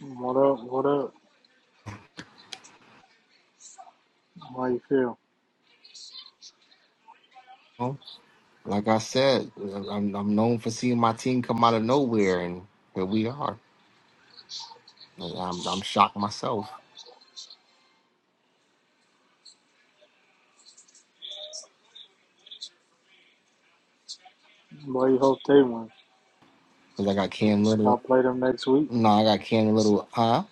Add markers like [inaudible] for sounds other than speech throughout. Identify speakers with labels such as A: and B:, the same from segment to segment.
A: What up? What up? How you feel?
B: know, like I said, I'm, I'm known for seeing my team come out of nowhere, and here we are. And I'm, I'm shocked myself
A: Why you hope they win?
B: because I got Cam
A: Y'all
B: Little.
A: play them next week.
B: No, I got Cam Little. Huh?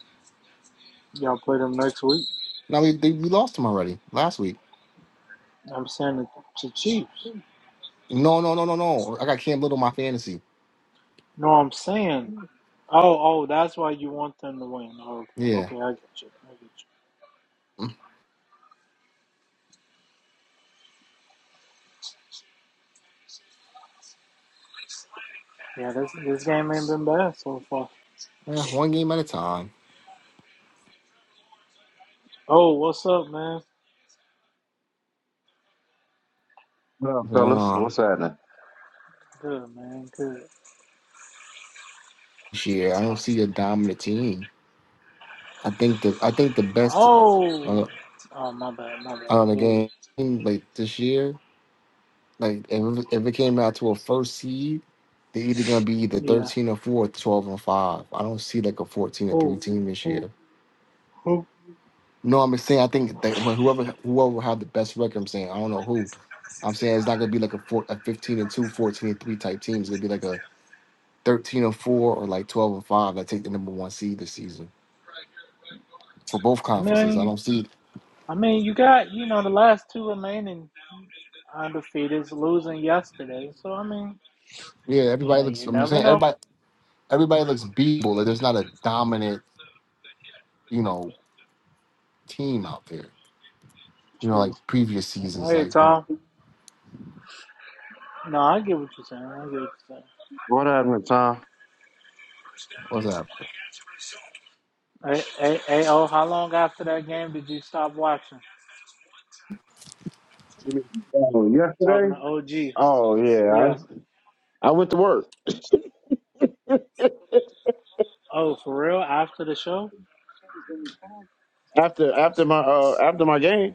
A: Y'all play them next week.
B: No, we, they, we lost him already last week.
A: I'm saying the, the Chiefs.
B: No, no, no, no, no. I got Cam Little in my fantasy.
A: No, I'm saying. Oh, oh, that's why you want them to win. Oh,
B: Yeah.
A: okay, okay, I get you. I get you.
B: Mm,
A: Yeah, this this game ain't been bad so far.
B: yeah one game at a time.
A: Oh, what's up, man?
C: What up,
B: What's Going
C: fellas?
B: on
C: What's happening?
A: Good, man. Good.
B: this year, I don't see a dominant team. I think the I think the best uh,
A: Oh,
B: out
A: oh, my bad, my bad.
B: of the
A: Who-
B: game like this year Like if it- if it came out to a first seed, they're either gonna be either
A: Yeah,
B: thirteen or four, twelve and five. I don't see like a fourteen or three
A: who,
B: team this
A: who,
B: year.
A: who?
B: No, I'm saying I think that wh- whoever whoever have the best record, I'm saying I don't know who. I'm saying it's not gonna be like a four, a fifteen and two, fourteen and three type team. It's gonna be like a thirteen and four or like twelve and five that take the number one seed this season for both
A: I
B: conferences. I
A: mean,
B: don't see.
A: I mean, you got you know the last two remaining Undefeated's losing yesterday, so I mean,
B: Yeah, everybody
A: yeah,
B: looks.
A: you
B: I'm
A: never
B: saying
A: know.
B: everybody everybody looks beatable. Like there's not a dominant you know team out there. you know,
A: True.
B: like previous seasons,
A: Hey,
B: like
A: Tom. No, I get what you're saying. I get what you're
C: What happened, Tom?
B: what's that?
A: saying. Hey, hey, hey, oh, how long after that game did you stop watching?
C: You mean, oh,
A: Talking
C: yesterday?
A: to OG.
C: Oh yeah,
A: Yeah.
C: I, I went to work
A: Oh, for real? After the show?
C: after after my uh after my game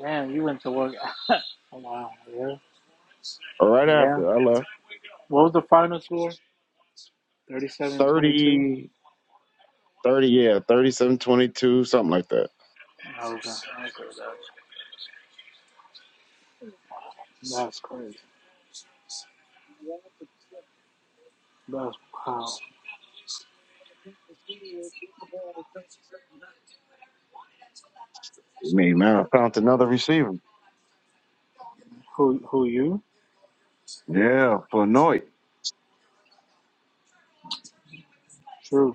A: Damn, you went to work. [laughs] Oh, wow. Yeah.
C: or right
A: Yeah.
C: after I left.
A: What was the final score? 37-22? Okay.
C: thirty 30, yeah, thirty seven twenty two, something like that.
A: okay. That's crazy. That's wow.
C: [laughs] I mean, man, I found another receiver.
A: Who? Who you?
C: Yeah, for Noit.
A: True.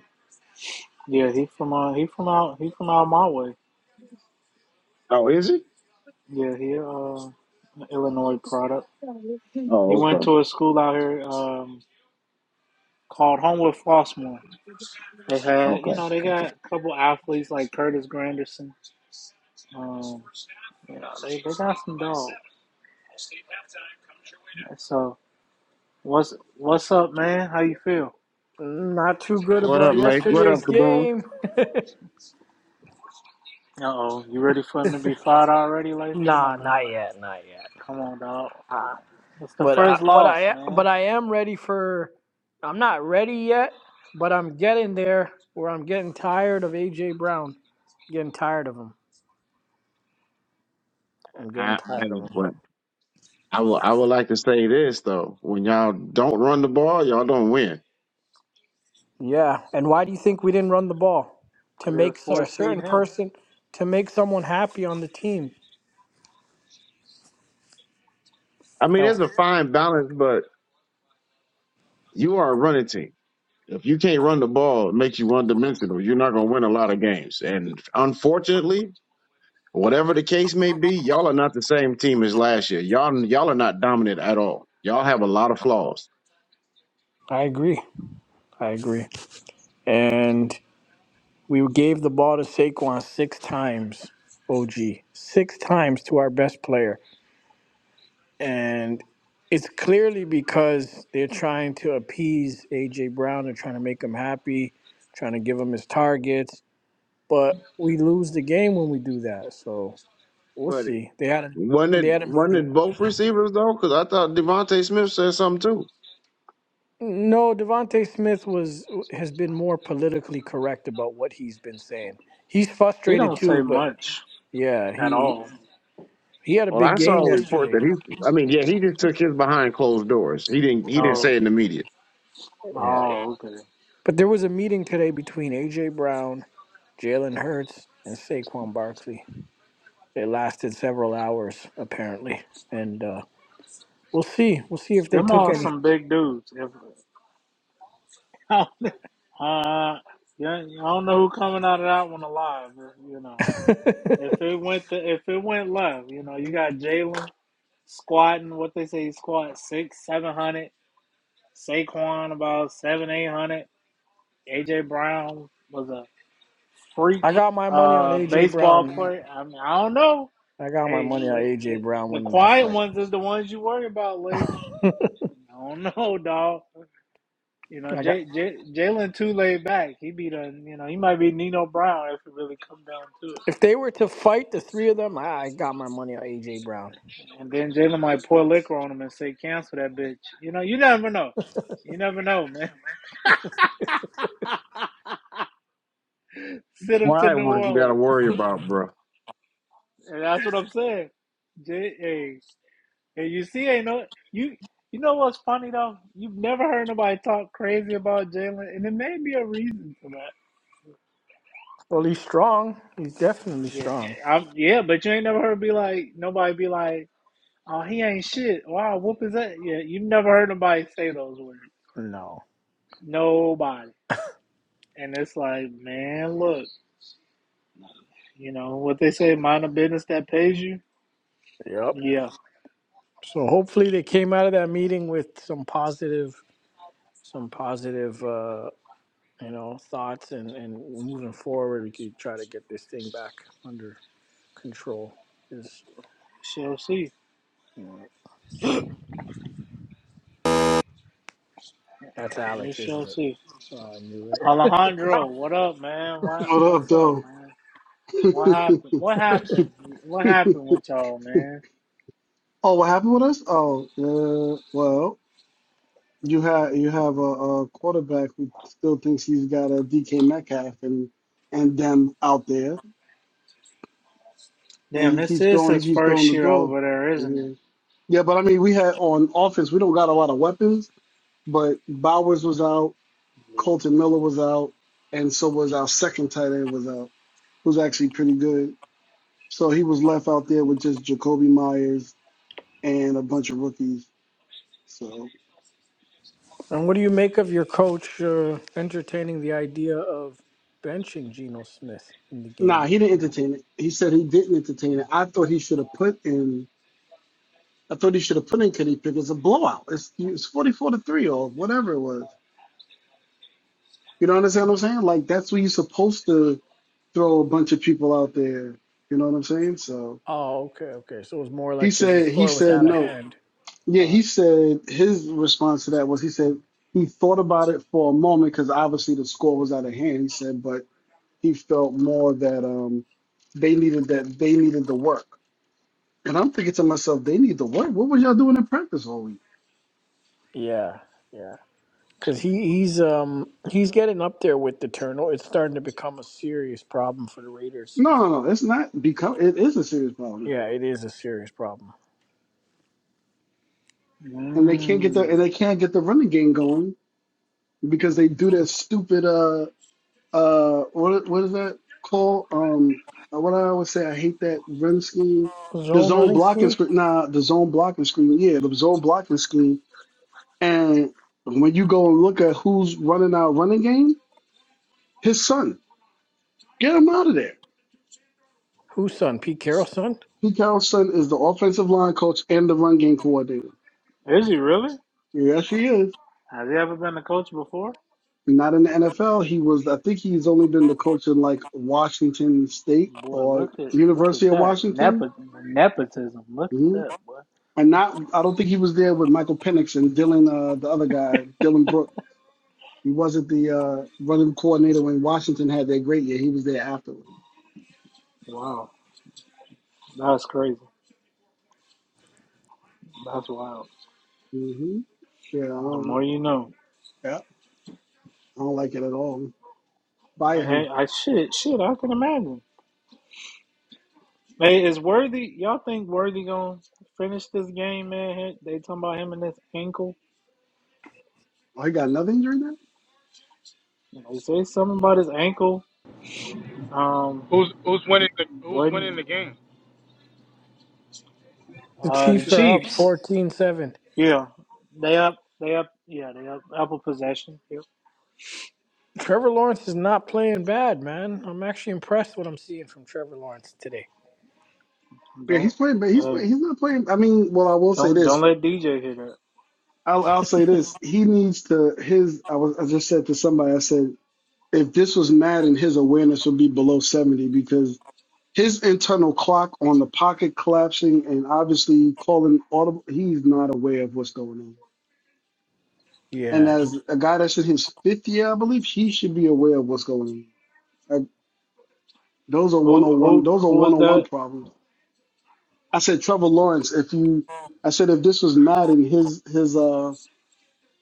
A: Yeah, he from uh he from out he from out my way.
C: Oh, is he?
A: Yeah, he uh an Illinois product. He
C: Oh,
A: went
C: okay,
A: to a school out here um called Homewood Flossmoor. They had you
C: okay,
A: know they got
C: okay.
A: a couple athletes like Curtis Granderson. Um, you know they, they got some dogs. So what's what's up, man? How you feel?
D: Not too good
C: What up,
D: about
C: Lake? What up,
D: yesterday's
C: Kaboom?
D: game.
A: Uh oh, you ready for him to be fired already, Life? Come
D: Nah,
A: on, man.
D: not yet, not yet.
A: Come on, dog.
D: Uh,
A: It's the
D: but I,
A: first
D: what
A: loss,
D: I but
A: man,
D: I am ready for. I'm not ready yet, but I'm getting there. Where I'm getting tired of AJ Brown. getting tired of him. I'm getting tired of him.
C: I will. I would like to say this though: when y'all don't run the ball, y'all don't win.
D: Yeah, and why do you think we didn't run the ball to
A: because they was
D: make cer- a
A: force feeding
D: certain
A: him.
D: person to make someone happy on the team?
C: I mean,
D: That was,
C: there's a fine balance, but you are a running team. If you can't run the ball, it makes you one dimensional. You're not going to win a lot of games. And unfortunately, whatever the case may be, y'all are not the same team as last year. Y'all, y'all are not dominant at all. Y'all have a lot of flaws.
D: I agree. I agree. And. We gave the ball to Saquon six times, OG, six times to our best player. And it's clearly because they're trying to appease A.J. Brown. They're trying to make him happy, trying to give him his targets. But we lose the game when we do that. So we'll
C: But
D: see. They had a,
C: wasn't
D: they
C: it,
D: had a
C: wasn't it both receivers though? Because I thought Devontae Smith said something
D: no, Devonte Smith was has been more politically correct about what he's been saying. He's
A: He
D: frustrated
A: don't
D: too,
A: say
D: but
A: much
D: yeah,
A: at
D: he
A: all.
D: he had a
C: Well,
D: big
C: I saw
D: game
C: a report
D: yesterday.
C: that he. I mean, yeah, he just took his behind closed doors. He didn't. He
D: Yeah.
C: didn't
A: No.
C: say it in the media.
D: Yeah.
A: Oh, okay.
D: But there was a meeting today between AJ Brown, Jalen Hurts, and Saquon Barkley. It lasted several hours, apparently. And uh, we'll see. We'll see if they
A: Them
D: took
A: all
D: any.
A: some big dudes. If [laughs] uh, yeah, I don't know who coming out of that one alive. You
D: [laughs]
A: know, if it went to, if it went left, you know, you got Jalen squatting. What they say, he squat six, seven hundred. Saquon about seven, eight hundred. AJ Brown was a freak
D: I got my money on
A: uh
D: AJ
A: baseball
D: Brown.
A: player. I mean, I don't know.
D: I got my
A: Hey,
D: money on
A: what
D: AJ
A: the,
D: Brown
A: the
D: winning that
A: quiet
D: fight.
A: ones is the ones you worry about, Lee. I don't know, [laughs] dog. You know,
D: I got
A: J, J, Jalen too laid back. He be done. You know, he might be Nino Brown if it really come down to it.
D: if they were to fight the three of them, I, I got my money on AJ Brown.
A: And then Jalen might pour liquor on him and say, "Cancel that bitch." You know, you never know. You never know, man. [laughs] Send him to
C: Quiet
A: New
C: ones you got to
A: Orleans.
C: worry about, bro.
A: And that's what I'm saying. J, hey, and you see, ain't no you. You know what's funny though? You've never heard nobody talk crazy about Jalen, and there may be a reason for that.
D: Well, he's strong. He's definitely
A: Yeah,
D: strong.
A: I'm, yeah, but you ain't never heard be like nobody be like. Oh, he ain't shit. Wow, whoop is that? Yeah, you never heard nobody say those words.
D: No.
A: Nobody. And it's like, man, look, you know what they say, mind a business that pays you.
D: Yep.
A: Yeah,
D: So hopefully they came out of that meeting with some positive some positive, uh, you know, thoughts and, and moving forward, we could try to get this thing back under control. Is
A: shall see.
D: you know, that's
A: We
D: Alex,
A: shall
D: isn't it?
A: see.
D: Oh, I knew it. [laughs]
A: Alejandro, what up, man? Why,
E: What up,
A: what's up,
E: though?
A: man?
E: [laughs]
A: What happened? What happened? What happened with y'all, man?
E: oh, what happened with us? Oh, uh, well, you have you have a, a quarterback who still thinks he's got a DK Metcalf and and them out there, and
A: Damn,
E: he
A: this
E: keeps
A: is
E: throwing
A: his
E: he keeps throwing
A: first
E: the
A: year
E: door.
A: over there, isn't it?
E: Yeah, yeah, but I mean, we had on offense, we don't got a lot of weapons, but Bowers was out,
A: Yeah.
E: Colton Miller was out, and so was our second tight end was out, who's actually pretty good. So he was left out there with just Jacoby Myers and a bunch of rookies. So
D: And what do you make of your coach uh, entertaining the idea of benching Geno Smith in the game?
E: nah, he didn't entertain it. He said he didn't entertain it. I thought he should have put in. I thought he should have put in Kenny Pickett. It's a blowout. It's it's forty four to three or whatever it was. You know what I'm saying? I'm saying like that's what you're supposed to throw a bunch of people out there. You know what I'm saying? So
D: Oh, okay, okay. So it was more
E: he
D: like because the
E: said he
D: score was
E: said
D: out of
E: no.
D: hand.
E: Yeah,
D: Uh,
E: he said his response to that was he said he thought about it for a moment because obviously the score was out of hand. He said, but he felt more that um they needed that they needed the work. And I'm thinking to myself, they need to work. What was y'all doing in practice all week?
D: yeah, yeah. Because he, he's um he's getting up there with the turnover. It's starting to become a serious problem for the Raiders.
E: No, no, no. It's not become. It is a serious problem,
D: Yeah, it is a serious problem.
E: and they can't get the and
A: Mm.
E: they can't get the running game going because they do that stupid uh uh what what is that called um what I always say I hate that run scheme the
D: Zone
E: zone
D: running
E: blocking
D: scheme?
E: screen nah the zone blocking screen yeah the zone blocking scheme and when you go and look at who's running our running game his son get him out of there
D: Whose son? Pete Carroll's son?
E: Pete Carrollson is the offensive line coach and the run game coordinator.
A: Is he really?
E: Yes, he is.
A: Has he ever been a coach before?
E: Not in the NFL. He was. I think he's only been the coach in like Washington State
A: Boy,
E: or
A: look at look at
E: University of
A: that
E: Washington.
A: Nepo- nepotism. Look at
E: hmm
A: that, boy.
E: And not. I don't think he was there with Michael Penix and Dylan, uh, the other guy, Dylan Brooks. He wasn't the uh, running coordinator when Washington had their great year. He was there afterwards.
A: Wow, that's crazy. That's wild.
E: hmm Yeah. I
A: The
E: don't,
A: more you know.
E: yeah. I don't like it at all. Fire
A: I,
E: him.
A: I shit, shit. I can imagine. Hey, is worthy? Y'all think worthy gonna finish this game, man? They talking about him and his ankle.
E: Oh, he got another injury now.
A: They say something about his ankle. Um,
F: Who's who's winning the who's winning
A: wasn't
F: the game?
D: The
A: uh the
D: Chiefs are up
A: Chiefs?
D: fourteen-seven.
A: Yeah, they up. They up. Yeah, they up. Up a possession. Yep.
D: Trevor Lawrence is not playing bad, man. I'm actually impressed what I'm seeing from Trevor Lawrence today.
E: Yeah,
A: Don't.
E: he's playing, but he's
A: Hey,
E: playing, he's not playing. I mean, well, I will say
A: don't don't
E: this.
A: let DJ hit it.
E: I'll, I'll say this. He needs to his. I was I just said to somebody. I said if this was Madden, his awareness would be below seventy because his internal clock on the pocket collapsing and obviously calling audible. He's not aware of what's going on. And
D: Yeah.
E: as a guy that's in his fifth year, I believe he should be aware of what's going on. Like, those are one
A: Who
E: hundred one.
A: who
E: Those are
A: who
E: one
A: is
E: hundred one
A: that?
E: problems. I said Trevor Lawrence. If you, I said if this was Madden, his his uh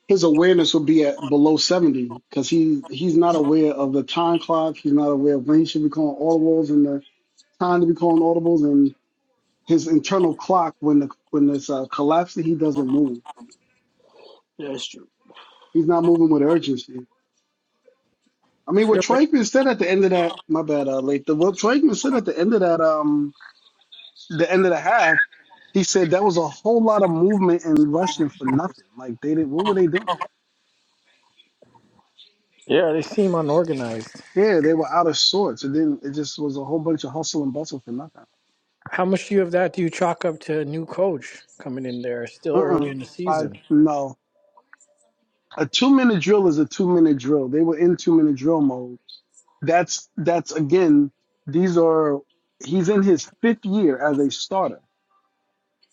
E: his awareness will be at below 70 because he he's not aware of the time clock. He's not aware of when he should be calling audibles and the time to be calling audibles and his internal clock when the when it's uh, collapsing, he doesn't move.
A: That's true.
E: He's not moving with urgency. I
D: I
E: mean, what
D: feel like-
E: Troikman said at the end of that, my bad, uh, late. The, what Troikman said at the end of that, um, the end of the half, he said that was a whole lot of movement and rushing for nothing. Like they didn't, what were they doing?
D: yeah, they seem unorganized.
E: Yeah, they were out of sorts. It didn't. It just was a whole bunch of hustle and bustle for nothing.
D: How much do you have that do you chalk up to a new coach coming in there still early
E: Uh-uh.
D: in the
E: I,
D: season?
E: no. A two minute drill is a two minute drill. They were in two minute drill mode. That's that's again, these are he's in his fifth year as a starter.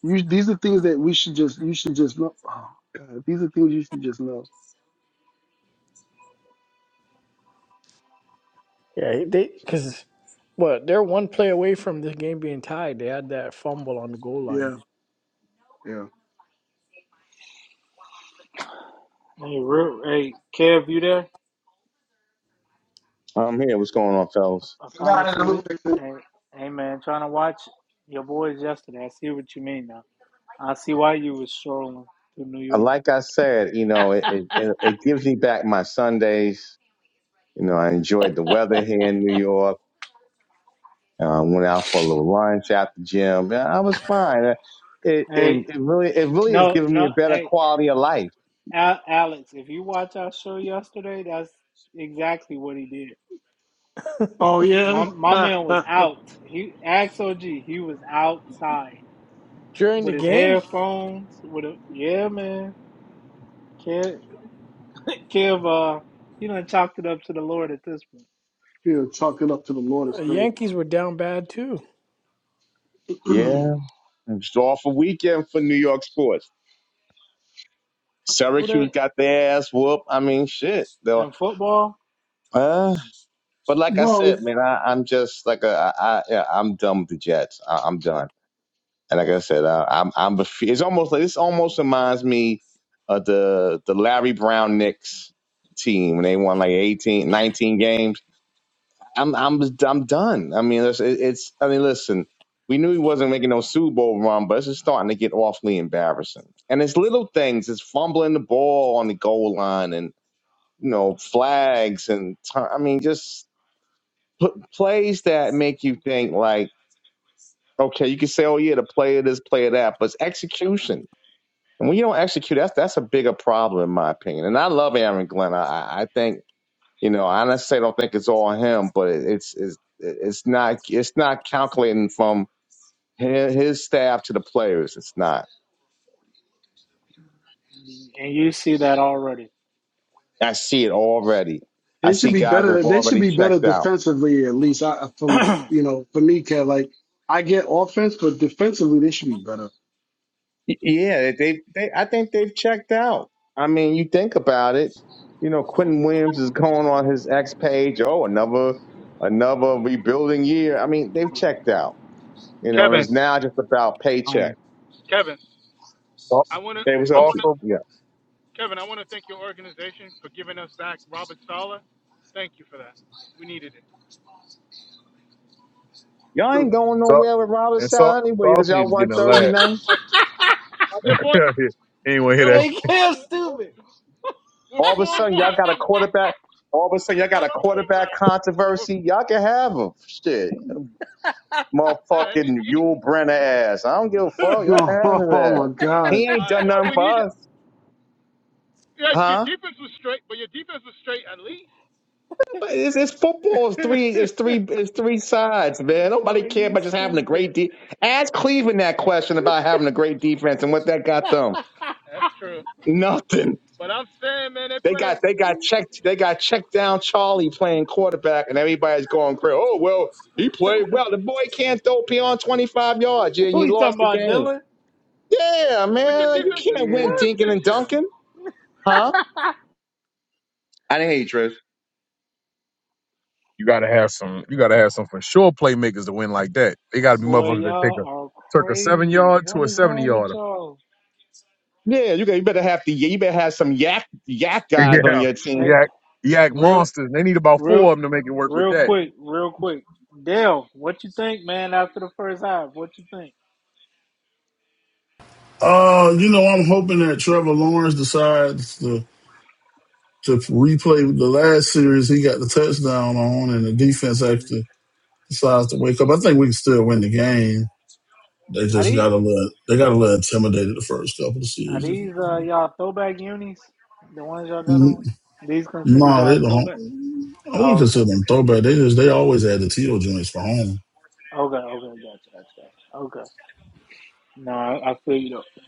E: You, these are things that we should just you should just know. Oh god, these are things you should just know.
D: Yeah, they because what they're one play away from the game being tied. They had that fumble on the goal line
E: Yeah, yeah.
A: Hey, real, hey, Kev, you there?
G: I'm here. What's going on, fellas?
A: I
E: I
A: finally
E: got it.
A: see
E: I'm
A: what.
E: fixing it.
A: Hey, hey, man, trying to watch your boys yesterday. I see what you mean now. I see why you was strolling through New
G: Uh,
A: York.
G: Like I said, you know, it, it, it it gives me back my Sundays. You know, I enjoyed the weather here in New York. Uh, went out for a little lunch at the gym. Yeah, I was fine. Uh, It, it,
A: Hey,
G: it really, it really has
A: no,
G: given me
A: no,
G: a better
A: hey,
G: quality of life.
A: Al- Alex, if you watch our show yesterday, that's exactly what he did.
E: Oh yeah.
A: My
E: [laughs]
A: my man was
E: yeah,
A: out. He asked OG. He was outside
D: during the
A: with his
D: game.
A: headphones. With a yeah, man. Kev, Kev, uh, you done chalked it up to the Lord at this point.
E: chalk it up to the Lord
D: uh,
E: is crazy.
D: Yankees were down bad too.
G: Yeah. It's off a weekend for New York sports.
A: Who
G: Syracuse
A: they
G: got their ass whooped. I mean, shit. Though,
A: in football?
G: uh, but
E: [clears throat]
G: like I
E: well,
G: said, man, I, I'm just like a, I, I, yeah, I'm done with the Jets. I, I'm done. And like I said, I, I'm I'm bef- it's almost like this almost reminds me of the the Larry Brown Knicks team when they won like 18, 19 games. I'm I'm I'm done. I mean, it's, it's I mean, listen, we knew he wasn't making no Super Bowl run, but it's just starting to get awfully embarrassing. And it's little things, it's fumbling the ball on the goal line, and you know flags, and t- I mean, just put plays that make you think like, okay, you can say, oh yeah, the player this, player that, but it's execution And when you don't execute, that's that's a bigger problem in my opinion. And I love Aaron Glenn. I, I I think you know I necessarily don't think it's all him, but it, it's it's it's not it's not calculating from his, his staff to the players. It's not.
A: And you see that already.
G: I see it already. I
E: They should
G: see
E: be
G: guys that
E: better.
G: have
E: They should
G: already
E: be better
G: checked out.
E: defensively, at least. I,
A: [clears throat]
E: from
A: hey,
E: you know, for me, Cat, like I get offense, but defensively they should be better.
G: Y- Yeah, they they I think they've checked out. I mean, you think about it. You know, Quentin Williams is going on his X page. Oh, another another rebuilding year. I mean, they've checked out. You know, and
F: Kevin,
G: it's now just about
H: Um,
G: paycheck.
F: Kevin,
H: Sau-
F: I wanna
G: Hey, what's
F: I
G: up,
H: Sauce,
G: Chief?
F: wanna
H: will-
G: Yeah.
F: Kevin, I wanna thank your organization for giving us back Robert Sala. Thank you for that. We needed it.
G: Y'all
E: [laughs]
G: ain't going nowhere with Robert
H: and Sau-
G: Sal anyway because
H: Sauce need
G: y'all
H: to
G: won
H: get in the
G: Thursday
H: lab.
F: But at this point,
H: [laughs] anyway, hear
F: yo,
H: that?
F: we're
A: Kev,
F: four we're,
A: stupid.
F: we're
G: All of a
F: four and
G: sudden, y'all got a
F: one.
G: quarterback. All of a sudden, y'all
F: That's
G: got
F: all
G: a
F: I care
G: quarterback
F: about.
G: controversy.
F: We're,
G: Y'all can have him. Shit.
F: man,
G: Motherfucking
F: he- he-
G: Yul Brenner ass. I don't give a fuck.
A: [laughs]
G: Y'all can have his
E: Oh,
G: ass.
E: my God!
G: He ain't
F: uh,
G: done
F: yeah,
G: nothing
F: we
G: for
F: needed.
G: us.
F: Yeah, your
G: Huh?
F: defense was straight, but your defense was straight at least.
G: But it's, it's football. It's three. It's three. It's three sides, man. Nobody
A: Boy,
G: care
A: you
G: about just having a
A: stupid.
G: great de. Ask Cleveland that question about having a great defense and what that got them.
F: That's true.
G: Nothing.
F: But I'm saying, man, they're
G: They
F: playing.
G: got they got checked they got checked down Charlie playing quarterback and everybody's going crazy. Oh well, he played well. The boy can't throw beyond twenty five yards, yeah,
A: [laughs]
G: and
A: Who
G: you
A: you talking
G: lost the
A: about,
G: game.
A: Dylan?
G: Yeah,
F: But your
G: man. Like, You
A: Yeah,
F: defense is
G: can't win
A: yeah.
F: worse
G: dinking
F: this
G: and
F: year.
G: dunking. Huh? I didn't hear you, Trish.
H: You gotta have some. You gotta have some for sure playmakers to win like that. They gotta be
A: Boy,
H: motherfuckers that take
A: y'all
H: a
A: are
H: took a seven
A: crazy.
H: yard
A: What
H: to a
A: is
H: seventy
A: wrong with
H: yarder. [laughs]
A: y'all?
G: Yeah, you got you better have to you better have some yak yak guys on
H: Yeah,
G: your team.
A: Hey,
H: yak, yak
A: real,
H: monsters. They need about
A: real,
H: four of them to make it work with
A: real
H: that.
A: quick, real quick. Dale, what you think, man? After the first half, what you think?
I: Uh, you know, I'm hoping that Trevor Lawrence decides to to replay the last series he got the touchdown on, and the defense
A: Mhm.
I: actually decides to wake up. I think we can still win the game. They just got a little they got a little intimidated the first couple of
A: Are
I: series. If
A: these uh, y'all throwback unis? The ones y'all got
I: you-
A: on? These considered
I: no, they
A: y'all throwback?
I: don't. I wouldn't
A: Oh,
I: consider
A: okay.
I: them throwback. They just they always had the teal joints for home.
A: Okay, okay, gotcha, gotcha, gotcha. Okay. No, I, I feel you though.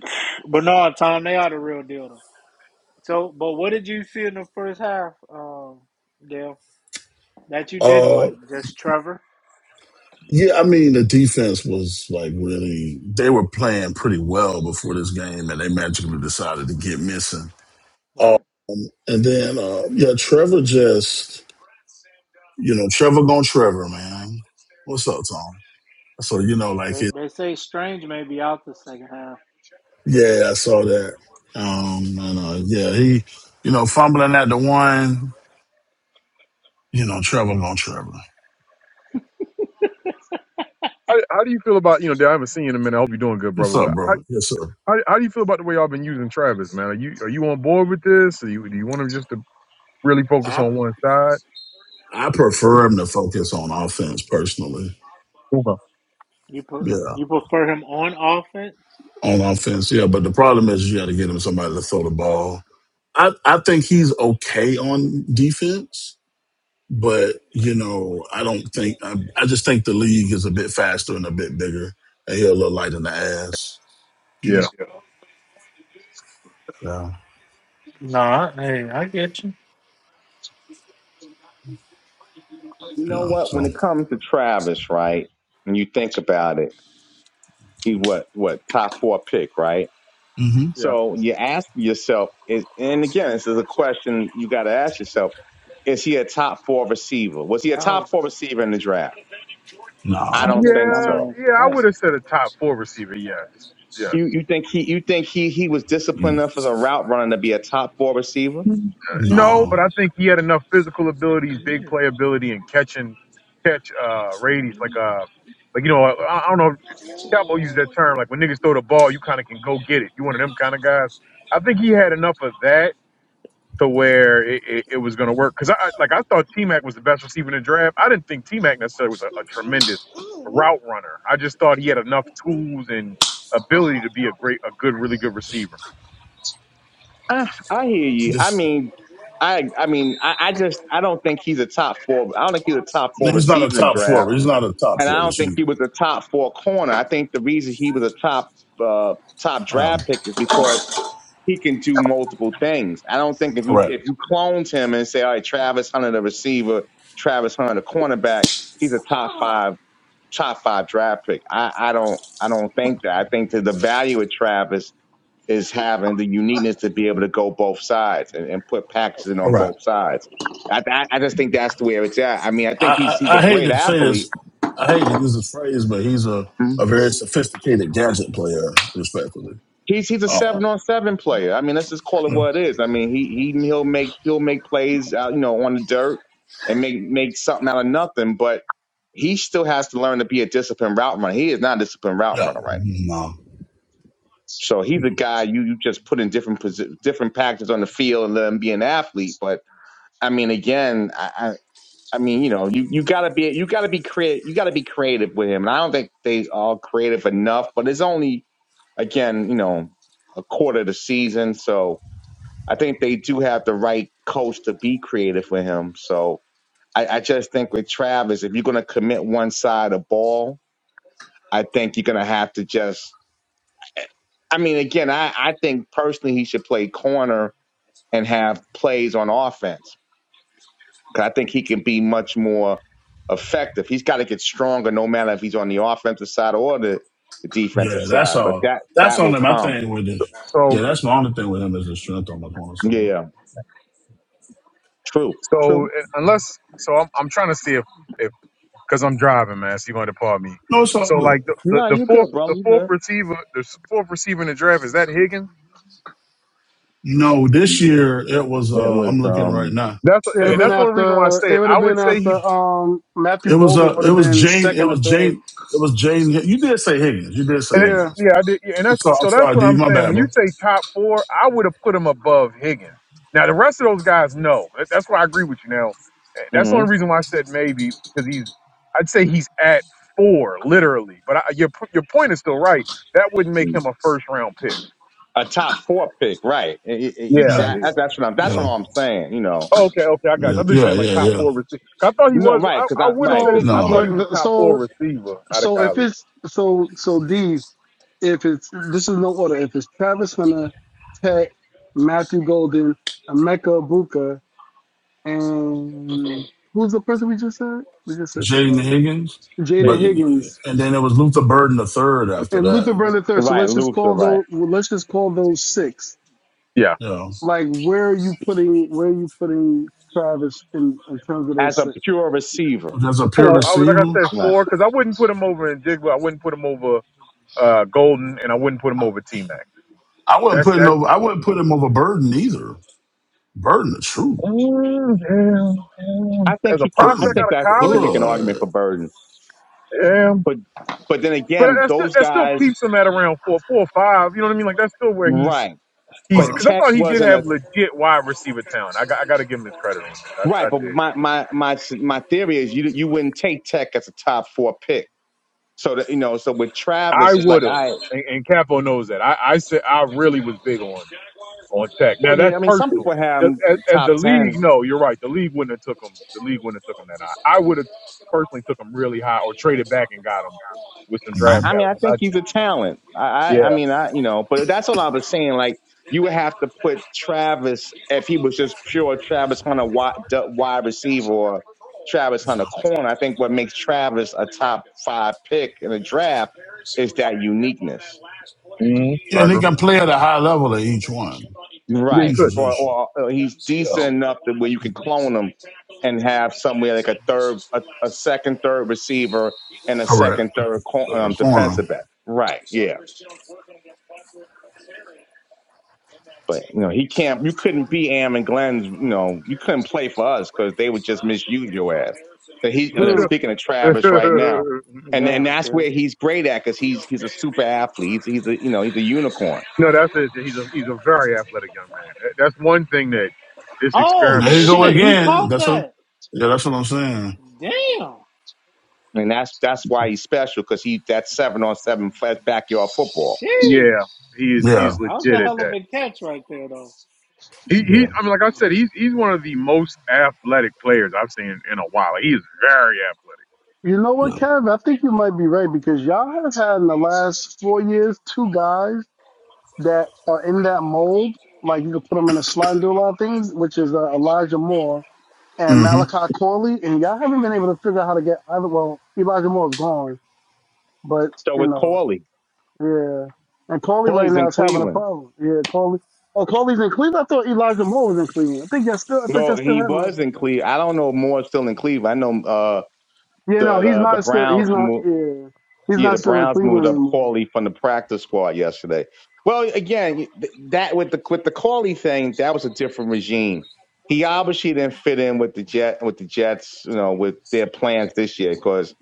A: But no, Tom, they are the real deal though. So, but what did you see in the first half, um, Dale, that you didn't
I: Uh,
A: like? Just Trevor?
I: yeah, I mean the defense was like really they were playing pretty well before this game, and they magically decided to get missing. Uh,
A: Right. Deep
I: And then, uh, yeah, Trevor just,
A: breaths, and uh,
I: you
A: that
I: know,
A: was a
I: Trevor
A: little
I: gone
A: good
I: Trevor,
A: coming on a
I: man.
A: blitz there.
I: What's
A: Thank
I: up,
A: you, Warren.
I: Tom?
A: And
I: So,
A: the
I: you know,
A: Chiefs
I: like
A: They
I: it.
A: they say Strange may be out the second half.
I: Yeah, I saw that. Um, and, uh, yeah, he, you know, fumbling at the one, you know, Trevor gone Trevor.
H: How, how do you feel about you know? Dale, I haven't seen you in a minute. I hope you're doing good,
I: What's
H: brother.
I: up,
H: But how,
I: bro? Yes, sir.
H: how, how do you feel about the way y'all been using Travis, man? Are you are you on board with this? Or you, do you want him just to really focus
I: I,
H: on one side?
I: I prefer him to focus on offense personally.
H: Okay.
A: You put
I: Yeah,
A: you prefer him on offense?
I: on offense. Yeah, but the problem is you got to get him somebody to throw the ball. I, I think he's okay on defense. but you know, I don't think I, I just think the league is a bit faster and a bit bigger, and he'll look light in the ass. Yeah,
H: Yeah.
I: yeah.
G: You know
I: yeah.
G: what? When
I: So,
G: it comes to Travis, right? When you think about it, he's what what top four pick, right?
I: hmm
G: So you ask yourself, is, and again, this is a question you got to ask yourself: Is he a top four receiver? Was he a
A: No,
G: top four receiver in the draft? I
I: no,
A: That
G: don't
A: was a
G: think
H: Yeah,
G: so.
A: dumbass
H: yeah, I
A: play.
H: would have said a top four receiver. Yes, yes.
G: You you think he you think he he was disciplined
I: mm,
G: enough as a route runner to be a top four receiver?
H: Mhm. Uh, No,
I: no,
H: but I think he had enough physical abilities,
A: Come
H: big
A: here.
H: playability, and catching catch uh radius. Like uh, like you know, I, I don't know. if Capo used that term. Like when niggas throw the ball, you kind of can go get it. You one of them kind of guys. I think he had enough of that to where it, it, it was going to work. Because I like I thought T Mac was the best receiver in the draft. I didn't think T Mac necessarily was a, a tremendous route runner. I just thought he had enough tools and ability to be a great, a good, really good receiver.
G: I I hear you. I
I: just
G: mean, I I mean, I, I just I don't think he's a top four. I don't think he's a top four
I: he's not a
G: receiver in the
I: top four.
G: draft,
I: He's not a top
G: and I
I: four
G: don't think
I: receiver.
G: he was a top four corner. I think the reason he was a top uh, top
I: Um,
G: draft pick is because he can do multiple things. I don't think if you
I: correct,
G: if you cloned him and say, all right, Travis Hunter the receiver, Travis Hunter the cornerback, he's a top five top five draft pick. I, I don't I don't think that. I think that the value of Travis is having the uniqueness to be able to go both sides and, and put packages in on
I: correct.
G: both sides. I, I I just think that's the way it's at. I mean, I
I: I,
G: think he's he's
I: I,
G: a
I: I hate
G: great
I: to say
G: athlete.
I: this. I hate to use this phrase, but he's a, a very sophisticated gadget player, respectfully.
G: He's he's a
I: Oh,
G: seven on seven player. I mean, let's just call it
I: no,
G: what it is. I mean, he he he'll make he'll make plays out you know on the dirt and make make something out of nothing. But he still has to learn to be a disciplined route runner. He is not a disciplined route
I: yeah,
G: runner, right?
I: no.
G: So he's a guy you you just put in different posi- different packages on the field and let him be an athlete. But I mean, again, I. I I mean, you know, you, you gotta be you gotta be creative you gotta be creative with him, and I don't think they are creative enough. But it's only again, you know, a quarter of the season, so I think they do have the right coach to be creative with him. So I, I just think with Travis, if you're going to commit one side of ball, I think you're going to have to just. I mean, again, I, I think personally he should play corner and have plays on offense because I think he can be much more effective. He's got to get stronger, no matter if he's on the offensive side or the, the defensive
I: Yeah, that's
G: side. But
I: all.
G: that
I: That's
G: that will
I: only my
G: come.
I: thing with
H: So,
I: this.
H: so,
I: Yeah, that's my only thing with him is the strength on the corner side.
G: Yeah, true,
H: so
G: true.
H: uh, unless, so I'm, I'm trying to see if, if, because I'm driving, man. So you're going to pardon me.
I: No, it's all
H: So
I: good.
H: like the, the,
G: No,
H: the
G: you
H: fourth,
G: good, bro.
H: the
G: You
H: fourth
G: good.
H: receiver, the s- fourth receiver in the draft is that Higgins.
I: No, this
G: It
I: year it was. uh
G: was.
I: I'm looking right
G: um
I: now.
H: That's
E: It'd
I: It,
E: have
H: and
E: been
H: that's
I: uh,
H: the only reason why I
E: after.
H: say
E: It
H: it.
E: would
H: I
E: have
H: would
E: been
H: say he
E: after. Um, Matthew
I: it was.
E: Golden
I: Uh,
E: would
I: it
E: have
I: was
E: been
I: Jane. It
E: second or
I: was
E: third.
I: Jane. It was Jane. You did say Higgins. You did say
H: And it-
E: Yeah.
I: Higgins.
H: yeah, I did. Yeah, and
I: I'm
H: that's
I: sorry. I'm
H: so that's
I: sorry,
H: what
I: D.
H: I'm
I: My
H: saying.
I: bad,
H: When you
I: bro.
H: say top four, I would have put him above Higgins. Now the rest of those guys, no. That- That's why I agree with you. Now eh, that's the
G: hmm
H: only reason why I said maybe because he's. I'd say he's at four literally, but I, your p- your point is still right. That wouldn't make him a first round pick.
G: A top four pick, right?
H: Yeah, yeah.
I: Yeah.
H: yeah.
G: Exactly. That's what I'm. That's
I: Yeah.
G: what I'm saying. You know,
H: Oh, okay, okay, I got you.
I: Yeah.
H: I'm just
I: Yeah.
H: saying like
I: Yeah.
H: top
I: Yeah.
H: four receiver. I thought he
G: no,
H: was. I,
G: right? Because
H: I
G: I,
H: would have
G: right?
H: said
E: So
H: it.
G: Because
H: I
I: No,
H: thought
G: yeah,
H: he was
E: look,
H: a top four
E: so
H: receiver out of
E: so if
H: college.
E: it's so so D, if it's this is no order. If it's Travis Hunter, Tech, Matthew Golden, Emeka Buka. and who's the person we just said? We just said
I: Jane
E: somebody else.
I: Higgins. But
E: Jaden
G: Higgins,
E: Higgins
I: and then it was Luther Burden the third after
E: and Luther
I: that.
E: Burden Third. So
G: right?
E: let's just
G: Luther,
E: call
G: right?
E: those. well, Let's just call those six.
H: Yeah,
I: Yeah,
E: Like, where are you putting? Where are you putting Travis in in terms of
G: As
E: those
G: a
E: six?
G: pure receiver,
I: that's a pure
H: four.
E: Right.
H: I was like I
I: receiver.
H: said
G: right?
H: four because I wouldn't put him over in Jigba. I wouldn't put him over. uh, Golden, and I wouldn't put him over T Mac.
I: I wouldn't
H: That's
I: put him
H: that.
I: over. I wouldn't put him over Burden either. Burden, is true.
H: Ooh, yeah, ooh.
G: I think
H: As a
G: he can. I
H: prospect
I: Burden,
G: think
H: out of
G: that you can
H: college,
G: make an argument
I: good.
G: for Burden,
H: yeah.
G: but but then
H: But
G: again,
H: that still
G: those
H: that still
G: guys,
H: keeps him at around four, four or five. You know what I mean? Like that's still where he's
G: right?
H: he's
G: But
I: Right.
H: because I
G: Tech
H: thought he did
G: wasn't
H: have
G: a
H: legit wide receiver talent. I got I got to give him his credit on that. I,
G: right.
H: I
G: But
H: did.
G: my my my my theory is you you wouldn't take Tech as a top four pick. So that you know, so with
H: I
G: Travis, it's
H: would
G: like
H: have,
G: I
H: and, and Capo knows that. I I said I really was big on. on tech. Now
G: well, yeah.
H: that's
G: I mean, some
H: personal.
G: people have
H: Just
G: him
H: As, as the
G: top ten
H: league, no, you're right. The league wouldn't have took him. The league wouldn't have took him that high. I would have personally took him really high or traded back and got him with some
G: I,
I: hmm
H: draft
G: I mean,
H: capital.
G: I
H: 'cause
G: think
H: I
G: he's a
H: just,
G: talent. I, I, I
H: yeah,
G: mean, I, you know, but that's all I was saying. Like, you would have to put Travis if he was just pure Travis Hunter wide, du- wide receiver or Travis
I: Yeah.
G: Hunter corner. I think what makes Travis a top five pick in the draft is that uniqueness,
H: mm
I: yeah,
H: I
I: and he
H: agree.
I: can play at a high level at each one,
H: Yeah, he
G: right?
I: each
H: could.
G: Or,
I: position.
G: or, or he's decent
I: Yeah,
G: enough that where you can clone him and have somewhere like a third, a, a second, third receiver and a
I: correct.
G: second, third cor-
I: Third
G: um,
I: corner.
G: defensive back. Right. Yeah. But you know, he can't. You couldn't be Am and Glenn's. You know, you couldn't play for us because they would just misuse your ass. But he uh,
H: [laughs]
E: Hmm.
G: speaking of Travis right now, and and
A: Damn,
G: that's
A: kid.
G: where he's great at because he's he's a super athlete. He's he's a you know he's a unicorn,
H: no, that's it. He's a he's a very athletic young man. That- That's one thing that this
A: Oh
I: There
H: experiment
I: you
H: has
I: go
A: shit,
H: made
A: he
H: clear.
I: again.
A: caught
I: That's what.
A: that.
I: Yeah, that's what I'm saying.
A: Damn.
G: and that's that's why he's special because he that's seven on seven flat backyard football.
A: Sheesh.
H: Yeah, he is
I: Yeah,
H: he's
A: That was a
H: legit at
A: hell of
H: that.
A: a catch right there though.
H: He he.
I: yeah,
H: I mean, like I said, he's he's one of the most athletic players I've seen in a while. He's very athletic.
E: You know what,
I: yeah.
A: And
E: Kev? I think you might be right because y'all have had in the last four years two guys that are in that mold. Like you can put them in a slide and do a lot of things, which is uh, Elijah Moore and
I: Mm-hmm.
E: Malachi Corley, and y'all haven't been able to figure out how to get either. Well, Elijah moore is gone, but
G: So
E: you
G: with
E: know,
G: Corley,
E: yeah. And Corley right
G: Corley's
E: now
G: in
E: is having a
G: Cleveland.
E: problem. Yeah, Corley. Oh, Corley's in Cleveland. I thought Elijah Moore was in Cleveland. I think y'all still. I think
G: Well,
E: y'all still
G: he
E: have
G: was
E: Malachi.
G: in
E: Corley.
G: Cleveland. I don't know if Moore's still in Cleveland. I know uh,
E: Yeah, no,
G: the,
E: he's
G: the the
E: not still. He's
G: Browns.
E: not. Yeah, he's
G: Yeah, the
E: not still in
G: Browns moved
E: Cleveland
G: up
E: anymore.
G: Corley from the practice squad yesterday. Well, again, th- that with the with the Corley thing, that was a different regime. He obviously didn't fit in with the jet with the Jets, you know, with their plans this year because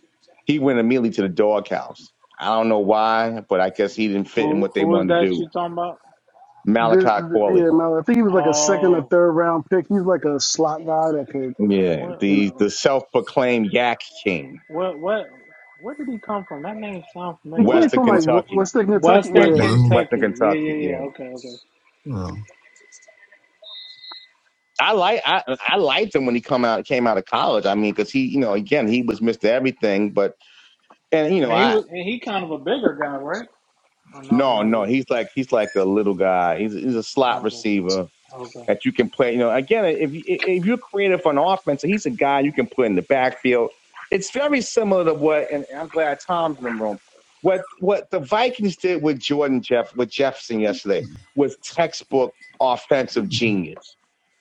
G: he went immediately to the doghouse. I don't know why, but I guess he didn't fit in
A: who
G: what they
A: who is
G: wanted to
A: that
G: do.
A: you talking about?
E: This,
G: Malachi
E: th- yeah,
G: Corley,
E: no, I think he was like a second or
A: Oh.
E: third round pick. He's like a slot guy that could,
G: yeah,
A: What
E: you
G: the the
E: know,
G: self proclaimed Yak King,
A: what what where did he come from? That name sounds
E: he
A: familiar.
E: came
A: What
G: Western
E: from like
A: what
E: Wh-
G: Kentucky,
E: Western Kentucky.
A: Western
E: Yeah,
G: Western
I: Well,
G: Western
A: Kentucky. Yeah,
G: Kentucky,
A: yeah, yeah.
G: yeah.
A: Okay, okay.
I: yeah.
G: I like I, I liked him when he come out came out of college. I mean, because he you know again he was Mr. Everything, but and you know
A: And he
G: I
A: was, and he kind of a bigger guy, right? Oh no,
G: no
A: no,
G: no
A: no.
G: he's like he's like a little guy. He's he's a slot
A: Okay,
G: receiver.
A: okay.
G: that you can play. You know, again, if if you're creative on offense, he's a guy you can put in the backfield. It's very similar to what, and I'm glad Tom's in the room. What what the Vikings did with Jordan Jeff with Jefferson yesterday was textbook offensive genius.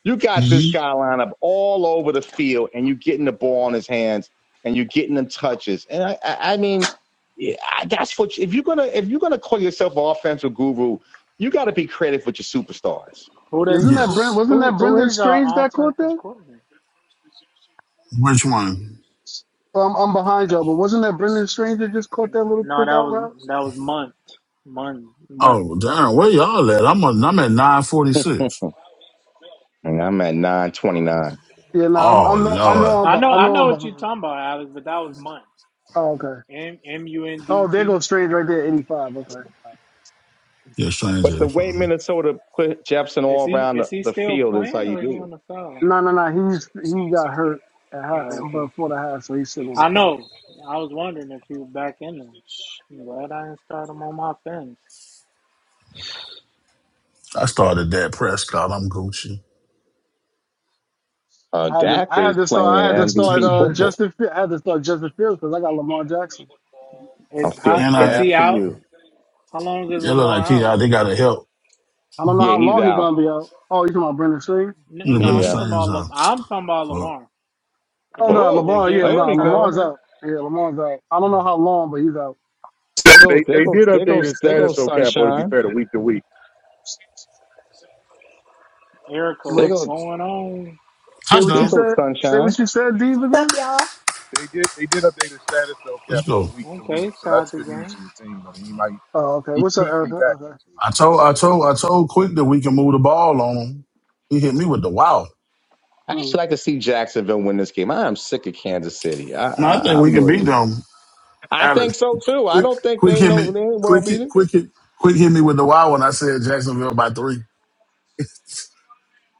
G: You got this
I: Mm-hmm.
G: guy lined up all over the field, and you're getting the ball in his hands, and you're getting them touches. And I, I, I mean, yeah, I- that's what you- if you're gonna if you're gonna call yourself an offensive guru, you got to be creative with your superstars.
A: Who they?
E: isn't that
A: Who
E: Brent?
I: Yes.
E: Wasn't
A: who
E: that
A: who
E: Brendan
A: is
E: Strange
A: our
E: that caught that?
A: offensive coordinator?
I: Which one?
E: Well, I'm, I'm behind y'all, but wasn't that Brendan Stranger just caught that little
A: No,
E: quick
A: that
E: out route?
A: was that was Munt, Munt, Munt.
I: Oh, damn. Where y'all at? I'm a, I'm at nine forty
G: [laughs]
I: six.
G: and I'm at 929.
E: Yeah, no, I'm,
I: Oh
E: I'm no, I
I: Lord.
E: know I'm,
A: I
E: be-
A: know,
E: I
A: I
E: know
A: know
E: I'm
A: what you're
E: behind.
A: talking about, Alex, but that was Munt.
E: Oh, okay.
A: M M U N
E: Oh,
A: D
E: there
A: T.
E: goes Strange right there, 85. Okay.
I: Yeah, strange
G: But the
I: eighty
G: way
I: five.
G: Minnesota put Jefferson
A: Is
G: all
A: he
G: around the,
A: is he
G: the
A: still
G: field is how
A: playing
G: you
A: or is he
G: do it.
A: on the sideline?
E: No, no, no. He's he got hurt at high,
A: Oh, okay.
E: before the half, so he's sitting on the
A: I
E: phone.
A: know. I was wondering if he was back in there. I'm glad I didn't start him on my fence.
I: I started that Prescott. I'm Gucci.
G: Uh,
E: I had to,
G: Dak
E: I had
G: is
E: to
G: playing
E: start, I had to start
G: MVP
E: uh,
G: football.
E: Justin, Fi- I had to start Justin Fields because I got Lamar Jackson.
G: I
A: Is
G: feel
A: how
I: And
A: is
I: I,
G: sad
A: he
G: for
A: out?
G: you.
A: How long is
I: you look like
A: Lamar
I: he,
A: out?
I: they got to help.
E: I don't know
G: Yeah,
E: how
G: he's
E: long he's
G: out.
E: gonna be out. Oh, you talking about Brendan Stranger?
I: You
A: N-
I: know,
A: No,
I: been the
A: I'm
G: Yeah.
A: talking
I: same
A: about
I: zone.
A: Lam- I'm talking about
I: for
A: Lamar. Did
E: Oh
A: they
E: no,
A: did
G: Oh,
A: they
E: Lamar. Yeah,
A: give him
G: there
A: a
E: no,
G: we
A: time
G: go.
E: Lamar's
A: to?
E: out. Yeah, Lamar's out. I don't know how long, but he's out.
G: There goes,
H: They
G: there
H: they
G: goes,
H: did
G: there
H: update
G: goes,
H: his
G: there
H: status
G: goes
H: though, Capo. To be
G: sunshine.
H: fair, to week to week,
A: Erica,
G: There
E: Wait,
A: what's
G: goes,
E: say
A: going on?
E: what
G: there
E: you
I: Touchdown.
G: goes
E: said. Say
G: sunshine.
E: what you said, Dave.
J: What's
E: Again.
J: up, y'all?
H: they did they did update his status though,
I: Let's
H: Capo, to
I: go.
H: week to week.
A: Okay,
H: So
A: tied
H: that's
A: the
H: good news
A: game.
H: for your team. I mean, he might
E: Oh, okay.
H: he
E: What's up,
H: could be
E: Erica?
H: back
E: Okay.
H: next week.
I: I told, I told, I told Quick that we can move the ball on him. He hit me with the wow.
G: I actually
E: Uh
G: like to see Jacksonville win this game. I am sick of Kansas City. I,
I: No, I think
G: I,
I: we
G: I'm
I: can beat
G: really.
I: them,
G: I think
I: Alex.
G: so too. I
I: Quick,
G: don't think
I: quick
G: they
I: hit
G: know
I: me,
G: they ain't world
I: quick hit,
G: beating.
I: quick hit, quick hit me with the wow. when I said Jacksonville by three. [laughs]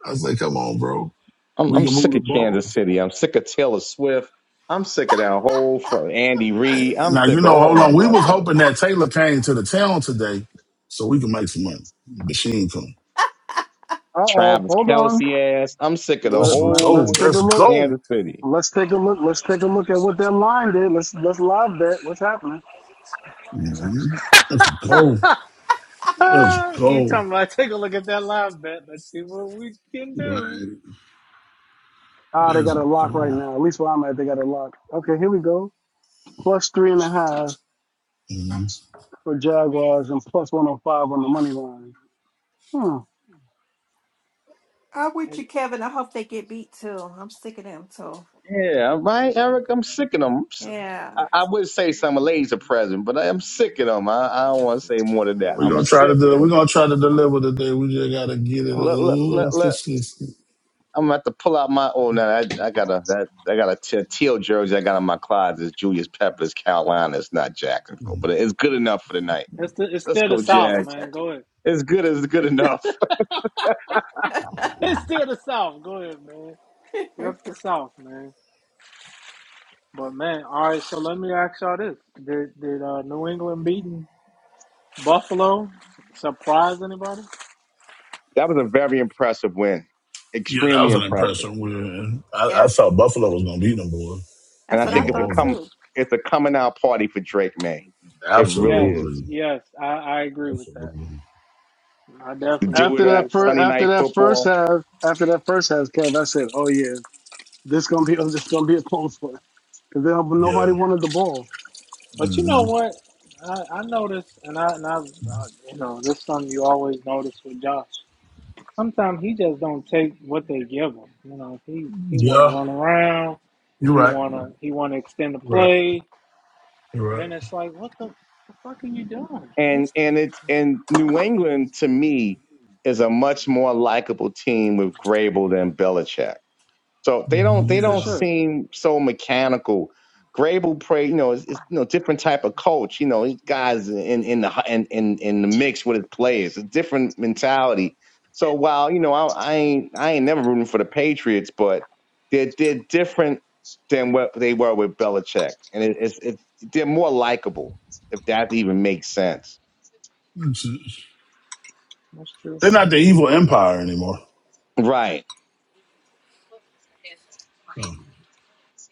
I: I said, come on, bro.
G: I'm
I: We
G: I'm
I: can move
G: sick of
I: the ball.
G: Kansas City. I'm sick of Taylor Swift. I'm sick of that whole for Andy Reid. I'm
I: Now
G: sick
I: you
G: of
I: know,
G: all
I: hold on.
G: them
I: We was
G: motherfuckers.
I: hoping that Taylor came to the town today so we can make some money. But she ain't come.
E: oh.
G: Travis
E: Hold on.
G: Kelsey ass. I'm sick of the
I: Let's
E: Let, let,
I: go.
E: let's
G: whole
E: take a
I: Let's
E: look.
I: go.
G: Kansas City.
E: Let's take a look. Let's take a look at what that line did. Let's let's live bet. What's happening?
I: hmm Let's go. Let's
A: Ah, you
I: go.
A: talking about [laughs] take a look at that live bet? Let's see what we can do.
I: Right.
E: Ah, they
I: Let's
E: got a lock right
I: go.
E: now. At least where I'm at, they got a lock. Okay, here we go. Plus three and a half
I: Mhm.
E: for Jaguars and plus 105 on the money line. Hmm.
J: I'm with
A: And
J: you, Kevin. I hope they get beat too. I'm sick of them too.
G: Yeah, right, Eric. I'm sick of them. I'm s-
J: Yeah.
G: I, I would say some of the ladies are present, but I'm sick of them. I, I don't want to say more than that.
A: what?
I: We're
G: I'm
I: gonna try to
G: sick.
I: do we're gonna try to deliver today. We just gotta get it a
G: Let, let,
I: little
G: let, let-
I: consistent.
G: I'm gonna have to pull out my. Oh no, I, I got a that I got a te- teal jersey I got in my closet. It's Julius Peppers, Carolina. It's not Jacksonville, but it's good enough for tonight.
A: It's the, it's
G: Let's
A: still the
G: go,
A: South,
G: Jags.
A: man. Go ahead.
G: As good as good enough. [laughs]
A: [laughs] It's still the South. Go ahead, man.
J: [laughs]
A: Rep the South, man. But man, all right. So let me ask y'all this: Did did uh, New England beating Buffalo surprise anybody?
G: That was a very impressive win.
I: Yeah, that
G: Extremely
I: was an
G: impressive.
I: impression where I, I
J: yeah.
I: thought Buffalo was gonna beat them, boy.
G: And
J: That's
G: I
I: I
J: what
I: ain't
J: I
I: gonna
G: think it's a
J: thought
I: hold you.
G: come
J: too.
G: it's a coming out party for Drake May. It really
A: Yes,
G: is.
I: Absolutely.
A: yes, I, I agree with that.
I: Absolutely.
A: I
G: To
A: definitely
G: do
E: After
G: it
A: agree
E: that
G: at
A: with that.
E: first,
G: Sunday
E: after
G: night
E: that first
G: football.
E: half, after that first half, Kev, I said, oh yeah, this gonna be, [laughs] oh, this gonna be a close one because nobody
I: Yeah.
E: wanted the ball.
A: But you know
I: Mhm.
A: what? I, I noticed, and I, and I, uh, you know, this is something you always notice with Josh. Sometimes he just don't take what they give him. You know, he he want to
I: Yeah.
A: run around.
I: You're
A: He
I: right.
A: wanna he wanna extend the
I: You're right.
A: play, and
I: right.
A: then it's like, what the, the fuck are you doing?
G: And
A: That's
G: and it's and New England to me is a much more likable team with Grable than Belichick. So they don't they
A: for
G: don't
I: Yeah.
A: sure.
G: seem so mechanical. Grable pray, you know, it's, it's you know different type of coach. You know, these guys in in the in in, in the mix with his players, a different mentality. So while you know I, I ain't I ain't never rooting for the Patriots, but they're they're different than what they were with Belichick, and it, it's it's they're more likable if that even makes sense.
I: That's it.
A: That's true.
I: They're not the evil empire anymore.
G: Right,
I: Oh.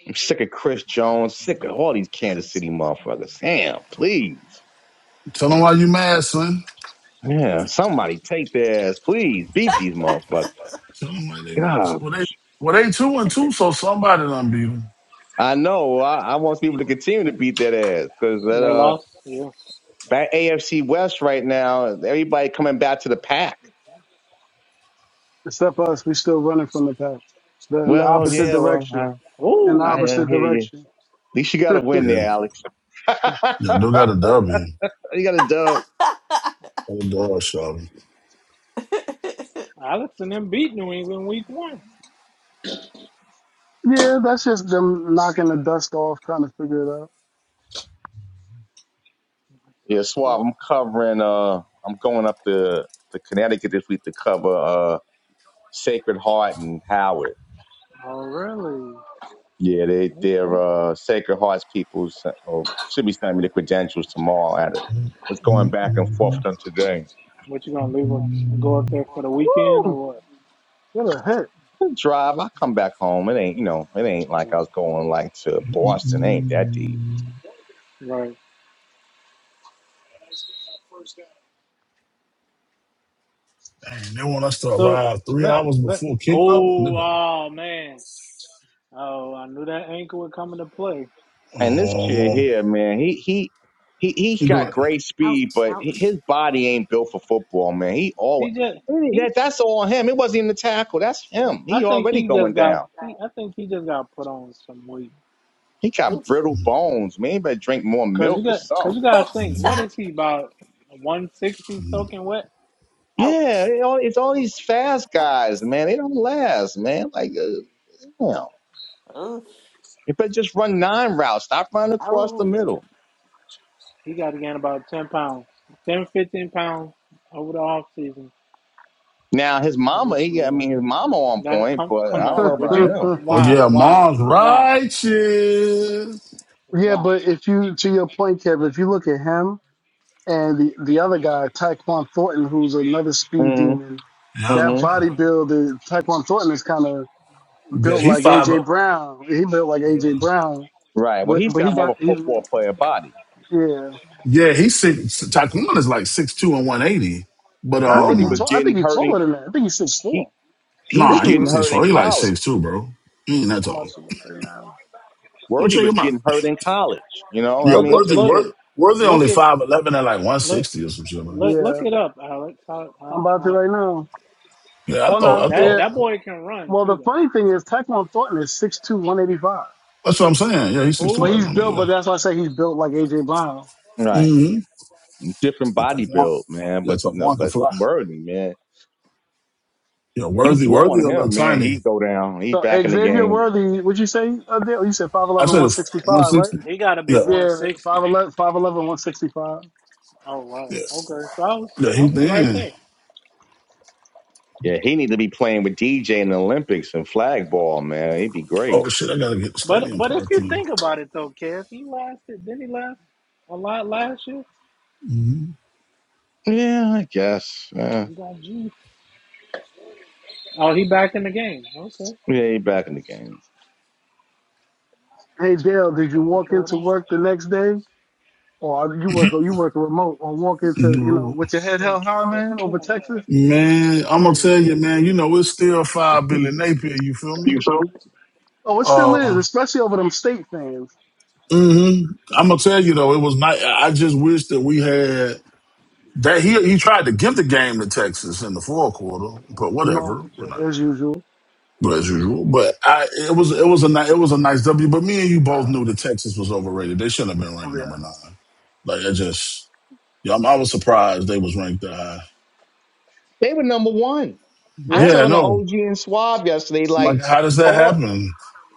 G: I'm sick of Chris Jones, sick of all these Kansas City motherfuckers. Damn, please.
I: Tell them why you mad, son.
G: Yeah, somebody take their ass, please. Beat these motherfuckers.
I: Tell them why they missed.
G: God,
I: Well, they well they two and two, so somebody done beat 'em.
G: I know. I, I want people to continue to beat that ass because
A: And
G: that
A: they
G: uh,
A: lost. Yeah.
G: back AFC West right now, everybody coming back to the pack.
E: Except us, we still running from the pack. The, in the
G: Well,
E: opposite
G: yeah, well,
E: direction.
G: I,
E: In the
G: I
A: Oh,
G: uh,
E: opposite
G: hear you. At
E: direction.
G: least you got to win
I: Yeah,
G: there, Alex. [laughs]
I: yeah, they got a W.
G: you got a dub.
I: Got a dog shot. Dang,
A: Alex and them beat New England week one.
E: Yeah, that's just them knocking the dust off, trying to figure it out.
A: So,
G: Yeah, Swab.
A: so
G: I'm covering. Uh, I'm going up to to Connecticut this week to cover uh Sacred Heart and Howard.
A: oh really?
G: Yeah, they they're
A: Okay.
G: uh, Sacred Hearts people s- oh, should be sending me the credentials tomorrow. At it, was going back and forth with them today.
A: What you gonna leave? Up, go up there for the weekend
E: Woo!
A: or what?
E: What a hit.
G: Drive, I come back home. It ain't you know, it ain't like I
A: Mhm.
G: was going like to Boston. It ain't that deep.
A: Right.
I: they want us to
A: So
I: arrive three
A: let
I: hours
A: let.
I: before kickoff.
A: Oh,
I: Nigga.
A: oh man. Oh, I knew that ankle would come into play.
G: And this kid
I: Oh,
G: here, man, he he he he
I: you do
G: got
I: it.
G: great
J: [laughs] ouch,
G: speed, but he-
J: ouch.
G: his body ain't built for football, man. He all
A: He just he.
G: that that's all him. It wasn't even the tackle. That's
A: I,
G: him.
A: I
G: He
A: think
G: already
A: he
G: going
A: just got.
G: down.
A: He, I think he just got put on some weight.
G: He got
J: Oops. [laughs]
G: brittle bones, man. He better drink more
A: Cause you
G: milk or
A: got.
G: something.
A: Cause you gotta
J: Oh,
A: think. What
I: Mm-mm.
A: is he about? One sixty soaking wet.
J: Ouch.
G: Yeah, it all, it's all these fast guys, man. They don't last, man. Like, uh, damn.
J: Oof. Ouch.
G: You better just run nine routes. Stop running across the
J: Oh.
G: middle.
A: He got to gain about ten pounds, 10 15 pounds over the off season.
G: Now, his
A: And he
G: mama,
A: should
G: he,
A: be
G: I
A: on.
G: mean, his mama on
A: That
G: point,
A: come
G: but
A: come
G: I
E: [laughs]
G: don't know
A: on. Would you
G: about
I: Oh
A: why
I: yeah,
A: why
I: Mom's
A: why
I: righteous.
E: yeah,
A: why
E: but if you, to your point, Kevin, if you look at him and the, the other guy, Tyquan Thornton, who's another speed
G: him.
E: demon,
G: hmm
I: Yeah.
E: that
G: hmm
E: bodybuilder, Tyquan Thornton is kind of
I: Yeah,
E: built
I: he
E: like
I: five.
E: AJ
I: Up.
E: Brown. He built like
I: Yeah.
E: AJ Brown,
G: Right. Well,
E: but
G: he's
E: but he
G: got more
E: got
G: of a
E: he's
G: football player body.
E: yeah.
I: Yeah, he's six. Taquan is like six two and one eighty, but
E: No, I think
G: Wordy
E: he's
A: why?
G: was
I: um,
E: tall. I
G: getting
E: think he's
G: hurt in,
E: taller than that. I think he's six
G: he,
E: four.
G: he was
E: Big
I: nah, he ain't
G: getting
E: man.
I: six
G: hurt in
I: four. He like
G: college.
I: six two, bro. He ain't that
E: I'm about
I: tall.
E: to look right now.
I: Go
G: Wordy
I: check
G: was
I: him out.
G: getting hurt in college. You know, I
I: Yeah,
A: Look
G: mean,
A: up
G: just
I: Worthy,
A: look
G: kidding.
I: Worth, Worthy
A: look
I: only
A: it
I: five eleven and like one
A: look
I: sixty or some shit, man.
A: look look
E: Yeah,
A: it up, Alex. How
E: I'm
A: how
E: about to
A: how?
E: right now.
I: Yeah, I
E: Oh
A: Cause
I: thought,
E: no,
I: I
A: that
E: yeah.
I: thought.
A: that boy can run
E: Well, the
A: too though.
E: funny thing is, Tyquan Thornton is six two, one eighty five,
I: That's what I'm saying. Yeah, he's six two,
E: But
A: Who?
I: like
E: he's
I: one eighty.
E: built. But
I: Yeah.
E: that's why I say he's built like AJ Brown.
G: Right.
I: Mm-hmm.
G: Different
I: Yeah,
G: body
I: Taquan.
G: build, man.
I: Yeah,
G: But no,
I: Taquan can
G: but
I: fly.
G: Wordy, man.
I: Yeah,
G: You
I: Worthy,
G: blow
I: Worthy
G: on
I: a little
G: him, man.
I: tiny.
G: He go down. He
E: So
G: back in the
E: Xavier
G: game.
E: Worthy, would you say? Uh, Dale? you said five
I: I
E: eleven, one
I: said
E: sixty
I: one
E: five,
I: sixty.
A: He got to be
I: Yeah,
E: right?
A: one
E: Yeah,
A: sixty.
E: 5'11",
A: Oh
I: yeah,
A: wow. Okay. So I was
I: yeah.
A: I
I: He
A: was right
I: thin.
A: there.
G: Yeah, he need to be playing with DJ in the Olympics and flag ball, man. He'd be great.
I: Oh shit, I gotta get the
A: But
I: stadium
A: but if you
I: parking.
A: think about it though, Kev, he lasted. Didn't he last a lot last year?
I: Mm-hmm.
G: Yeah, I guess. Uh,
A: You got G. Oh, he back in the game. Okay.
G: yeah, he back in the game.
E: Hey Dale,
A: Ain't
E: did you
A: that a
E: walk
A: pour
E: into
A: down?
E: work the next day, or you work or you work remote, or walk into you
I: Mm-hmm.
E: know with your head
A: Drink
E: held
A: it
E: high,
A: or
E: man, over
A: pour it
E: Texas?
I: Man,
A: out.
I: I'm gonna
A: I'm
I: tell
A: glad.
I: you, man. You know it's still five Billy Napier. You feel me?
E: Oh, it still is,
I: Uh,
E: especially over them state fans.
I: hmm I'm gonna tell you though, it was not. I just wish that we had that. He he tried to give the game to Texas in the fourth quarter, but
E: Norm,
I: whatever. We're not.
E: as usual.
I: But as usual, but I it was it was a ni- it was a nice W. But me and you both knew that Texas was overrated. They shouldn't have been
E: Oh
I: ranked number
E: yeah,
I: nine. Like I just, yeah, I'm, I was surprised they was ranked that high.
G: They were number one. I was
E: yeah.
I: Yeah,
G: talking to
I: no,
G: OG and Swab yesterday.
I: I'm
G: Like
I: like, how does that
G: all
I: happen?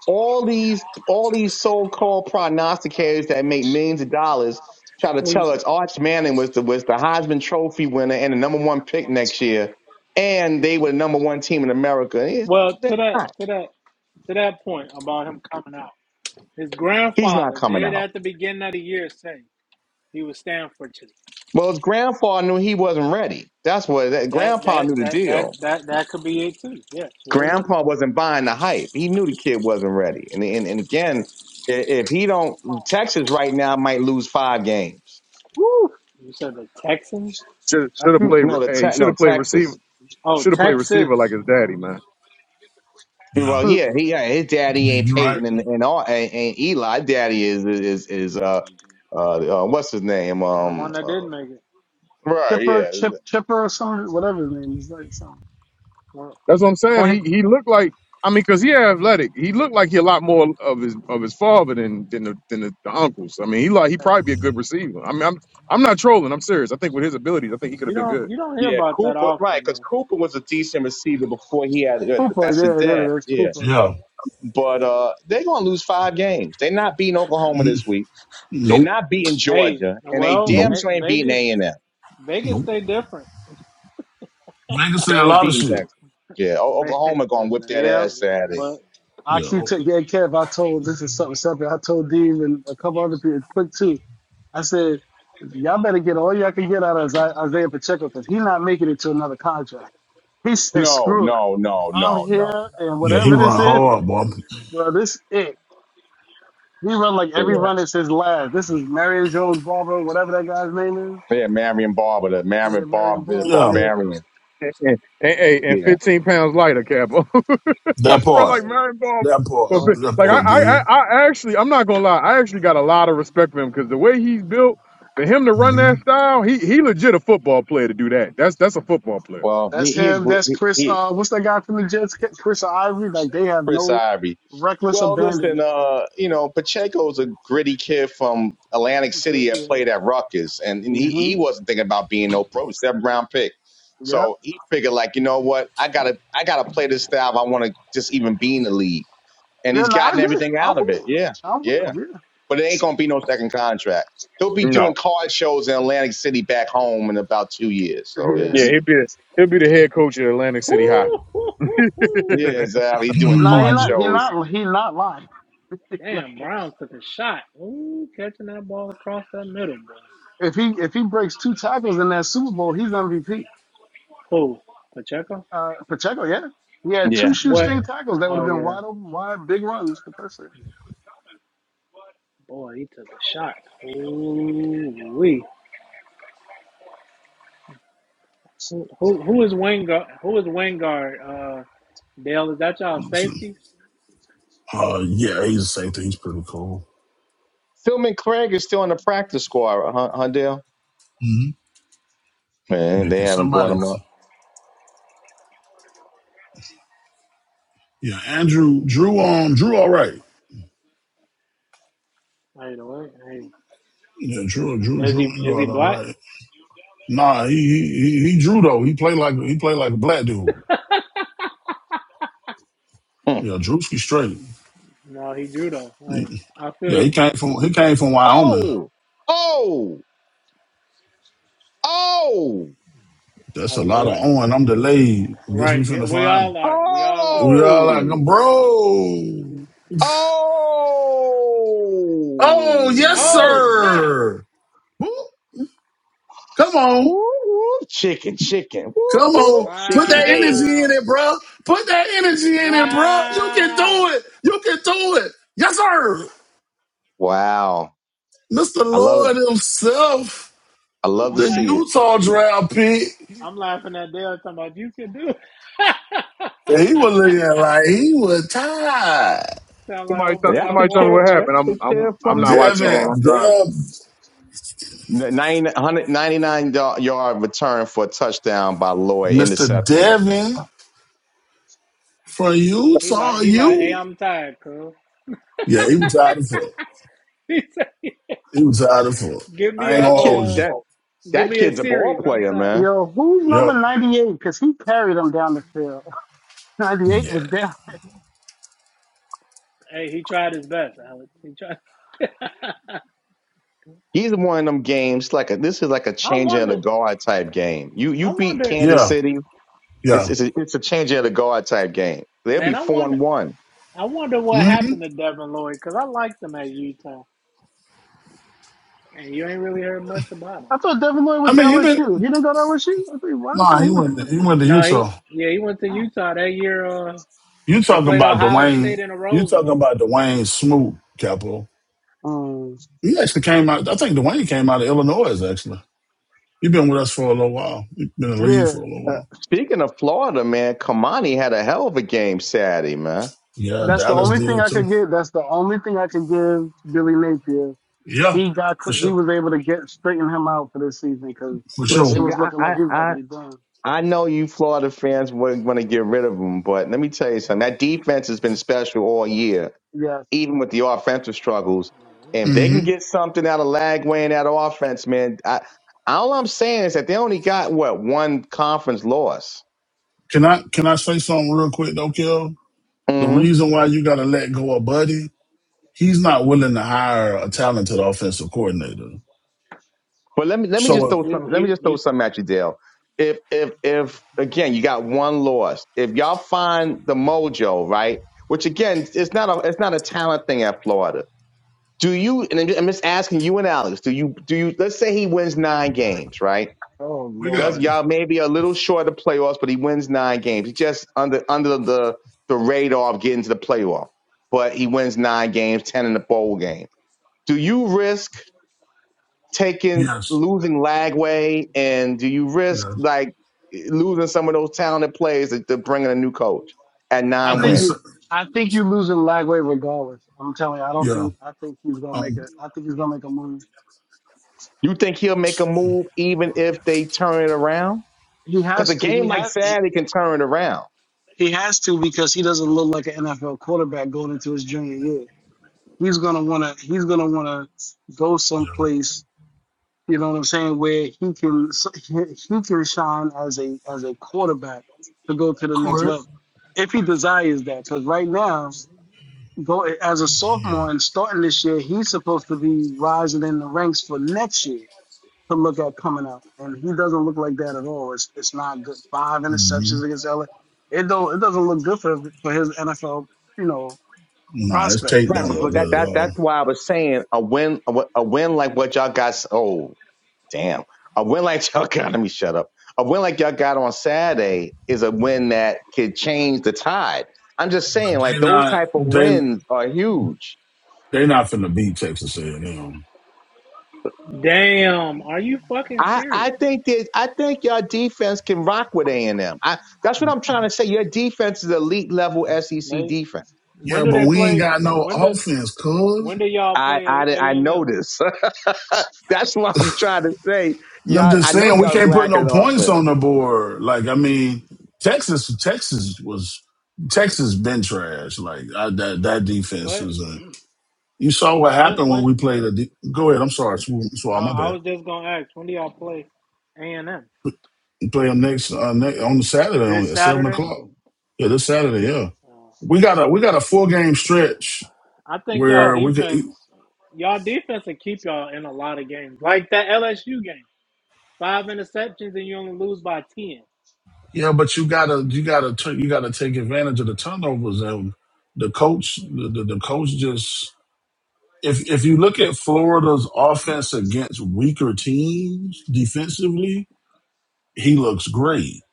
G: all these all these so called prognosticators that make millions of dollars try to
A: We,
G: tell us Arch Manning was the was the Heisman Trophy winner and the number one pick next year, and they were the number one team in America. Yeah, no,
A: well,
G: they're
A: to that,
G: not.
A: to that, to that point about him coming out, his
G: He's not
A: grandfather
G: coming
A: did
G: out.
A: at the beginning of the year say he would stand for two.
G: Well, his grandpa knew he wasn't ready. That's what that
A: That
G: grandpa
A: that
G: knew the
A: that
G: deal.
A: that that that could be it too. Yes, very much.
G: Grandpa
A: So.
G: wasn't buying the hype. He knew the kid wasn't ready. And and, and again, i- if he don't, Texas right now might lose five games.
E: Woo!
A: You said the Texans.
H: Should
E: I
H: should have
E: keep
H: played. re-
G: No, the
H: Hey, he
G: te-
H: should
G: no
H: have played receiver.
G: Texas.
A: Oh,
H: Should have played receiver
A: Texas.
H: like his daddy,
A: Oh,
H: man.
I: Yeah,
G: Well,
E: [laughs]
G: yeah, he yeah, his daddy
I: you-
G: ain't
I: you're right.
G: Peyton and and, all, and, and Eli. Daddy is is is uh uh, uh what's his name
A: the
G: um
A: one that did
G: uh,
A: make it.
G: right
E: Chipper,
G: yeah
E: Chip, Chipper, or some whatever his name is, like some
A: Well,
H: That's what I'm saying.
E: Clint
H: He he looked like. I mean, cause he athletic. He looked like he a lot more of his of his father than than the, than the, the uncles. I mean, he like he
E: Yeah,
H: probably be a good receiver. I mean, I'm I'm not trolling. I'm serious. I think with his abilities, I think he could
A: you
H: have been good.
A: don't you don't hear
G: yeah
A: about that
G: Cooper right
A: often
G: because
A: though.
G: Cooper was a decent receiver before he had
E: Cooper.
G: that's his
E: Yeah,
G: dad
E: there it is,
G: yeah
E: Cooper.
I: Yeah.
G: But uh, they're going to lose five games. They're not beating Oklahoma this week. They're
I: Nope,
G: not beating
A: Hey,
G: Georgia, and they
A: well,
I: nope,
G: damn
A: hey,
G: sure ain't beating
A: Vegas,
G: A and M.
A: Vegas,
I: nope.
A: they different.
I: Vegas said
G: They
I: a
G: ain't
I: lot of
G: beating
I: shit.
G: Texas. Yeah, o-
A: [laughs]
G: Oklahoma
E: Hey
G: going to whip that
A: yeah,
G: ass
E: man,
G: Saturday.
A: but
E: I
I: Yeah,
E: keep
I: oh,
E: taking yeah, Kev. I told this is something separate. I told Dean and a couple other people quick too. I said. Y'all better get all y'all can get out of Isaiah Pacheco because he's not making it to another contract. He said,
G: No,
E: screw it.
G: no, no,
E: I'm
G: no, no,
E: here, and
I: yeah,
G: no,
I: he
E: whatever
G: no.
I: run
E: this is,
I: hard, boy.
E: bro, this it. He run like every
G: no.
E: run is his last. This is Marion Jones Barber, whatever that guy's name is.
G: Yeah, yeah, Marion Barber, the
E: Yeah,
G: Marion
E: Marion
G: Barber, the
I: Yeah,
E: Barber.
G: barbarian.
H: And, and, and hey, and
G: Yeah,
H: 15 pounds lighter, Capo.
I: that
H: [laughs] Run
I: part,
E: Yeah,
H: like
E: yeah.
H: Marion Ball.
I: that part,
H: But
A: boy.
H: fi-
A: it was
I: that
H: like I,
I: part
H: I,
I: did.
H: I I actually, I'm not gonna lie. I actually got a lot of respect for him because the way he's built, for him to run that style, he he legit a football player to do that. That's that's a football player.
G: well, he
E: That's
G: he,
E: him.
G: agree,
E: That's Chris.
G: he
E: Uh, what's that guy from the Jets? Chris Ivory. Like they have
G: Chris
E: no
G: Ivory.
E: reckless
G: Well, listen,
E: abandonment.
G: uh, you know, Pacheco's a gritty kid from Atlantic
E: Yeah,
G: City that
E: yeah.
G: played at Rutgers, and, and he,
E: hmm
G: he wasn't thinking about being no pro, seven round pick.
E: Yep.
G: So he figured, like, you know what, I gotta I gotta play this style. If I want to just even be in the league, and
E: Yeah,
G: he's
E: no, I
G: gotten
E: get it.
G: everything
E: I'm
G: out of
E: with
G: it.
E: him.
G: Yeah,
E: I'm with
G: yeah.
E: him.
G: But it ain't gonna be no second contract. He'll be
H: No,
G: doing card shows in Atlantic City back home in about two years. So
E: Yeah.
G: eh,
H: yeah,
E: Yes.
H: he'll be the, he'll be the head coach at Atlantic City High.
A: Ooh, ooh, ooh,
H: [laughs]
G: yeah,
A: ooh.
H: somebody,
G: exactly. He's doing
E: No, he
G: card
I: Mm-hmm.
E: not. He
G: shows.
A: Juju.
E: not. He not lying. [laughs]
A: Damn, Brown took a shot. Ooh, catching that ball across that middle, bro.
E: If he if he breaks two tackles in that Super Bowl, he's MVP.
A: Who? Pacheco?
E: Uh, Pacheco, yeah, he had two
A: What?
E: shoestring tackles that would
A: Oh,
E: have been
A: yeah.
E: wide open, wide big runs for touchdown.
A: Boy, he took a shot. Ooh, wee. Who, who, who is Wingard? Who is Wingard? Uh, Dale, is that y'all
I: [laughs] so,
A: safety?
I: uh, yeah, he's the same thing. He's pretty cool.
G: Philman Craig is still in the practice squad, huh, Hundell?
I: Mm-hmm.
G: Man,
I: Yeah,
G: they
I: can
G: haven't brought
I: somebody?
G: him up.
I: T- yeah, Andrew, Drew, um, Drew, all right.
A: Hey, the way, hey,
I: Yeah,
A: who-
I: Drew, Drew,
A: is
I: Drew
A: he is he
I: Engard, all
A: black?
I: right. Nah, he he he, he Drew though. He played like he played like a black dude.
G: Hmm.
I: Yeah, Drewski straight.
A: No, he drew though. Hey,
I: Yeah,
A: I feel
I: he
A: you,
I: came
A: boy.
I: from he came from Wyoming.
G: Oh, oh, oh,
I: That's
A: Oh
I: a lot of
A: Lord,
I: on. I'm delayed. Guess we
A: right? Yeah,
I: finna
A: we
I: find. him.
A: all are. We all are.
I: We all like,
G: oh,
I: bro. Oh, yes,
G: oh.
A: Oh snap!
I: sir. Woo. Come on.
G: Woo, woo, chicken, chicken, woo,
I: Come
G: woo,
I: on. Put
G: chicken
I: that
G: head.
I: energy in
A: Wow.
I: it, bro. Put that energy in it, bro. You can
A: Wow.
I: do it. You can do it. Yes, sir.
G: Wow,
I: Mr.
G: I love it.
I: Lord himself,
G: I love to
A: I'm
I: the
A: like
G: see it.
I: Utah draft pick,
A: I'm laughing at Dale talking about you can do it.
I: he was looking
A: [laughs]
I: like he was tired.
A: Sound like old
H: t-
G: And
A: boy,
G: That's
A: I'm
G: the
H: somebody tell me
A: water
G: kid.
H: what
A: boy.
G: That's
H: happened.
G: the
H: I'm I'm
G: kid
H: I'm
G: from
H: not watching the
I: Devin,
H: game.
G: Utah.
H: I'm driving.
I: Dev,
G: N- ninety one 99 yard return for a touchdown by Lloyd.
I: Mr.
G: Interception.
I: Devin from
A: He like
I: Utah,
A: he like,
I: you.
A: hey, I'm tired, cuz. [laughs]
I: Yeah, he was tired of fuck.
A: He said,
I: He was tired of fuck.
A: give me
I: I
A: a
I: ain't
G: That
I: gonna
G: kid,
I: hold
A: uh
I: you.
G: that
A: give
G: that
A: me a
G: kid's a ball
A: series, I'm
G: player,
A: tired.
G: man.
E: Yo, who's number
I: Yep.
E: ninety eight? Because he carried them down the field. [laughs] Ninety eight was
I: Yeah.
E: down.
A: Hey, he tried his best, Alex. He tried [laughs] I
G: He's one of them games. Like a, this is like a change of the
A: wonder
G: guard type game. You you
A: I
G: beat
A: wonder
G: Kansas
I: Yeah.
G: City. It's
I: Yeah.
G: it's a, it's a change of the guard type game. They'll be
A: man, I
G: four and
A: wonder
G: one.
A: I wonder what
I: hmm
A: happened to Devin Lloyd, because I liked him at Utah. And you ain't really heard much about him.
E: I thought Devin Lloyd
I: I
E: went to
I: mean, he been
E: LSU. He didn't go to LSU. I think why I
I: nah.
E: thought he
I: He
E: went
I: went. He
E: to LSU.
I: went to
A: No,
I: Utah.
A: he yeah, he went to
E: Damn.
A: Utah that year. Uh,
I: You
A: they
I: talking
A: played
I: about
A: Ohio
I: Dwayne?
A: State in a
I: You
A: Rose
I: talking
A: Bowl.
I: about Dwayne Smoot? Capital.
E: Um,
I: He actually came out. I think Dwayne came out of Illinois. Actually, he been with us for a little while. He been in the league
E: yeah,
I: for a little
G: Uh,
I: while.
G: speaking of Florida, man, Kamani had a hell of a game Saturday, man.
I: Yeah,
E: that's the
I: Dallas
E: only thing
I: did
E: I
I: too.
E: could give. That's the only thing I could give Billy Napier.
I: Yeah,
E: He got
I: for
E: he
I: sure.
E: was able to get straighten him out for this season because
I: For sure.
E: it
G: Listen, yeah,
E: was looking
G: I
E: like he was
G: I
E: about
G: I,
E: to be done.
G: I know you Florida fans want to get rid of him, but let me tell you something. That defense has been special all year
E: Yes.
G: even with the offensive struggles. And if they can
I: hmm
G: get something out of Lagway and out of offense, man, I, all I'm saying is that they only got what one conference loss.
I: Can I can I say something real quick though, Kel? The
G: hmm
I: reason why you gotta let go of Buddy he's not willing to hire a talented offensive coordinator.
G: But let me let me just
I: So if
G: throw
A: He,
G: some let me
A: he,
G: just throw
A: you,
G: something at you, Dale. If if if again you got one loss, if y'all find the mojo, right? Which again, it's not a it's not a talent thing at Florida. Do you? And I'm just I'm just asking you and Alex. Do you do you? Let's say he wins nine games, right?
E: Oh
I: we
G: Does
I: got
E: Lord.
G: y'all maybe a little short of playoffs, but he wins nine games. He's just under under the the radar of getting to the playoff, but he wins nine games, ten in the bowl game. Do you risk taking
I: yes,
G: losing Lagway, and do you risk
I: yes.
G: like losing some of those talented players to, to bringing a new coach at
E: I
G: nine
I: Let me
E: think you
I: say
G: wins?
E: I think you losing Lagway regardless. I'm telling you, I don't
I: yeah,
E: think I think he's gonna make
I: um,
E: a I think he's gonna make a move.
G: You think he'll make a move even if they turn it around?
E: He
G: Because a
E: has to
G: game
E: he
G: like
E: has he,
G: Saturday can turn it around.
E: he has to because he doesn't look like an NFL quarterback going into his junior year. He's gonna wanna he's gonna wanna go
I: yeah,
E: someplace, you know what I'm saying, where he can s- he he can shine as a as a quarterback to go to the next
I: correct.
E: level. If he desires that, because right now go as a
I: Yeah.
E: sophomore and starting this year, he's supposed to be rising in the ranks for next year to look at coming out, and he doesn't look like that at all. It's it's not good. Five
I: hmm
E: interceptions against LA. It don't it doesn't look good for his, for his NFL you know
I: Nah, it's
E: prospect.
I: tape
E: It
G: Right,
I: don't
G: but,
E: doesn't
I: look
G: but
E: look good
G: that
I: good
E: for
I: at
E: him.
G: that
I: all.
G: that's why I was saying a win a, wi- a win like what y'all got. s- Oh damn, a win like [laughs] y'all got. Let me shut up. A win like y'all got on Saturday is a win that could change the tide. I'm just
I: But
G: saying,
I: they
G: like those
I: not
G: type of
I: they
G: wins are huge.
I: they not finna beat Texas A and M.
A: damn, are you fucking
G: I
A: serious?
G: I think that I think your defense can rock with A and M. I that's what I'm trying to say. Your defense is elite level SEC
A: They,
G: defense.
A: when
I: Yeah,
A: do
I: but
A: they
I: we ain't
A: play?
I: got no
A: When do
I: offense, cuz.
A: when do y'all
G: I
A: play
G: I I
A: A and
G: know
A: M?
G: this. [laughs] that's what I'm trying to say.
I: And I'm
G: Y'all,
I: just
G: I know
I: saying we
G: y'all's
I: can't put no
G: lacking
I: points
G: offense.
I: on the board. Like I mean, Texas Texas was Texas been trash. Like I, that that defense
A: But
I: was. You saw what
A: when
I: happened when
A: when?
I: we played. A D- Go ahead. I'm sorry. It's all
A: No,
I: my
A: I
I: bad.
A: was just gonna ask. When do y'all play A and M?
I: You play them next, uh, next on the Saturday on
A: This
I: at seven
A: Saturday.
I: o'clock. Yeah, this Saturday. Yeah,
A: Oh.
I: we got a we got a four game stretch
A: I think y'all
I: where
E: Oh,
I: we could.
A: defense, y'all defense, will keep y'all in a lot of games, like that LSU game. Five interceptions and you only lose by ten.
I: Yeah, but you gotta you gotta t- you gotta take advantage of the turnovers and the coach the, the, the coach just if if you look at Florida's offense against weaker teams defensively, he looks great.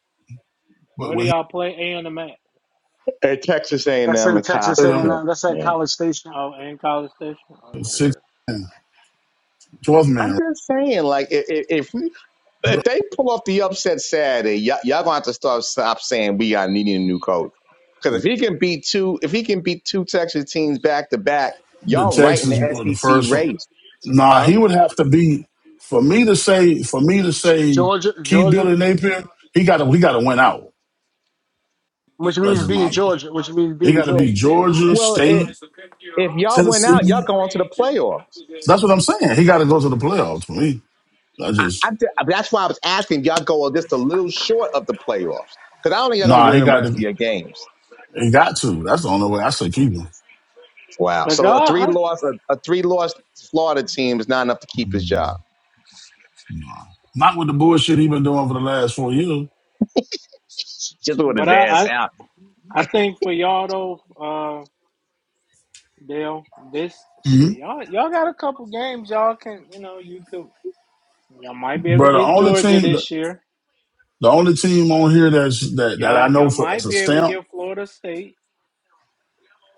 I: But
A: Where do
I: when he
A: y'all play A and M, Mac?
G: At Texas A&M and
E: that's
G: M
E: in
G: and Cox.
E: Texas
I: played them
G: Yeah,
E: A&M. That's at
G: yeah.
A: And-
E: College Station,
A: Oh, and College Station. Okay.
E: Uh,
I: six man, 12
G: I'm
I: man,
G: just saying, like, i- i- if we if they pull off the upset Saturday, y'all y'all gonna have to start stop saying we are needing a new coach. Because if he can beat two, if he can beat two Texas teams back to back,
I: The
G: y'all right in the
I: Texans were the
G: SEC
I: first one.
G: race,
I: Nah,
G: huh?
I: he would have to be for me to say for me to say
E: Georgia,
I: keep
E: Georgia,
I: Billy Napier. He got to he got to win out.
E: which
I: That's
E: means
I: just
E: beating
I: my.
E: Georgia, which means
I: He
E: beating
I: got to be
E: Georgia.
I: Georgia
G: Well, i
I: State,
G: if y'all went out, y'all
I: Tennessee.
G: going to the playoffs.
I: That's what I'm saying. He got to go to the playoffs for me. I
G: I, I,
I: just
G: that's why I was asking if y'all go just a little short of the playoffs. Because I don't think y'all gonna
I: nah.
G: go in
I: He
G: the
I: got
G: rest
I: to.
G: of your games.
I: He got to. That's the only way I say keep him.
G: Wow.
A: Cause
G: So a
A: y'all,
G: three
A: I,
G: loss a, a three loss Florida team is not enough to keep his job.
I: Nah, not with the bullshit he been doing for the last four years.
G: Just with
A: but
G: his
A: I,
G: ass
A: I,
G: out.
A: I think for y'all though, uh, Dale, this shit,
I: Mhm.
A: y'all, y'all got a couple games y'all can, you know, you could, y'all might be able to
I: But the
A: get
I: only
A: Georgia
I: team, the,
A: this year.
I: the only team on here that's that that
A: Y'all,
I: I know
A: y'all
I: for as
A: might
I: a
A: be able to
I: stamp
A: get Florida State.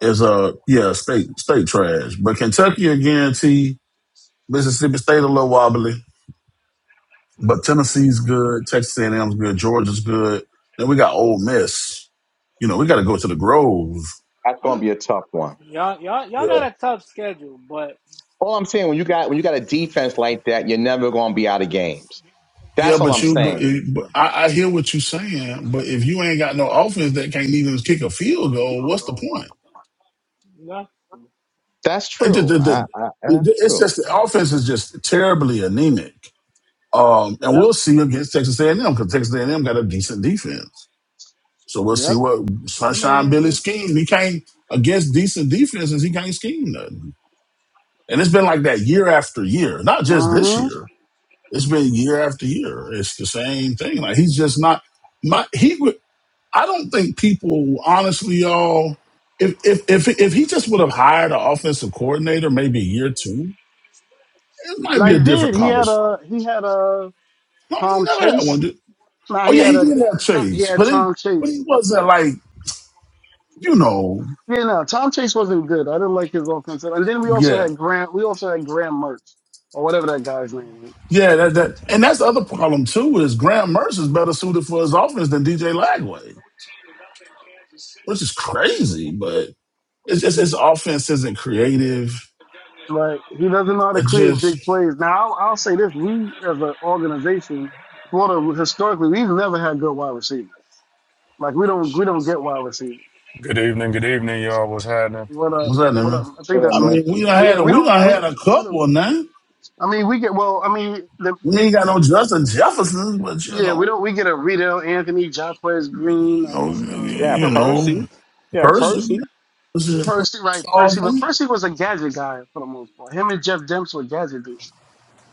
I: is a yeah state state trash. But Kentucky, a guarantee Mississippi State a little wobbly, but Tennessee's good, Texas A&M's good, Georgia's good. Then we got Ole Miss. You know, we got to go to the Grove.
G: That's gonna be a tough one.
A: Y'all, y'all, y'all got
I: Yeah,
A: a tough schedule, but
G: All I'm saying when you got when you got a defense like that, you're never gonna be out of games.
I: yeah,
G: That's all
I: but
G: I'm
I: you, but,
G: saying.
I: eh, but I, I hear what you're saying. But if you ain't got no offense that can't even kick a field goal, what's the point?
A: y'all,
G: That's
I: It- the-
G: true.
I: the-
G: I,
I: the-
G: I that's
I: it's
G: true.
I: just the offense is just terribly anemic. Um, and
E: Yep,
I: we'll see against Texas A&M because Texas A&M got a decent defense. So we'll see
E: yep.
I: what
A: I
I: Sunshine Billy
A: mean,
I: schemes. He can't against decent defenses. He can't scheme nothing. And it's been like that year after year. Not just this
E: Mm-hmm.
I: year. It's been year after year. It's the same thing. Like he's just not. My he would. I don't think people honestly, y'all. If if if if he just would have hired an offensive coordinator, maybe year two, it might
E: Now
I: be
E: he
I: a different
E: did. He had
I: conversation.
E: a he had a
I: No, he
E: Tom
I: never had one.
E: Chase.
I: Dude.
E: Now
I: Oh
E: he
I: yeah,
E: had
I: he
E: a
I: did have
E: he
I: Chase,
E: had
I: but it
E: Tom
I: but he
E: Chase.
I: wasn't like you know.
E: Yeah, no, Tom Chase wasn't good. I didn't like his offensive. And then we also
I: yeah.
E: had Grant. We also had Graham Mertz or whatever that guy's name is.
I: Yeah, that, that and that's the other problem too is Graham Mercer's better suited for his offense than DJ Lagway, which is crazy. But it's just his offense isn't creative.
E: Like he doesn't know how to
I: It
E: create
I: just
E: big plays. Now I'll, I'll say this: we as an organization, Florida historically, we've never had good wide receivers. Like we don't we don't get wide receivers.
K: Good evening, good evening, y'all. What's happening?
E: What uh
I: what's that
E: what
I: name?
E: uh, I think
G: Yeah,
E: that's.
I: I
G: man.
E: man.
I: mean, we done
E: But
I: had
E: yeah,
I: a
E: we
I: we
E: don't
I: done
E: we
I: had
E: don't,
I: a
E: we don't
I: couple
E: get.
I: now.
E: I mean, we get well. I mean, the,
I: We
E: it,
I: ain't got no Justin Jefferson, but you
E: Yeah, we
I: know,
E: don't. We get a Riddle, Anthony, Jacquez Green,
I: you know,
E: uh, uh, a
G: Yeah,
I: you
E: couple other
I: know
G: Percy.
E: guys.
G: Yeah,
I: person
G: Percy.
I: This is a person
E: Percy, right? Percy, but
I: solving.
E: Percy was a gadget guy for the most part. Him and Jeff Demps were gadget dudes.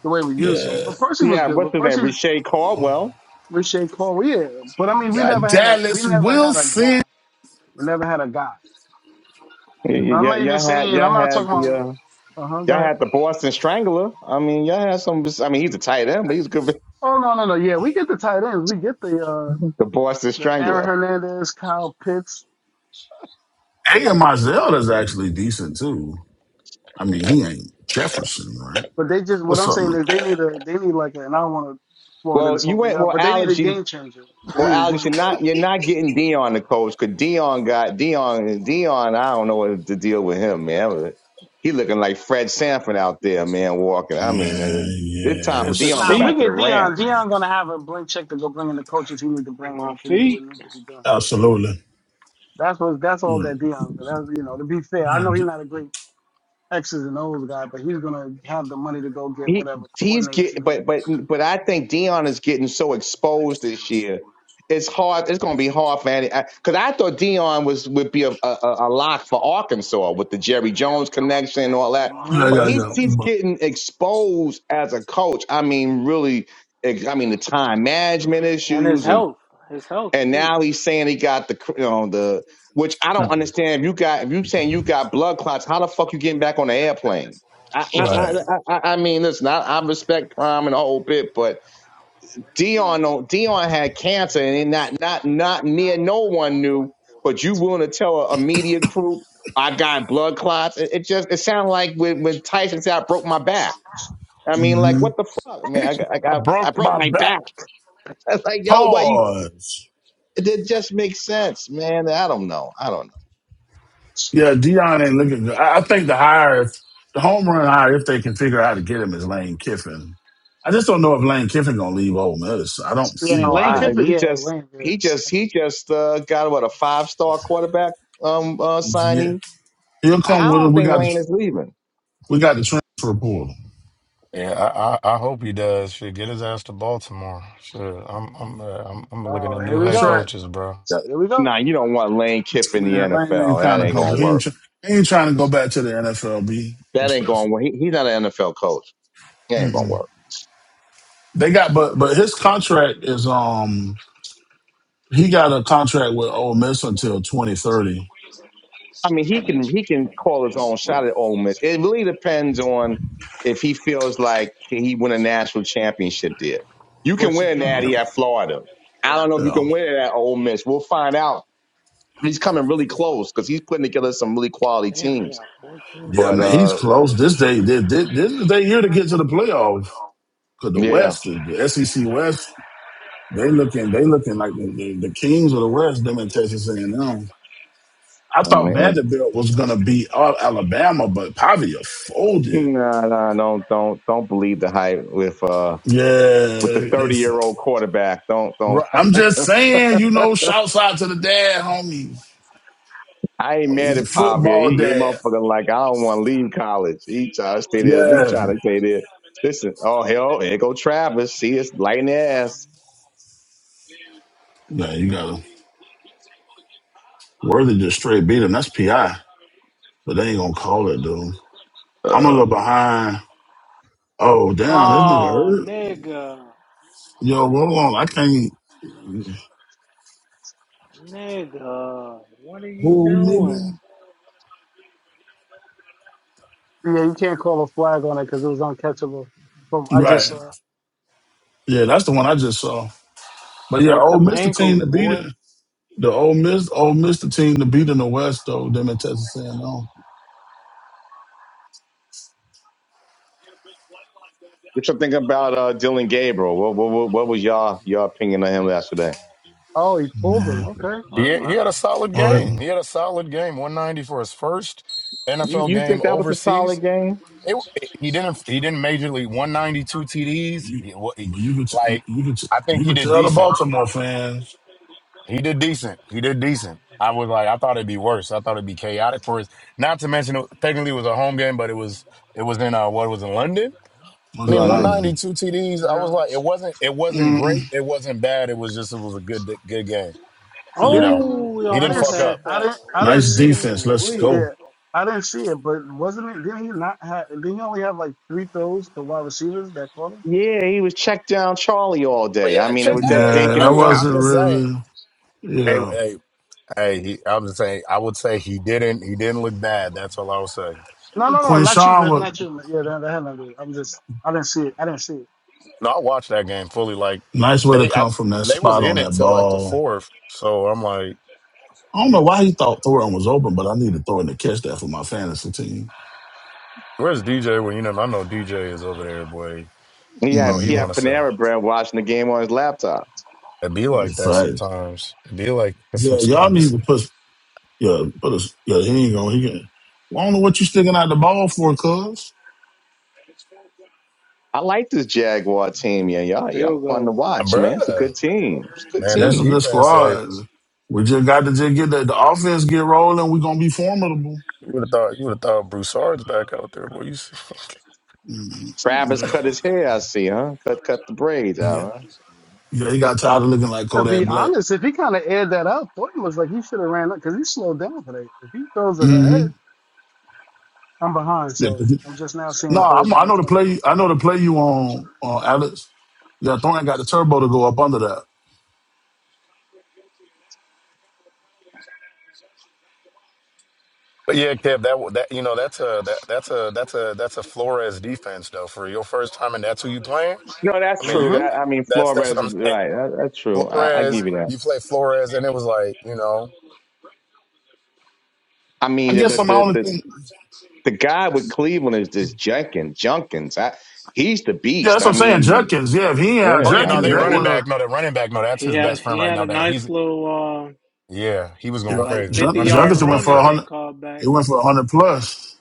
E: The way we used them,
I: Yeah,
E: but Percy was
G: Yeah,
E: good.
G: what's
E: But
G: his name?
E: Percy,
G: Richey Caldwell.
E: Rashay Cole, yeah. But I mean, we
I: got
E: never had a we
I: Dallas
E: never had a
I: Wilson.
E: guy. We never had a guy.
G: Y- y-
E: I'm
G: Yeah,
E: not even
G: y'all had
E: saying.
G: y'all
E: I'm not
G: had
E: talking
G: the
E: about.
G: uh,
E: Uh huh. Go
G: y'all
E: ahead.
G: had the Boston Strangler. I mean, y'all had some. I mean, he's a tight end, but he's good. For,
E: Oh no no no. Yeah, we get the tight ends. We get the uh
G: [laughs] the Boston
E: the Aaron
G: Strangler.
E: Hernandez, Kyle Pitts.
I: Hey, and Marzelda's actually decent too. I mean, he ain't Jefferson, right?
E: But they just what
I: What's
E: I'm
I: up,
E: saying
I: man?
E: is they need a they need like a, and I don't want to Florida
G: Well,
E: this
G: you
E: whole thing
G: went.
E: out,
G: Well,
E: but they need a
G: Alex, you.
E: game changer. They
G: Well,
E: need a
G: Alex,
E: game
G: you're
E: changer.
G: not. You're not getting Dion the coach because Dion got Dion. Dion, I don't know what to deal with him, man. He looking like Fred Sanford out there, man, walking. I mean,
I: Yeah,
G: uh, it's time for
A: it's his
G: Dion to go
E: Nah,
I: yes,
E: if we
G: back
A: feet,
G: to the
E: get Dion.
G: Rams.
E: Dion gonna have a blank check to go bring in the coaches he need to bring
A: my
E: in to do what
A: feet,
E: needs to be done.
I: absolutely.
E: That's what that's all
I: Yeah,
E: that Dion. That's you know to be fair, I
I: yeah,
E: know he's
I: d-
E: not a great X's and O's guy, but he's gonna have the money to go get
G: He
E: whatever
G: he's
E: coordinators he
G: getting,
E: needs.
G: but but but I think Dion is getting so exposed this year. It's hard. It's going to be hard for any because I thought Dion was would be a, a a lock for Arkansas with the Jerry Jones connection and all that.
I: yeah,
E: Mhm.
G: But
I: yeah,
G: he's
I: yeah.
G: he's
I: Mm,
G: getting exposed as a coach. I mean, really. ex- I mean, the time management
A: and his
G: issues and
A: health, his health
G: and
A: too.
G: now he's saying he got the you know the which I
I: yeah.
G: don't understand. If you got if you saying you got blood clots, how the fuck you getting back on the airplane? I I I,
I: Right.
G: I, I mean, listen, I, I respect Prime and the whole bit, but Dion don't- Dion had cancer and he not not not near no one knew. But you willing to tell a, a media group I got blood clots? It, it just it sounds like when when Tyson said I broke my back. I mean, like
I: hmm
G: what the fuck? I mean, I got- I
K: I
G: got I
K: broke
G: broke
K: my
G: my
K: back.
G: back. [laughs] It's like yo, what?
I: Pause.
G: It, it just makes sense, man. I don't know. I don't know.
I: Yeah, Dion ain't looking good. I, I think the hire, the home run hire, if they can figure out how to get him, is Lane Kiffin. I just don't know if Lane Kiffin gonna leave Ole Miss. I don't see
E: Yeah,
G: No,
E: Lane
I: why he
G: I
I: would.
G: and
E: Kiffin. Yeah,
G: he just
E: Lane. Yeah.
G: he just he just uh, got what a five star quarterback um uh,
I: Yeah,
G: signing.
I: he'll
G: I, I
I: come with it.
G: don't
I: We
G: think
I: got the
G: Lane is leaving.
I: we got the transfer portal.
K: Yeah, I, I, I hope he does. Should get his ass to Baltimore. Sure, I'm I'm uh, I'm, I'm looking
E: Oh,
K: at new
E: here we
I: That's
K: head
E: go.
I: right.
K: coaches, bro.
I: Yeah,
E: Here we go.
G: Nah, you don't want Lane Kiffin in
I: Man,
G: the
I: Lane ain't
G: NFL. That
I: kind of
G: ain't
I: comfortable.
G: gonna
I: He ain't,
G: work.
I: tr- he ain't trying to go back to the NFL. Be
G: That ain't
I: respectful.
G: gonna work. He, he's not an NFL coach. That ain't gonna
I: Mm-mm.
G: work.
I: They got, but but his contract is um he got a contract with Ole Miss until twenty thirty.
G: I mean, he can he can call his own shot at Ole Miss. It really depends on if he feels like can he win a national championship there. You can
E: What
G: win
E: you
G: a
E: can.
I: Yeah,
G: natty at Florida. I don't know if you
I: yeah,
G: can win it at Ole Miss. We'll find out. He's coming really close because he's putting together some really quality
A: Damn, they
G: teams.
A: got 14
I: yeah,
G: But
I: man,
A: takeaways.
I: he's
G: uh,
I: close. This day, this, this, this is their year to get to
E: Yeah,
I: the playoff. Cause the
G: yeah,
I: West, the, the SEC West, they looking, they looking like the, the, the kings of the West. Them in Texas A and M. I
G: I
I: thought
G: mean,
I: Vanderbilt was gonna beat all Alabama, but Pavia folded.
G: nah, nah, don't don't don't believe the hype with uh
I: Yeah,
G: with the
I: they
G: thirty year
I: folded.
G: old quarterback. Don't don't
I: I'm just saying, you know, shouts out to the dad, homie.
G: I ain't
I: Oh,
G: mad
I: he's a
G: at Pavia.
I: football
G: He, he
I: dad.
G: motherfucker like I don't want to leave college. He trying to stay there. He
I: Yeah.
G: trying to stay there. Listen, oh hell, here go Travis. See, it's lighting their ass.
I: Yeah, you got him. Worthy just straight beat him. That's PI, but they ain't going to call it, dude. I'm a little behind. Oh, damn, this nigga
A: Oh,
I: hurt.
A: nigga.
I: Yo, roll on. I can't.
A: Nigga. What are you
I: Bull
A: doing?
I: nigga.
E: you can't call a flag on it because it was uncatchable. From I
I: Right.
E: just saw.
I: Yeah, that's the one I just saw. But yeah,
A: Tape
I: old
A: them
I: Mr. Team
A: ankles,
I: to beat
A: boy.
I: it. The old Miss, old Mr. Team to beat in the West, though, them and Texas saying no.
G: What you think about uh, Dylan Gabriel? What, what what what was y'all your opinion of him yesterday?
E: Oh, he pulled him.
I: Man.
E: Okay.
K: He
E: Well,
K: he had a solid
I: All right.
K: game. He had a solid game. 190 for his first
G: You
K: NFL
G: you think
K: game
G: that was a solid
K: overseas.
G: game
K: It, it- he didn't he didn't majorly 192 TDs.
I: You,
K: He- what- he-
I: well, you could,
K: like
I: you could,
K: I think
I: you
K: he
I: could
K: did
I: tell the
K: decent.
I: Baltimore fans
K: He did decent. He did decent. I was like, I thought it'd be worse. I thought it'd be chaotic for us. Not to mention, it, technically, it was a home game, but it was it was in uh, what it was in London. I
I: was
G: in
K: mean,
I: in
K: one
G: London?
K: ninety
I: London.
K: two TDs. I was
E: no.
K: like, it wasn't it wasn't
I: Mm.
K: great. It wasn't bad. It was just it was a good good game.
E: Yeah.
K: You
E: Didn't
K: know,
E: he?
A: Oh, we
K: he
E: I
K: didn't
E: didn't
A: almost
K: fuck
E: see.
A: had
K: up.
E: I
A: that.
E: didn't. I didn't
I: Nice
E: see him.
I: defense.
A: Ooh,
I: Let's
A: wee.
I: go.
E: Yeah. I didn't see it, but wasn't it? Didn't he not have? Didn't he only have like three throws to wide receivers that caught him?
G: Yeah, he was checked down Charlie all
K: But
G: day. I
K: yeah,
G: mean, it
K: check,
G: was just
K: hey
I: Nah,
G: dinking
I: that
G: and
K: hey, I'm
I: wasn't
G: dunking.
K: just saying.
I: really.
K: Hey
I: Yeah,
K: hey hey, he, I'm just saying. I would say he didn't he didn't look bad. That's all I would say.
E: No, no, no, not you,
I: Quinshawn
E: Myth,
I: was
E: not you. Myth. Yeah, that, that had nothing to do. with it. I'm just. I didn't see it. I didn't see it.
K: No, I watched that game fully. Like
I: nice way to
K: they I,
I: come from that
K: they was
I: spot on
K: in it
I: that
K: till like the
I: ball.
K: fourth. So I'm like.
I: I don't know why he thought Thorin was open, but I need to throw in to catch that for my fantasy team.
K: Where's DJ? Well, you know, I know DJ is over there, boy.
G: He
K: I know
G: had
K: he
G: he had
K: want
I: Mm-hmm.
K: to sell.
G: Panera Bread watching the game on his laptop.
K: It be like that
I: Facts.
K: sometimes. It be like that
I: Yeah, y'all need
K: sometimes,
I: to put. Yeah, put us. Yeah, he ain't gonna. He can. I don't know what you sticking out the ball for, cuz.
G: I like this Jaguar team, yeah. Y'all y'all
A: Field
G: fun to
A: goal.
K: [laughs]
G: watch, man. It's a
K: bruh.
G: good team. It's a good
K: Man, that
I: There's a
G: team.
I: good
K: defense says
I: squad. We just got to just get the, the offense get rolling. we are gonna be formidable.
K: you would have thought you would have thought Broussard's back out there, boy. You see. [laughs]
I: Mhm.
G: Travis cut his hair, I see, huh? Cut cut the braids
I: Yeah.
G: out, huh?
I: Yeah, he got tired of looking like
E: To
I: Kodak
E: be
I: Black.
E: honest, if he kind of aired that up, Thornton looks like he should have ran up because he slowed down for that. If he throws it
I: hmm
E: ahead. I'm behind,
I: Yeah,
E: so
I: 'cause you-
E: I'm just now seeing
I: no,
E: third
I: I'm, I
E: down and
I: know the play.
E: 24.
I: I know the play you on, on Alex. Yeah, Thornton got the turbo to go up under that.
K: But yeah, Kev, that that you know that's a that that's a that's a that's a Flores defense though for your first time and that's who you playing.
G: No, that's
K: I mean, you
G: true.
K: got
E: Mm-hmm.
G: That I mean,
K: that's that's
G: Flores,
K: what I'm saying.
G: right? That, that's true. I, I
K: Flores,
G: give you that.
K: you play Flores, and it was like you know,
G: I
I: I
G: mean,
I: guess I'm
G: but
I: the
G: the
I: only
G: the
I: thing.
G: the guy with Cleveland is this Jenkins. Junkins, I, he's the
I: Yeah,
G: beast.
I: that's what
G: I
I: I'm saying.
G: mean,
I: Judkins. Yeah, if he ain't
G: yeah,
I: had
K: oh yeah,
G: I
K: no,
I: Judkins,
K: they
A: Yeah,
I: that
G: mean,
K: running
I: would
A: he
I: have.
K: back, no, that running back, no, that's
A: he
K: his
I: Yeah,
A: had
K: best friend
A: he
K: right
A: had
K: now.
A: a
K: That he's
A: nice little uh
K: Yeah, he was going
I: yeah.
A: like
K: crazy. The
A: fifty
I: Jud-
K: running back
A: yard
I: Judkins
K: was
I: went
K: going
A: run
I: for
A: that
I: a
K: crazy.
A: they
I: hundred.
A: called
I: It
A: back.
I: went for a hundred plus.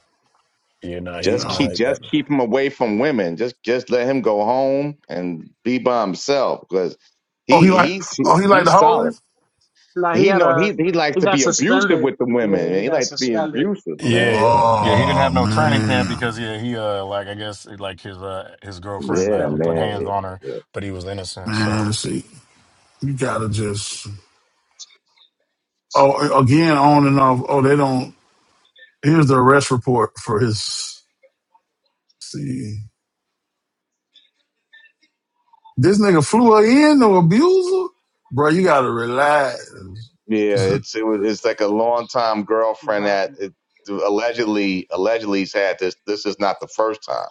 K: Yeah, no, he
G: just
I: Yeah.
G: keep
K: no, that
G: just keep him away from women. Just just let him go home and be by himself because
I: Oh,
G: he
I: he like.
G: he's
I: Oh, he like the
G: he's solid.
I: hoes.
E: Now he
G: He
E: had
G: know
E: a
G: he he likes
E: he
G: to
E: got
G: be abusive
E: suspended.
G: with the women.
E: Yeah,
G: Man.
E: he
G: He
E: got
G: likes to be Yeah.
E: suspended,
G: abusive, man.
K: Yeah.
G: Yeah,
K: Yeah, he didn't
I: Oh
K: have no training camp
I: man,
K: because yeah, he uh like I guess like his uh his girlfriend
G: yeah,
K: like he put
E: suspended uh,
K: hands
G: man.
K: on her, but he was innocent.
I: man.
K: So
I: See, you gotta just. Oh, again, on and off. Oh, they don't. Here's the arrest report for his. See, this nigga flew her in or abused her? Bro, you gotta relax.
G: Yeah, it's it was it's like a longtime girlfriend
E: by
G: that it, allegedly allegedly he's had this. This is not the first time,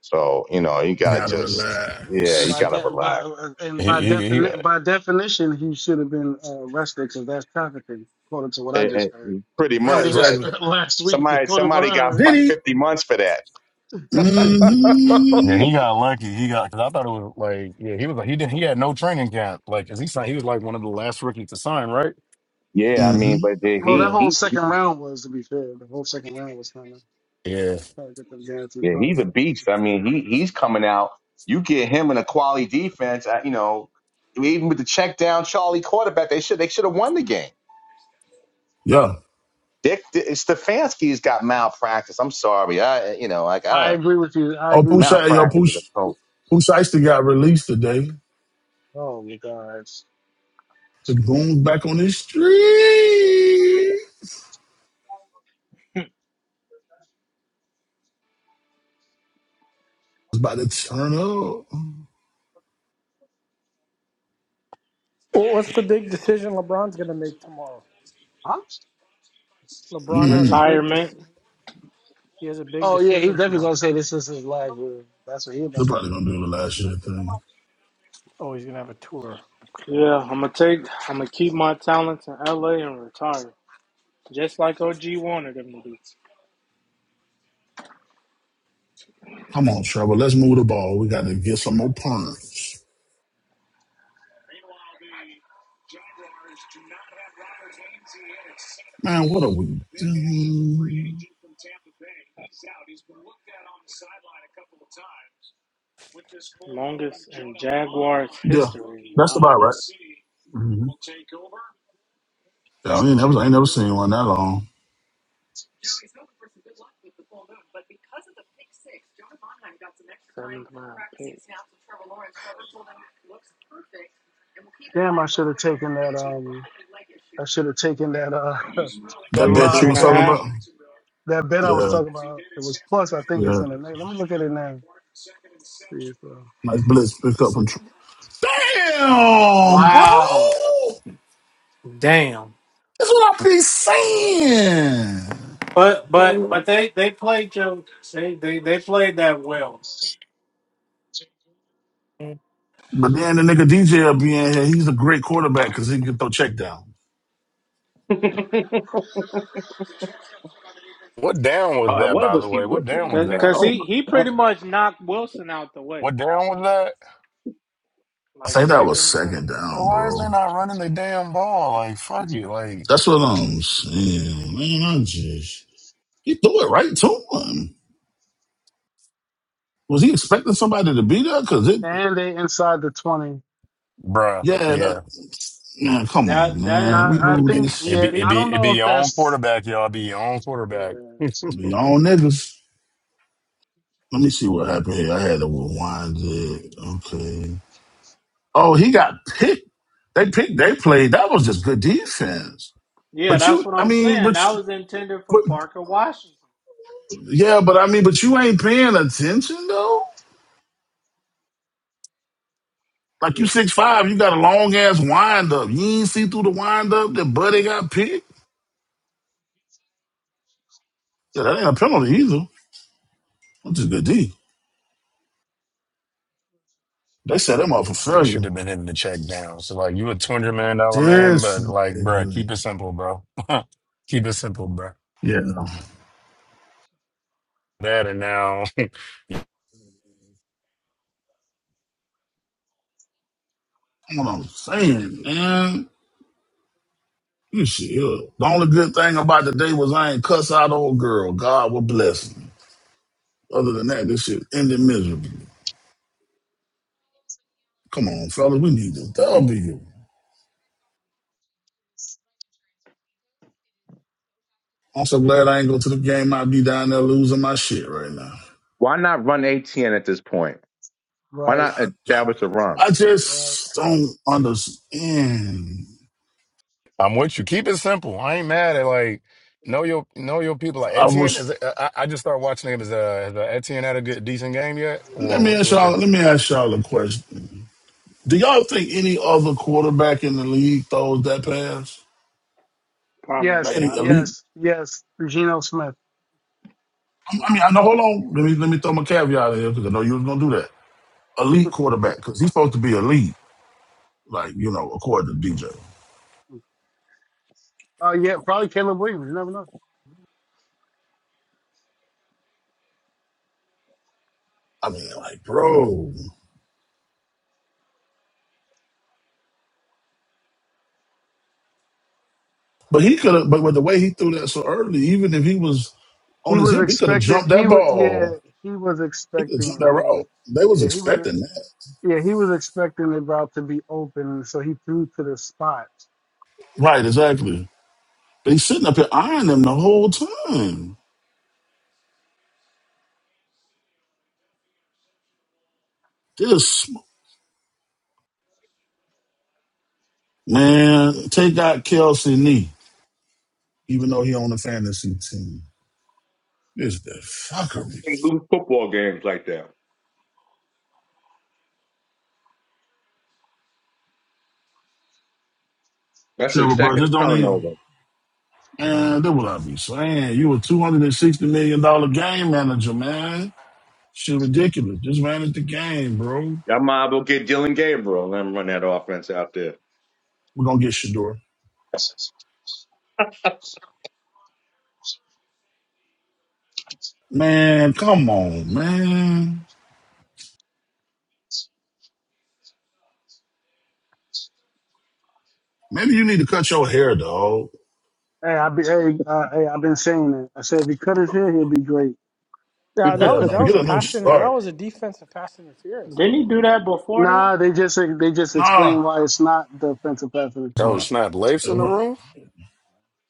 G: so you know you
I: You
G: gotta
I: gotta
G: just yeah you
E: by
I: relax.
G: gotta
E: de- by
G: relax.
E: uh, and
K: he
E: by
K: he, he
E: defini-
K: uh,
E: by definition he should have been uh, arrested because that's trafficking, according to what I
G: And-
E: just heard
G: and pretty
I: Yeah,
G: much
E: earlier
G: right.
E: this
I: exactly.
G: So,
E: [laughs] last week,
G: Somebody
E: according to
G: somebody
E: what I
G: got
E: heard.
G: fi-
I: Did he?
G: fifty months for that.
E: [laughs]
K: yeah
I: Mm-hmm.
K: he got lucky. He got because I thought it was like yeah he was like he didn't he had no training camp like 'cause he signed he was like one of the last rookies to sign right.
G: Yeah, I mean,
I: Mm-hmm.
G: but then
E: well, that
K: Yeah.
G: he
E: whole
G: he he-
E: second round was, to be fair, the whole second round was kind of
K: Yeah.
E: trying to get them guaranteed
G: yeah he's a
E: contracts.
G: beast. I mean he he's coming out. You get him in a quality defense. I, you know even with the check down Charlie quarterback, they should they should have won the game.
I: Yeah.
G: Dick Stefanski's got malpractice. I'm sorry. I you know like
E: I
G: I
E: agree with you. I
I: Oh,
E: agree with you,
I: Pusha, yo,
E: Kevin.
G: malpractice with
I: Pusha,
G: a coach.
I: Pusha T got released today.
E: Oh my God.
I: The goon's back on the street. It's about to turn up.
D: Well, what's the big decision LeBron's going to make tomorrow?
E: i
D: LeBron has
I: Mm-hmm.
D: a big
A: Retirement.
D: dis- he has a big
E: oh yeah, he's
D: decision
E: definitely
D: tomorrow.
E: gonna say this is his last year. That's what he about
I: They're
E: to
I: probably
E: do.
I: gonna do the last year thing.
D: Oh, he's going to have a tour. Okay.
A: Yeah, I'm gonna take I'm gonna keep my talents in LA and retire. Just like OG wanted him to do.
I: Come on, Trevor. Let's move the ball. We gotta get some more punch. Man, what are we doing?
A: Longest in Jaguars
I: Yeah,
A: history.
I: that's
A: Wow.
I: about right. hmm Yeah, I ain't never, I ain't never seen one that long.
E: Damn, I should have taken that. Um, I should have taken that. Uh, [laughs]
I: That
E: that
A: Three,
I: bet you
A: three
E: live
A: and
I: was
A: a
I: talking
E: bet.
A: half.
I: about.
E: That bet I was
I: Yeah,
E: talking about. It was plus. I think it's
I: yeah.
E: in the name. Let me look at it now. See if, uh,
I: Like blitz picked up from. Tr- Damn, bro.
A: Wow, damn.
I: That's what I be saying.
A: But but but they they played Joe. They they, they played that well.
I: But then the nigga DJ will be in here. He's a great quarterback because he can throw check down.
K: What down was
G: Uh,
K: that
G: what
K: by the
G: was he
K: way? What
G: looking
K: down was
G: on
A: Cause,
G: there?
K: that?
A: Cause
G: Oh, my.
A: he he pretty much knocked Wilson out the way.
K: What down was that?
I: I
A: Like
I: think that was
A: second down.
I: second
K: Bro,
I: down,
K: why is
I: bro.
K: they not running the damn ball? Like fuck it. like.
I: That's what I'm saying, man. I just he threw it right to him. Was he expecting somebody to be there? Cause it.
E: and they inside the twenty.
K: Bruh,
I: Yeah, that,
K: yeah.
I: man,
A: And
I: come on,
A: that
E: And
A: that
I: man.
E: I,
I: We
E: I
K: It,
I: move
K: it,
E: think
K: it
I: this.
E: yeah.
K: be it
E: I
K: be
A: he
E: don't
K: it be
E: know if
K: your own
E: that's
K: quarterback, y'all. It be your own
E: yeah,
K: quarterback.
I: you all niggas. Let me see what happened here. I had to rewind it. Okay. Oh, he got picked. They picked. They played. That was just good defense.
A: yeah,
I: But you,
A: that's what
I: I
A: I'm
I: mean,
A: saying.
I: but,
A: That
I: you,
A: was intended for
I: but
A: Parker Washington.
I: yeah, but I mean, but you ain't paying attention though. Like you
A: Yeah,
I: six five, you got a long ass wind up. You ain't see through the wind up that Buddy got picked. Yeah, that ain't a penalty either. That's just good D. They set him up for
K: You should
I: failure.
K: have been hitting the check down. So like you a two hundred million dollar man, but
I: This.
K: like, bruh,
I: nigga.
K: keep it simple, bro. [laughs] keep it simple, bruh.
I: Yeah, that's
K: That and now
I: what I'm saying, man. You shit. yeah. the only good thing about the day was I ain't cuss out old girl. God will bless him. Other than that, this shit ended miserably. Come on, fellas, we need this W. I'm so glad I ain't go to the game. I'd be down there losing my shit right now.
G: Why not run ATN at this point? Why
E: right.
G: not
I: I,
G: establish a run?
I: I
E: Right.
I: just don't understand.
K: [laughs] I'm with you. Keep it simple. I ain't mad at like know your know your people. Like
I: I
K: Etienne
I: was.
K: is. I, I just started watching him. Is uh, has, uh, Etienne had a good decent game yet, or
I: Let me
K: what? the-
I: ask
K: What the?
I: y'all. Let me ask y'all a question. Do y'all think any other quarterback in the league throws that pass?
A: probably
I: Like
E: Yes.
I: any
A: not.
I: elite
E: Yes. Yes. Geno Smith.
I: I mean, I know. Hold
A: Didn't
I: on. Let me let me throw my caveat in here because I know you was gonna do that. Elite quarterback because he's supposed to be elite, like you know, according to DJ.
E: Oh yeah, probably Caleb Williams. You never know.
I: I mean, like, bro. But he could have. But with the way he threw that so early, even if he was on
E: He
I: his
E: was
I: hip, he could have
E: expecting.
I: jumped
E: He
I: that
E: was yeah.
I: ball.
E: He was
I: He could have jumped
E: expecting.
I: that
E: He was
I: route. They was
E: yeah. He was
I: expecting that.
E: yeah. He was expecting the route to be open, so he threw to the spot.
I: Right. Exactly. But he's sitting up here eyeing them the whole time. This man take out Kelsey knee, even though he on the fantasy team. This the fuckery.
G: They lose football games like that. That's
I: Trevor,
G: his
I: bro,
G: second
I: just don't even.
G: turnover.
I: And that what I be saying. You a two hundred and sixty million dollar game manager, man. Shit ridiculous. Just manage the game, bro.
G: Y'all might will get Dylan Gabriel and run that offense out there.
I: We're gonna get Shador. Man, come on, man. Maybe you need to cut your hair, dog.
E: Hey, I be hey, uh, hey I've been saying it. I said if he cut his hair, he'll be great.
G: [laughs]
D: Yeah, that
G: you
I: Yeah,
D: was that
I: man.
D: was
I: Get
D: a
I: a new
D: pass in that
I: start.
D: was a defensive pass interference though.
A: he do that before though?
E: Nah, they just they just
I: Nah,
E: explain why it's not the offensive pass
I: it's
K: Oh
E: interference.
I: not.
K: snap! Leif's
I: It
K: in the
I: wa-
K: room.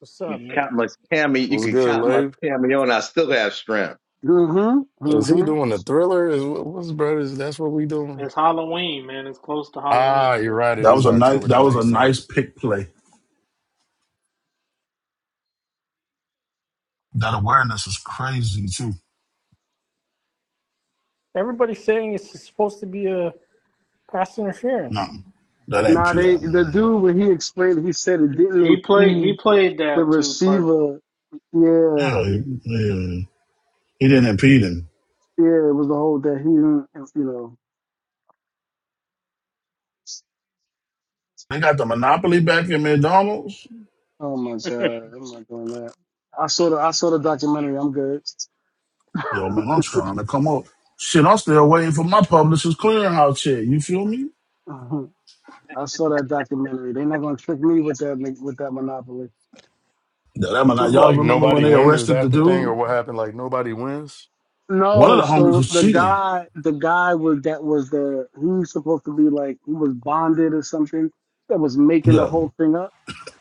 D: What's up, man?
G: count my Cammy, you
K: What's
G: can
K: good,
G: count my
K: Leif?
G: cameo, and I still have strength.
E: Mm-hmm.
K: Is he
E: Mm-hmm.
K: doing the thriller? Is what's brothers? That's what we doing.
A: It's Halloween, man. It's close to Halloween,
K: Ah,
A: I
K: you're right.
A: guess.
K: It
I: That
K: is
I: was a nice.
K: October.
I: That
K: That
I: was a
K: makes
I: nice
K: sense.
I: pick play. That awareness is crazy too.
D: Everybody's saying it's supposed to be a pass
I: No,
D: interference.
I: that ain't
E: Nah, they
I: PI.
E: the
I: man.
E: dude when he explained, he said it didn't
A: He played he
E: impede
A: played
E: the
A: that too perfect.
E: receiver. Yeah,
I: Yeah, he, yeah, he didn't impede him.
E: yeah, it was the whole that he didn't, you know.
I: They got the monopoly back in McDonald's.
E: Oh my god, I'm not doing that. I saw the I saw the documentary. I'm good. [laughs]
I: Yo, man, I'm trying to come up. Shit, I'm still waiting for my publisher's clearinghouse check. You feel me?
E: I saw that documentary. They're not gonna trick me with that like, with that monopoly.
I: Yeah, that might
K: So,
I: not- y'all
K: like
I: remember when
K: nobody
I: they
K: wins. Is
I: arrested the
K: that the thing, or
I: dude?
K: what happened? Like nobody wins.
I: One of
E: No,
I: the homies
E: so
I: was
E: the
I: cheating.
E: guy the guy was that was the he was supposed to be like he was bonded or something that was making the
I: Yeah,
E: whole thing up.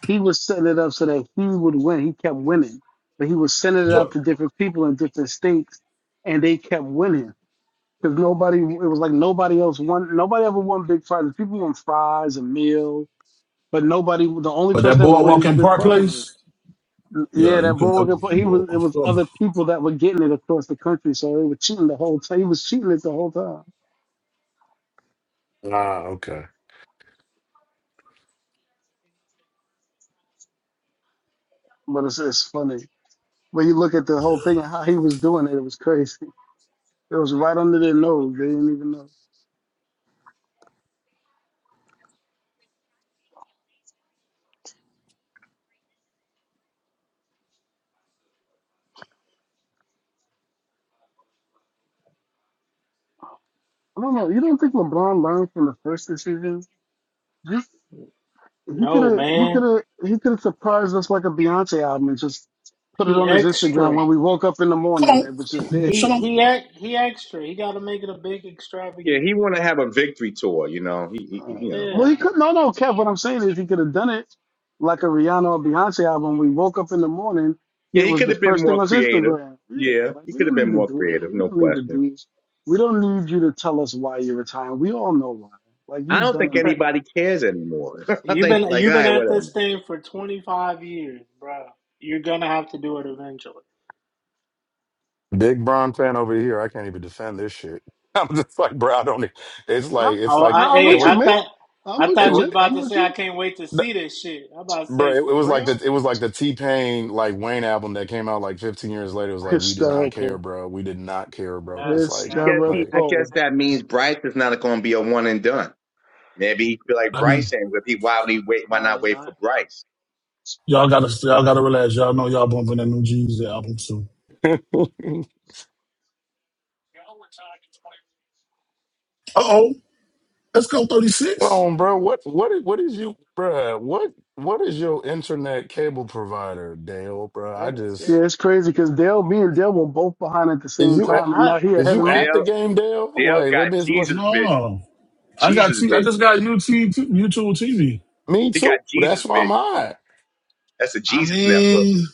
E: He was setting it up so that he would win. He kept winning, but he was sending it
I: yeah.
E: out to different people in different states, and they kept winning. Because nobody, it was like nobody else won. Nobody ever won big prizes. People won fries and meals, but nobody. The only
I: But that
E: person that would win
I: boardwalk
E: these
I: in
E: big
I: Park
E: prizes.
I: Place, yeah,
E: Yeah,
I: you
E: that
I: could
E: boy
I: never
E: was
I: get
E: gonna- he was. It
I: boardwalk.
E: was other people that were getting it across the country, so they were cheating the whole time. He was cheating it the whole time.
K: Ah, okay.
E: But it's it's funny when you look at the whole thing and how he was doing it. It was crazy. It was right under their nose. They didn't even know. I don't know. You don't think LeBron learned from the first decision? He could
A: No,
E: have he
A: man.
E: could have he could have surprised us like a Beyonce album and just put it
A: He
E: on his Instagram
A: extra.
E: when we woke up in the
I: Come
E: morning. It was just
A: He
I: on,
E: there.
A: he
I: shut up.
A: he, act he extra. He got to make it a big
G: Yeah,
A: extravagant.
G: he want to have a victory tour. You know, he, he
E: Uh,
G: you know,
E: Well, he
A: Yeah.
E: could no no Kev. What I'm saying is he could have done it like a Rihanna or Beyonce album. We woke up in the morning.
G: yeah,
E: It
G: he
E: was
G: could
E: the
G: have been
E: first thing
G: more
E: was
G: creative.
E: Instagram. Yeah,
G: Yeah,
E: like
G: he
E: we
G: could have
E: don't need
G: been
E: to
G: more
E: do all.
G: creative,
E: We
G: no
E: don't need to
G: question.
E: do this. We don't need you to tell us why you're retiring. We all know why. Like
G: I
E: you've
G: don't
E: done
G: think
E: enough.
G: anybody cares anymore. [laughs] I
A: You've
G: think
A: been
G: like, all
A: you've been
G: right,
A: at
G: whatever.
A: this thing for 25 years, bro. You're gonna have to do it eventually.
K: Big Bron fan over here. I can't even defend this shit. [laughs] I'm just like, bro. I don't. e- It's
E: No,
K: like it's
A: Oh,
K: like
E: no,
A: I
E: I'm
K: it
A: hey,
E: with
K: was
E: you,
A: I
E: man.
A: thought
E: I'm
A: I
E: with
K: it
A: thought
E: you,
K: was.
A: you was
E: man.
A: about
E: I'm
A: to
E: with
A: say I
E: you.
A: can't wait to
K: n-
A: see this shit. I'm about to
K: Bro, it,
A: say
K: it was
A: for
K: like the
A: real.
K: it was like the T Pain like Wayne album that came out like 15 years later. It was like we did not care,
E: Hysterical.
K: bro. We did not care, bro. It's
A: That's
K: like
G: I
A: that
G: guess he,
K: like
G: I guess
E: Hysterical.
G: that means Bryce is not going to be a one and done. Maybe he feel like
I: I mean,
G: Bryce ain't with. He why would he wait? Why not
A: probably
G: wait
A: not.
G: for Bryce?
I: y'all gotta, y'all gotta relax. Y'all know y'all bumping that new Jeezy album soon.
K: [laughs]
I: Uh oh, let's go
K: Hold
I: 36.
K: on, bro. What what is- what is you, bro? What what is your internet cable provider, Dale, bro? I
A: 36.
K: just
E: Yeah, it's crazy because Dale, me and Dale were both behind at the
K: is
E: same
K: you
A: I,
K: at,
E: time, and
A: I
E: now he
K: is
E: ahead
K: you
E: of me.
K: at the
G: Dale,
K: game, Dale?
G: Dale
K: Like, let
G: got
K: me let,
G: Jesus vision.
I: No, I got,
G: Jesus
I: t- I just
G: vision.
I: got YouTube, YouTube TV.
K: me
G: He
K: too.
G: got
K: That's
G: Jesus
K: why I'm
G: vision.
K: high.
G: That's a
I: I
G: Jesus network.
I: mean,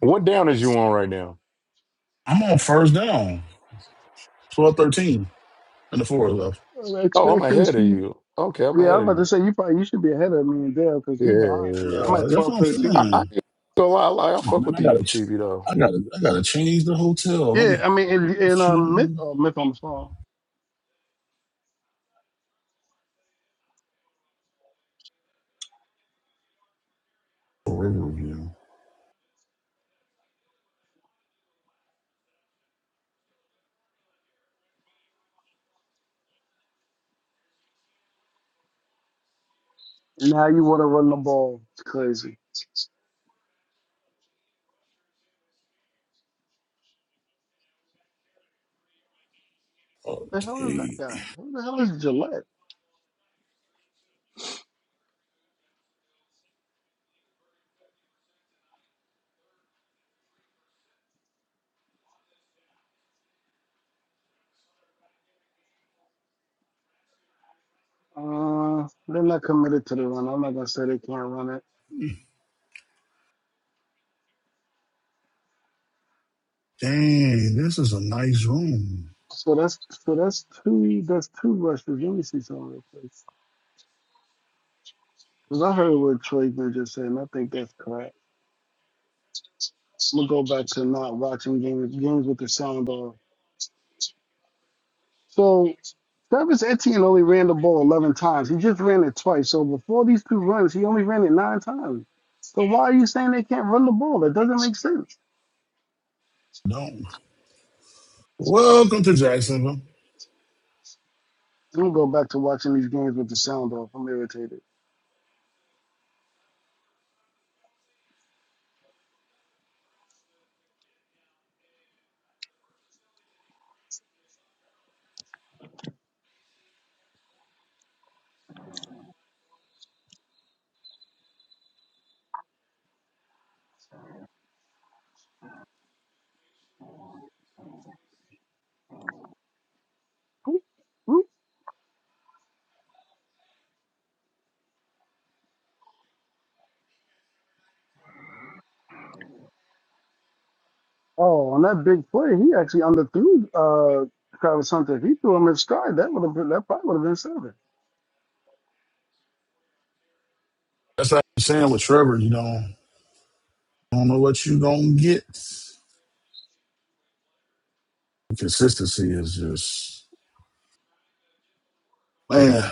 K: What down is you on right now?
I: I'm on first down. 12, 13, and the four
E: Uh,
I: left.
E: uh, X
K: Oh, I'm
E: Factor
K: ahead of
E: season.
K: you. Okay, I'm
E: Yeah,
K: ahead
E: I'm
K: of
E: about to
K: you.
E: say you probably you should be ahead of me and Dale because we behind.
K: Yeah, yeah, yeah.
E: I'm
I: Uh,
E: at
I: that's
E: 12:13.
I: what I'm
K: I, I
I: saying.
K: ain't gonna lie, I, like- I
I: Oh
K: fuck
I: man,
K: with
I: I
K: the
I: gotta, ch-
K: UTV though.
I: I gotta, I gotta change the hotel.
E: Yeah,
I: I'm
E: I mean, and, and um, myth,
I: shooting
E: oh, myth on the phone.
I: for Riverview.
E: Now you want to run the ball? It's crazy. The hell is that
I: Okay,
E: guy? Who the hell is Gillette? Uh, they're not committed to the run. I'm not gonna say they can't run it.
I: dang, this is a nice room.
E: So that's so that's two that's two rushes. Let me see something real quick. Cause I heard what Troy just said, and I think that's correct. So We'll go back to not watching games games with the sound off. So Travis Etienne only ran the ball eleven times. He just ran it twice. So before these two runs, he only ran it nine times. So why are you saying they can't run the ball? That doesn't make sense.
I: Don't. Welcome to Jacksonville.
E: I'm gonna go back to watching these games with the sound off. I'm irritated. Oh, on that big play, he actually underthrew uh, Travis Hunter. If he threw him in stride, that would have been that probably would have been seven.
I: That's like I'm saying with Trevor. You know, I don't know what you gonna get. Consistency is just man.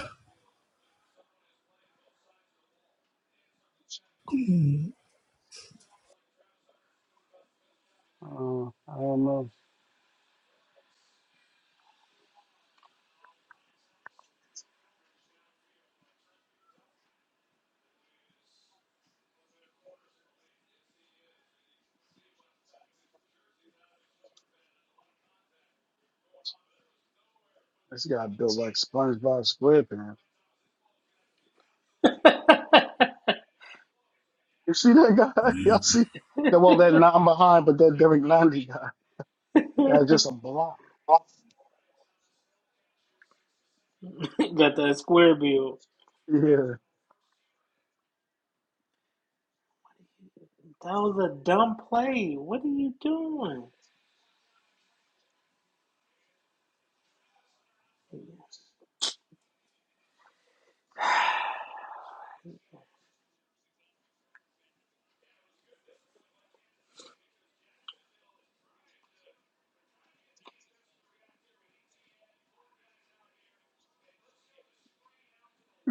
E: Uh, I don't know. This guy built like SpongeBob SquarePants.
A: [laughs]
E: You see that guy? [laughs] Y'all
I: man.
E: see that? Well, that nine behind, but that Derek Landy guy. That's just a block.
A: got that square bill.
E: Yeah.
A: That was a dumb play. What are you doing?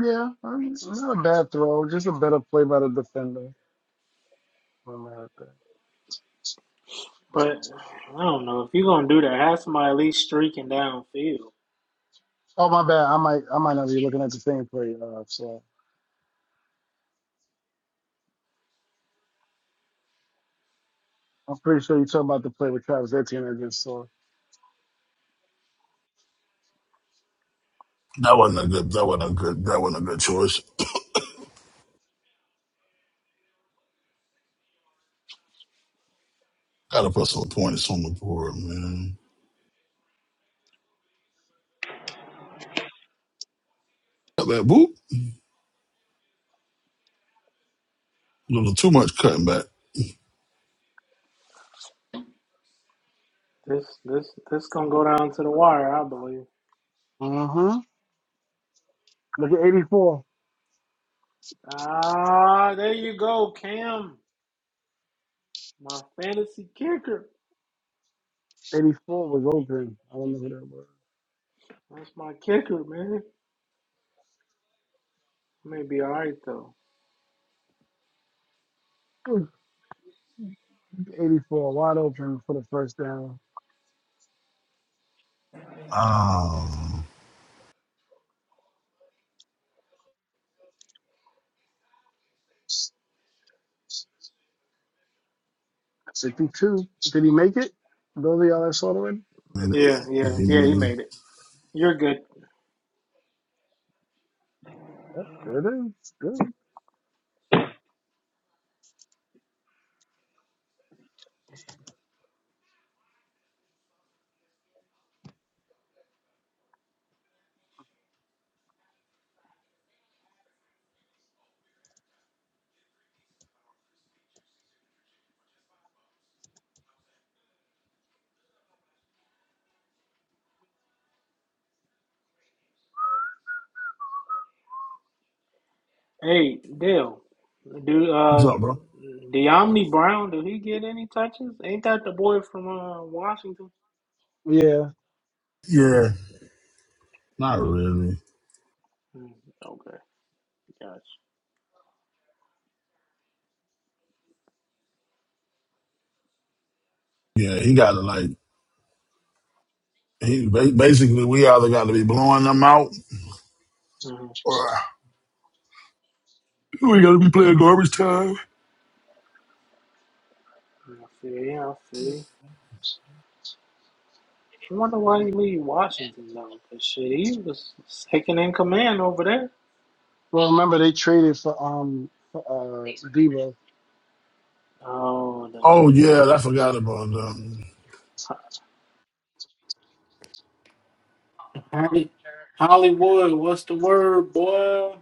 E: Yeah. I mean, it's not a bad throw. Just a better play by the defender. Something like that.
A: But I don't know. If you're gonna do that, have somebody at least streaking downfield.
E: Oh my bad. I might I might not be looking at the same play. Uh, so I'm pretty sure you're talking about the play with Travis Etienne against Saw.
I: That wasn't a good. That wasn't a good. That wasn't a good choice. Gotta put some points on the board, man. Cut back, boop. A little too much cutting back.
A: This this this gonna go down to the wire, I believe.
E: Mm-hmm. Look at 84.
A: Ah, there you go, Cam. My fantasy kicker.
E: 84 was open. I don't know who that
A: That's my kicker, man. May be all right though.
E: was. 84 wide open for the first down.
I: Oh,
E: 62. Did he make it? Those of y'all that saw it already?
I: man.
A: Yeah, yeah, yeah. He made it. You're good.
E: Yep, there it is. Good.
A: Hey, Dale, do
I: What's
A: uh
I: up, bro?
A: De'Amni Brown, do he get any touches? Ain't that the boy from uh Washington?
E: Yeah.
I: Yeah, not
A: Mm-hmm.
I: really.
A: Okay, gotcha.
I: Yeah, he got to like, he ba- basically, we either got to be blowing them out
A: hmm
I: or we got to be playing garbage time.
A: I feel you, I feel you. I wonder why he leave Washington though, because shit, he was second in command over there.
E: Well, remember they traded for um for, uh Debo.
A: Oh, that's
I: Oh, yeah, I forgot
A: true.
I: about that.
A: That's true. Hey, Hollywood, what's the word, boy?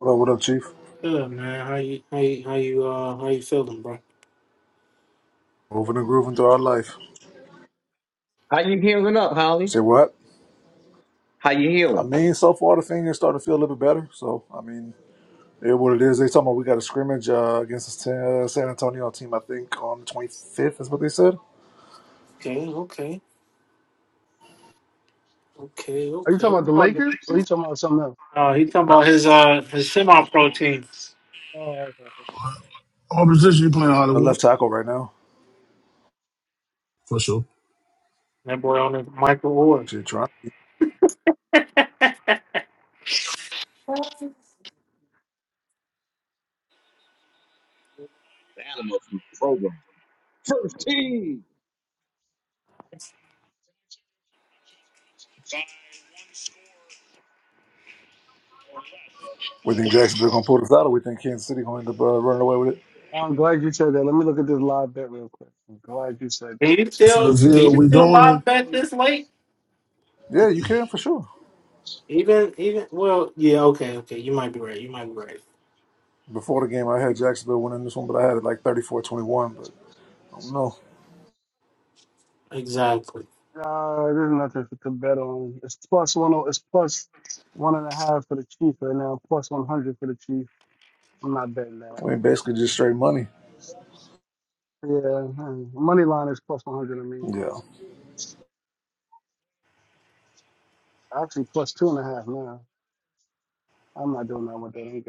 L: What up, what up, Chief?
A: Good man. How you how you how you uh how you feeling, bro?
L: Moving and grooving through our life.
G: How you healing up,
L: You
G: Holly?
L: say what?
G: How you
L: I
G: healing?
L: mean, so far the thing is starting to feel a little bit better. So, I mean, it is what it is. They talking about we got a scrimmage uh, against the San Antonio team, I think, on the 25th is what they said.
A: Okay, okay, okay,
E: Are you talking
A: okay.
E: about the Lakers? Or are you talking about something else?
A: Uh, he talking about his uh his semi pro team.
E: Oh, okay, okay.
I: What position you playing
L: A
I: Hollywood?
L: left tackle right now.
I: For sure.
A: That boy on his Michael Orr.
L: Shit, trying.
G: The animal from the program. First team.
L: We think Jacksonville going to pull this out or we think Kansas City going to end up uh, running away with it?
E: I'm glad you said that. Let me look at this live bet real quick. I'm glad you said
A: Can you
E: that.
I: For the
A: still can
I: video,
A: you
I: we
A: still
I: doing it.
A: live bet this late?
L: Yeah, you can for sure.
A: Even even well yeah okay okay you might be right you might be right
L: Before the game, I had Jacksonville winning this one, but I had it like thirty four twenty one. But I don't know.
A: exactly.
E: Uh, there's nothing to bet on. It's plus one. oh- It's plus one and a half for the Chiefs right now. Plus one hundred for the Chiefs. I'm not betting that.
L: I mean, basically just straight money.
E: Yeah, hmm. money line is plus one hundred. to me.
L: Yeah.
E: actually plus two and a half now. I'm not doing that with that. Ain't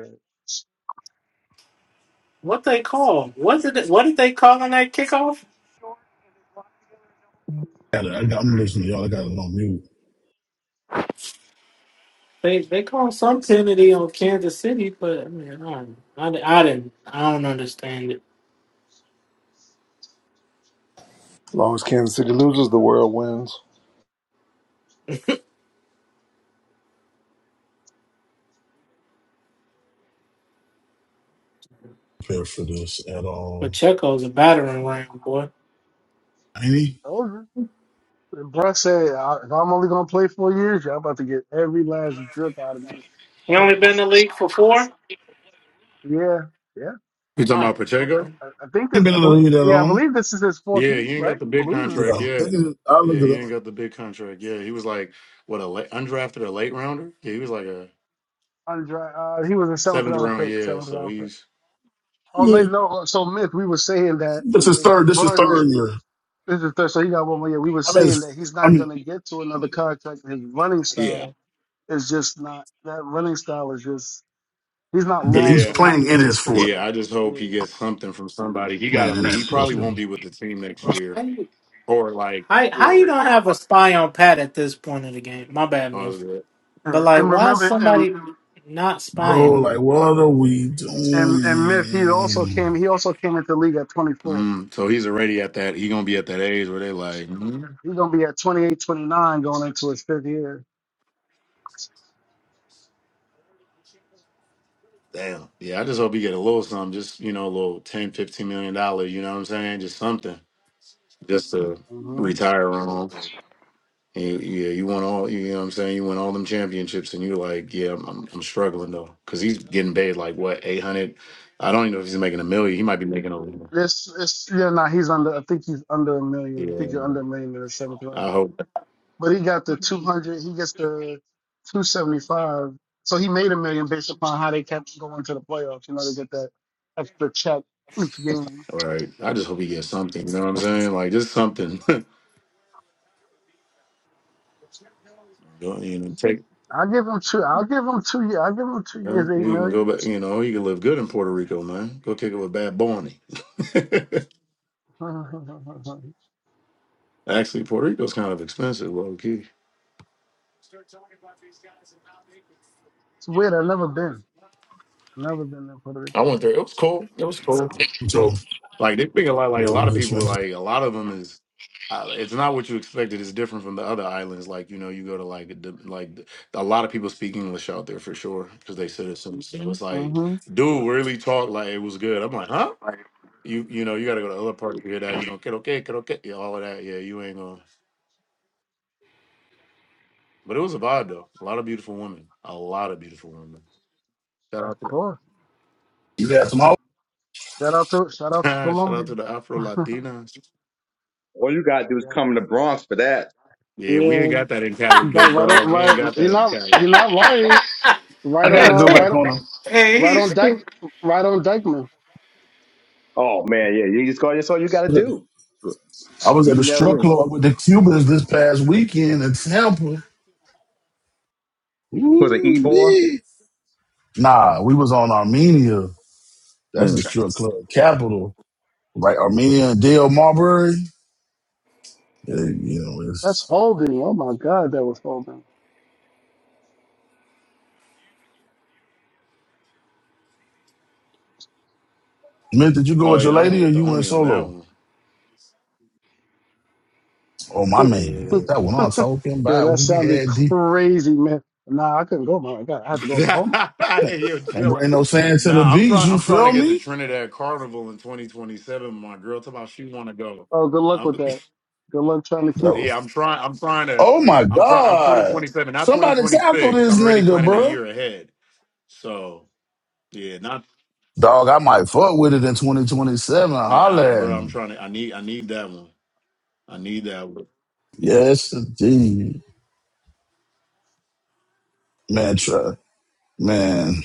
A: What they call what did it, what did they call on that kickoff?
I: Got it. I got, I'm listening to y'all. I got it on mute.
A: They they call some penalty on Kansas City, but I mean I don't, I, di- I didn't I don't understand it.
L: As long as Kansas City loses, the world wins.
I: Prepared for this at
A: But
I: all.
A: Checo's a battering ram boy.
I: Ain't he?
E: good. Bruh said, "I- if I'm only gonna play four years, y'all about to get every last drip out of me.
A: He only been in
E: Pause.
A: the league for four.
E: Yeah, yeah.
K: You talking
A: Wow
K: about Pacheco?
A: okay.
E: I, I think
I: Ain't
E: this.
I: been
E: I
I: in the
E: believe.
I: league that
E: Yeah, I
I: long.
E: believe this is his fourth
K: Yeah,
E: year,
K: he ain't
E: right?
K: got the
E: I
K: big
E: believe this is his
I: Yeah, I
K: contract.
E: fourth year.
K: Yeah,
I: think it, I look
K: yeah, he
I: it
K: ain't got the big contract. Yeah, he was like what a late, undrafted a late rounder. Yeah, he was like a
E: Undra- uh, he was a seventh
K: Seventh
E: round
K: round,
E: pick.
K: yeah.
E: Seventh
K: So
E: round pick.
K: he's
E: Oh,
I: up.
E: they no. uh, So myth. We were saying that the
I: This is
E: way he
I: third. This is
E: runs.
I: third year.
E: This is third. So he got one more year. We were
I: I mean,
E: saying
I: it's-
E: that he's
I: I
E: not
I: mean,
E: gonna get to another contract. His running
K: yeah.
E: style is just not. That running style is just. He's not
I: th-
E: long
I: he's
E: for
K: Yeah.
E: the
K: I-
I: playing in
E: league.
I: his
E: Just
I: fourth.
E: based
K: Yeah.
E: on.
K: I just hope he
E: Yeah.
K: gets something from somebody. He gotta
I: Playing in
K: leave.
I: his
K: He
I: fourth
K: probably
I: year.
K: won't be with the team next year. Or like
A: How how
E: Yeah.
A: you don't have a spy on Pat at this point in the game? My bad,
K: oh, it's
A: miss.
K: good.
A: But
E: Uh,
A: like,
E: and
A: why is
E: remember, and
A: somebody not
I: Bro,
A: spying?
I: like, what are we
E: and and Myth, he also
I: doing?
E: came. He also came into the league at 24.
K: Mm, so he's already at that he gonna be at that age where they like mm,
E: He's gonna be at 28, 29 going into his fifth year.
K: damn. Yeah, I just hope he get a little something, just you know, a little ten, fifteen million million dollar, you know what I'm saying? Just something. Just to
E: hmm
K: retire on. And you- yeah, you won all. You know what I'm saying? You won all them championships, and you're like, yeah, I'm, I'm, I'm struggling though, because he's getting paid like what 800. I don't even know if he's making a million. He might be making a.
E: This, it's yeah, nah, he's under. I think he's under a million. I
K: Yeah,
E: think you're under a million in the seventh
K: I
E: round.
K: hope.
E: But he got the 200. He gets the 275. So he made a million based upon how they kept going to the playoffs. You know, to get that extra check each game.
K: Right. I just hope he gets something. You know what I'm saying? Like just something. [laughs] Go- you know, take.
E: I give him two. I'll give him two years. i give him two
K: You,
E: years,
K: know,
E: eight
K: you can go
E: million.
K: back. You know, you can live good in Puerto Rico, man. Go kick it with Bad Bunny.
E: [laughs]
K: [laughs] Actually, Puerto Rico's kind of expensive, low key.
E: it's weird. I've never been. Never been in Puerto
K: I
E: Rico.
K: went there. It was cool. It was cool.
I: So,
K: Like they pick a lot. Like a
I: we
K: lot
I: we
K: of
I: just
K: people.
I: mentioned.
K: Like a lot of them is. Uh, it's not what you expected. It's different from the other islands. Like you know, you go to like the- like the- a lot of people speak English out there for sure because they citizens. So it's like,
E: hmm
K: dude, really talk like it was good. I'm like, huh? You you know, you got to go to other parts to hear that. You know, get okay, get okay, yeah, all of that. Yeah, you ain't gonna. But it was a vibe though. A lot of beautiful women. A lot of beautiful women. Shout out
E: Of course.
I: You got some. hoes?
E: Shout out to shout out to
K: to [laughs] shout out to
E: Colombia.
K: the Afro Latinas.
G: All you gotta do is
E: Yeah.
G: come to Bronx for that.
K: Yeah, we ain't
E: Yeah.
K: got that in Cali,
E: Like
K: big
E: right on
K: dog. We ain't
E: right
K: got
E: he
K: that in
E: not
K: Cali.
E: he not lying. Right
I: I got
E: on
I: to
A: [laughs]
E: uh,
I: go back
E: right
I: on. them.
A: Hey,
E: right
A: He's
E: on Dyke right on Dykeman.
G: Oh man, yeah. You just call. That's all you gotta
I: I
G: do.
I: was
G: You
I: at the
G: know,
I: strip
G: yeah.
I: club with the Cubans this past weekend in Tampa.
G: was it Ebor?
I: Ooh-wee. Nah, we was on Armenia. That's the
G: Mm,
I: strip club capital. Like Armenia and Dale Marbury. Yeah, you know,
E: That's
I: it's.
E: holding. Oh my god, that was holding.
I: Mint, did you go
K: Oh
I: with your
K: yeah, I went
I: lady or
K: with the
I: you went
K: homie on
I: solo?
K: that
I: Oh,
E: [laughs]
I: my
E: yeah,
I: man.
K: one.
I: That what I'm talking about.
E: that
I: We
E: sounded
I: had the
E: crazy, man. Nah, I couldn't go, man. I got I had to go to home.
K: Yeah. [laughs] Hey, Yo,
I: can't
K: chill out.
I: bring no sand to the
K: Nah, I'm
I: beach,
K: trying.
I: you
K: I'm trying to
I: feel
K: get the
I: me?
K: Trinidad Carnival in 2027. My girl, talking about she want to go.
E: Oh, good luck
K: I'm,
E: with that. Good luck trying to
K: [laughs]
E: keep
I: Though.
E: her.
K: yeah, I'm trying. I'm trying to.
I: Oh my
K: I'm trying. I'm
I: God.
K: 2027, not
I: Somebody tackle
K: 2026.
I: this
K: I'm already
I: nigga,
K: planning a
I: bro.
K: year ahead. So yeah, not
I: Dog, I might fuck with it in 2027.
K: man, I,
I: Holler at
K: bro. I'm
I: me.
K: trying to. I need. I need that one. I need that one.
I: Yes, indeed. Man, try. Man,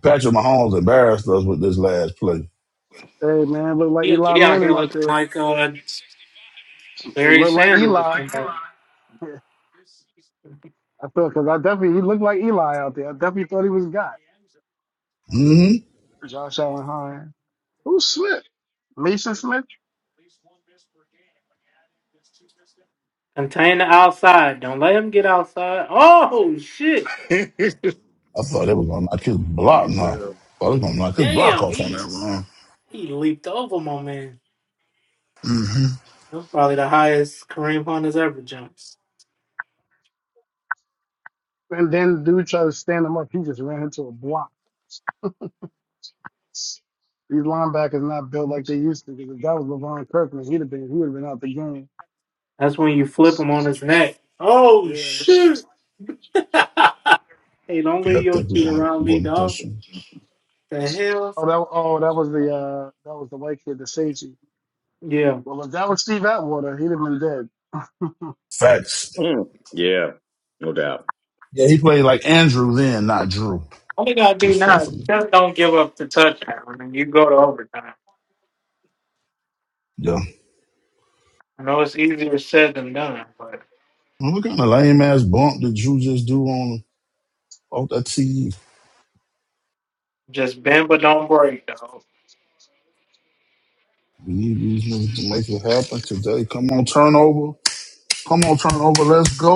I: Patrick Mahomes embarrassed us with this last play.
E: Hey man, look like
A: He,
E: Eli
A: he out here
E: Manning out
A: looking
E: there.
A: like uh
E: It
A: Barry
E: looked like
A: Sanders. or
E: Eli.
A: something.
E: I thought because I definitely he looked like Eli out there. I definitely thought he was God.
I: hmm
E: Josh Allen High. Who Smith? Mason Smith?
A: Contain the outside. Don't let him get outside. Oh shit!
K: [laughs]
I: I thought they was gonna knock his block now.
K: Yeah.
I: I was gonna knock his block
A: Damn,
I: off on
A: he
I: that run.
A: he leaped over my man.
I: hmm
A: That's probably the highest Kareem Hunt has ever jumped.
E: And then dude tried to stand him up. He just ran into a block. These linebackers not built like they used to. Because if that was LeVon Kirkland, he'd have been he would have been out the game.
A: That's when you flip him on his neck. Oh
E: Yeah.
A: shit! Hey, don't
I: Yeah,
A: leave
I: I
A: your
I: think we're
A: feet
I: gonna
A: around me,
I: about
A: dog.
I: this one.
A: The hell?
E: Oh that oh that was the uh that was the white kid, the safety.
A: Yeah.
E: Well if that was Steve Atwater, he'd have been dead.
I: Facts.
G: yeah, no doubt.
I: Yeah, he played like Andrew then, not Drew,
A: All you gotta do now is
I: respectfully.
A: just don't give up the touchdown, and you go to overtime.
I: Yeah.
A: I know it's easier said than done, but
I: Well, What kind of lame ass bump did Drew just do on off that TV?
A: just bend but don't break, though.
I: We need these niggas to make it happen today. Come on, turnover. Come on, turnover. Let's go.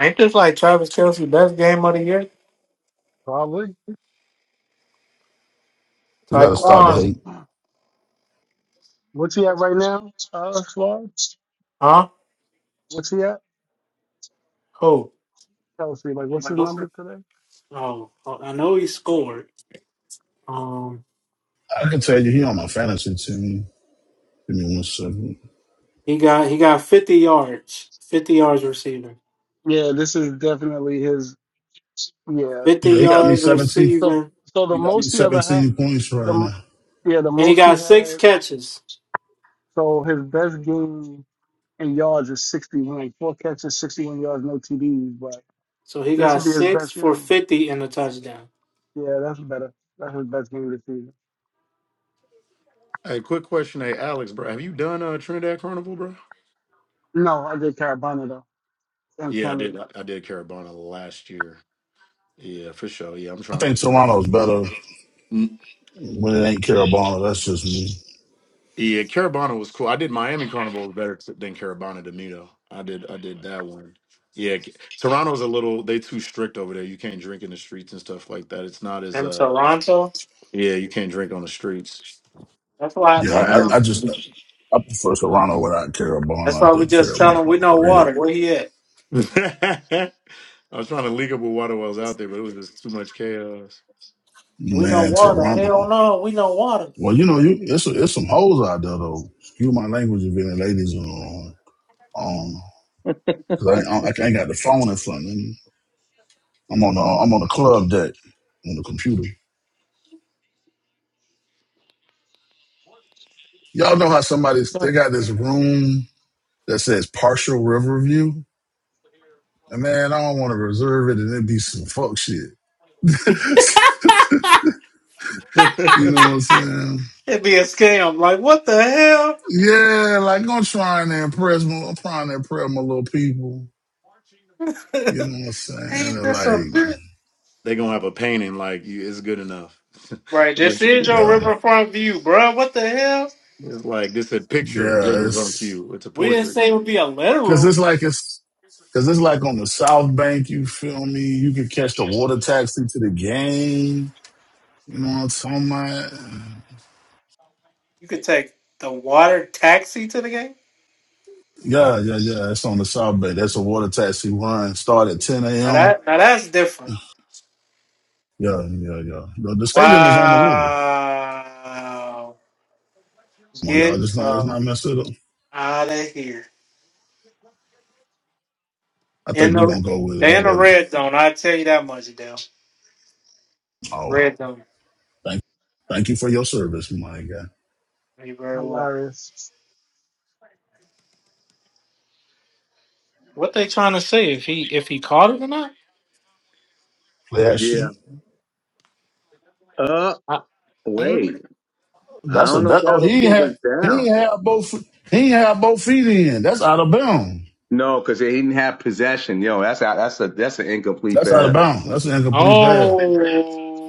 A: Ain't this like Travis Kelsey best game of the year?
E: Probably.
I: We gotta
E: [clears throat]
I: start the
A: Taekwon,
E: Actually,
I: hate.
E: what's he at right now? Uh Florida?
A: huh?
E: What's he at?
A: Who?
E: Kelsey, like what's his number today?
A: Oh, oh, I know he scored. Um,
I: I can tell you he on my fantasy team. Give me one second.
A: he got he got fifty yards, fifty yards receiving,
E: Yeah, this is definitely his. Yeah,
A: fifty
I: Yeah, he
E: 'cause he,
I: got me
A: yards
I: 17.
E: so
A: receiving,
E: so the
I: He got me
E: most he ever had,
I: 17 points right
E: the
I: now.
E: yeah the
A: and he
E: most he
A: got six
E: had.
A: catches.
E: So his best game in yards is 61, four catches, 61 yards, no TDs. But
A: So he
E: this
A: got
E: would be his
A: six
E: best
A: for
E: game.
A: fifty in the touchdown.
E: Yeah, that's better. That's his best game this season.
K: Hey, quick question, hey Alex, bro. Have you done uh, Trinidad Carnival, bro?
E: No, I did Carabana though in
K: Yeah, I
E: Canada.
K: did. I I did Carabana last year. Yeah, for sure. Yeah, I'm
I: I
K: trying
I: think
K: to. Yeah,
I: Toronto's better
K: Mm,
I: when it ain't Carabana. That's just me.
K: yeah Carabana was cool. I did Miami Carnival was better t- than Carabana to me I did. I did that one. Yeah, K- Toronto's a little. They too strict over there. You can't drink in the streets and stuff like that. It's not as
A: And
K: uh.
A: Toronto,
K: Yeah, you can't drink on the streets.
A: that's why.
I: Yeah,
A: That's
I: I,
A: why.
K: Miami.
I: I just I prefer Toronto without
A: That's
I: Carabana. I
A: why we
I: think
A: just tell him we
I: Carabana's
A: know
I: overrated.
A: water. Where he at?
K: [laughs] I was trying to link up with water wells out there, but it was just too much chaos.
A: We know
I: Man,
A: water.
I: Toronto.
A: Hell no, we know water.
I: Well, you know, you it's it's some hoes out there though. Excuse my language if any ladies are on. Um, cause I ain't, I ain't got the phone in front of me. I'm on the I'm on the club deck on the computer. Y'all know how somebody's they got this room that says partial river view, and man, I don't want to reserve it, and it be some fuck shit. [laughs]
K: [laughs] they
I: you know what I'm saying?
A: It'd be a scam. Like what the hell?
I: Yeah, like I'm trying to impress, my- I'm trying to impress my little people.
A: [laughs]
I: You know what I'm saying?
A: Ain't
I: And
A: this
I: like,
A: a bit?
K: gonna have a painting like you. It's good enough.
A: Right,
K: [laughs]
A: this
K: Just
A: is your
I: yeah.
A: riverfront view, bro. What the hell?
K: It's like this a picture
I: Yeah,
K: Rivers on
I: it's
K: you. It's a
A: We didn't
K: portrait.
A: say it would be a
I: because
A: literal.
I: it's like it's because it's like on the South Bank. You feel me? You can catch the water taxi to the game. You know what I'm talking about?
A: You could take the water taxi to the game.
I: Yeah, yeah, yeah. It's on the South Bank. That's a water taxi run. Start at 10
A: Now
I: a.m.
A: that now that's different.
I: Yeah, yeah, yeah. The, the stadium is on the river.
A: Wow.
I: Come on, y'all.
A: Get
I: Just not, just
A: out
I: not mess it up.
A: of here.
I: I think
A: In
I: we're
A: the
I: gonna go with it,
A: they in the
I: Lord.
A: red zone. I tell you that much, Dale.
I: Oh,
A: Red zone.
I: thank, thank you for your service, my God.
A: You very well.
E: Hilarious. [laughs]
A: What they trying to say? If he if he caught it or not?
I: Bless you.
G: Yeah. Uh,
A: I,
G: wait.
A: mm.
G: I
I: That's a
G: don't know if
I: that.
G: that
I: Oh,
G: was
I: he ain't
G: what was
I: had he
G: down.
I: ain't had both he ain't had both feet in. That's out of bounds.
G: No, because he didn't have possession. Yo, that's a, that's a that's an incomplete
I: That's out of
G: pass. That
I: bounds. That's an incomplete pass.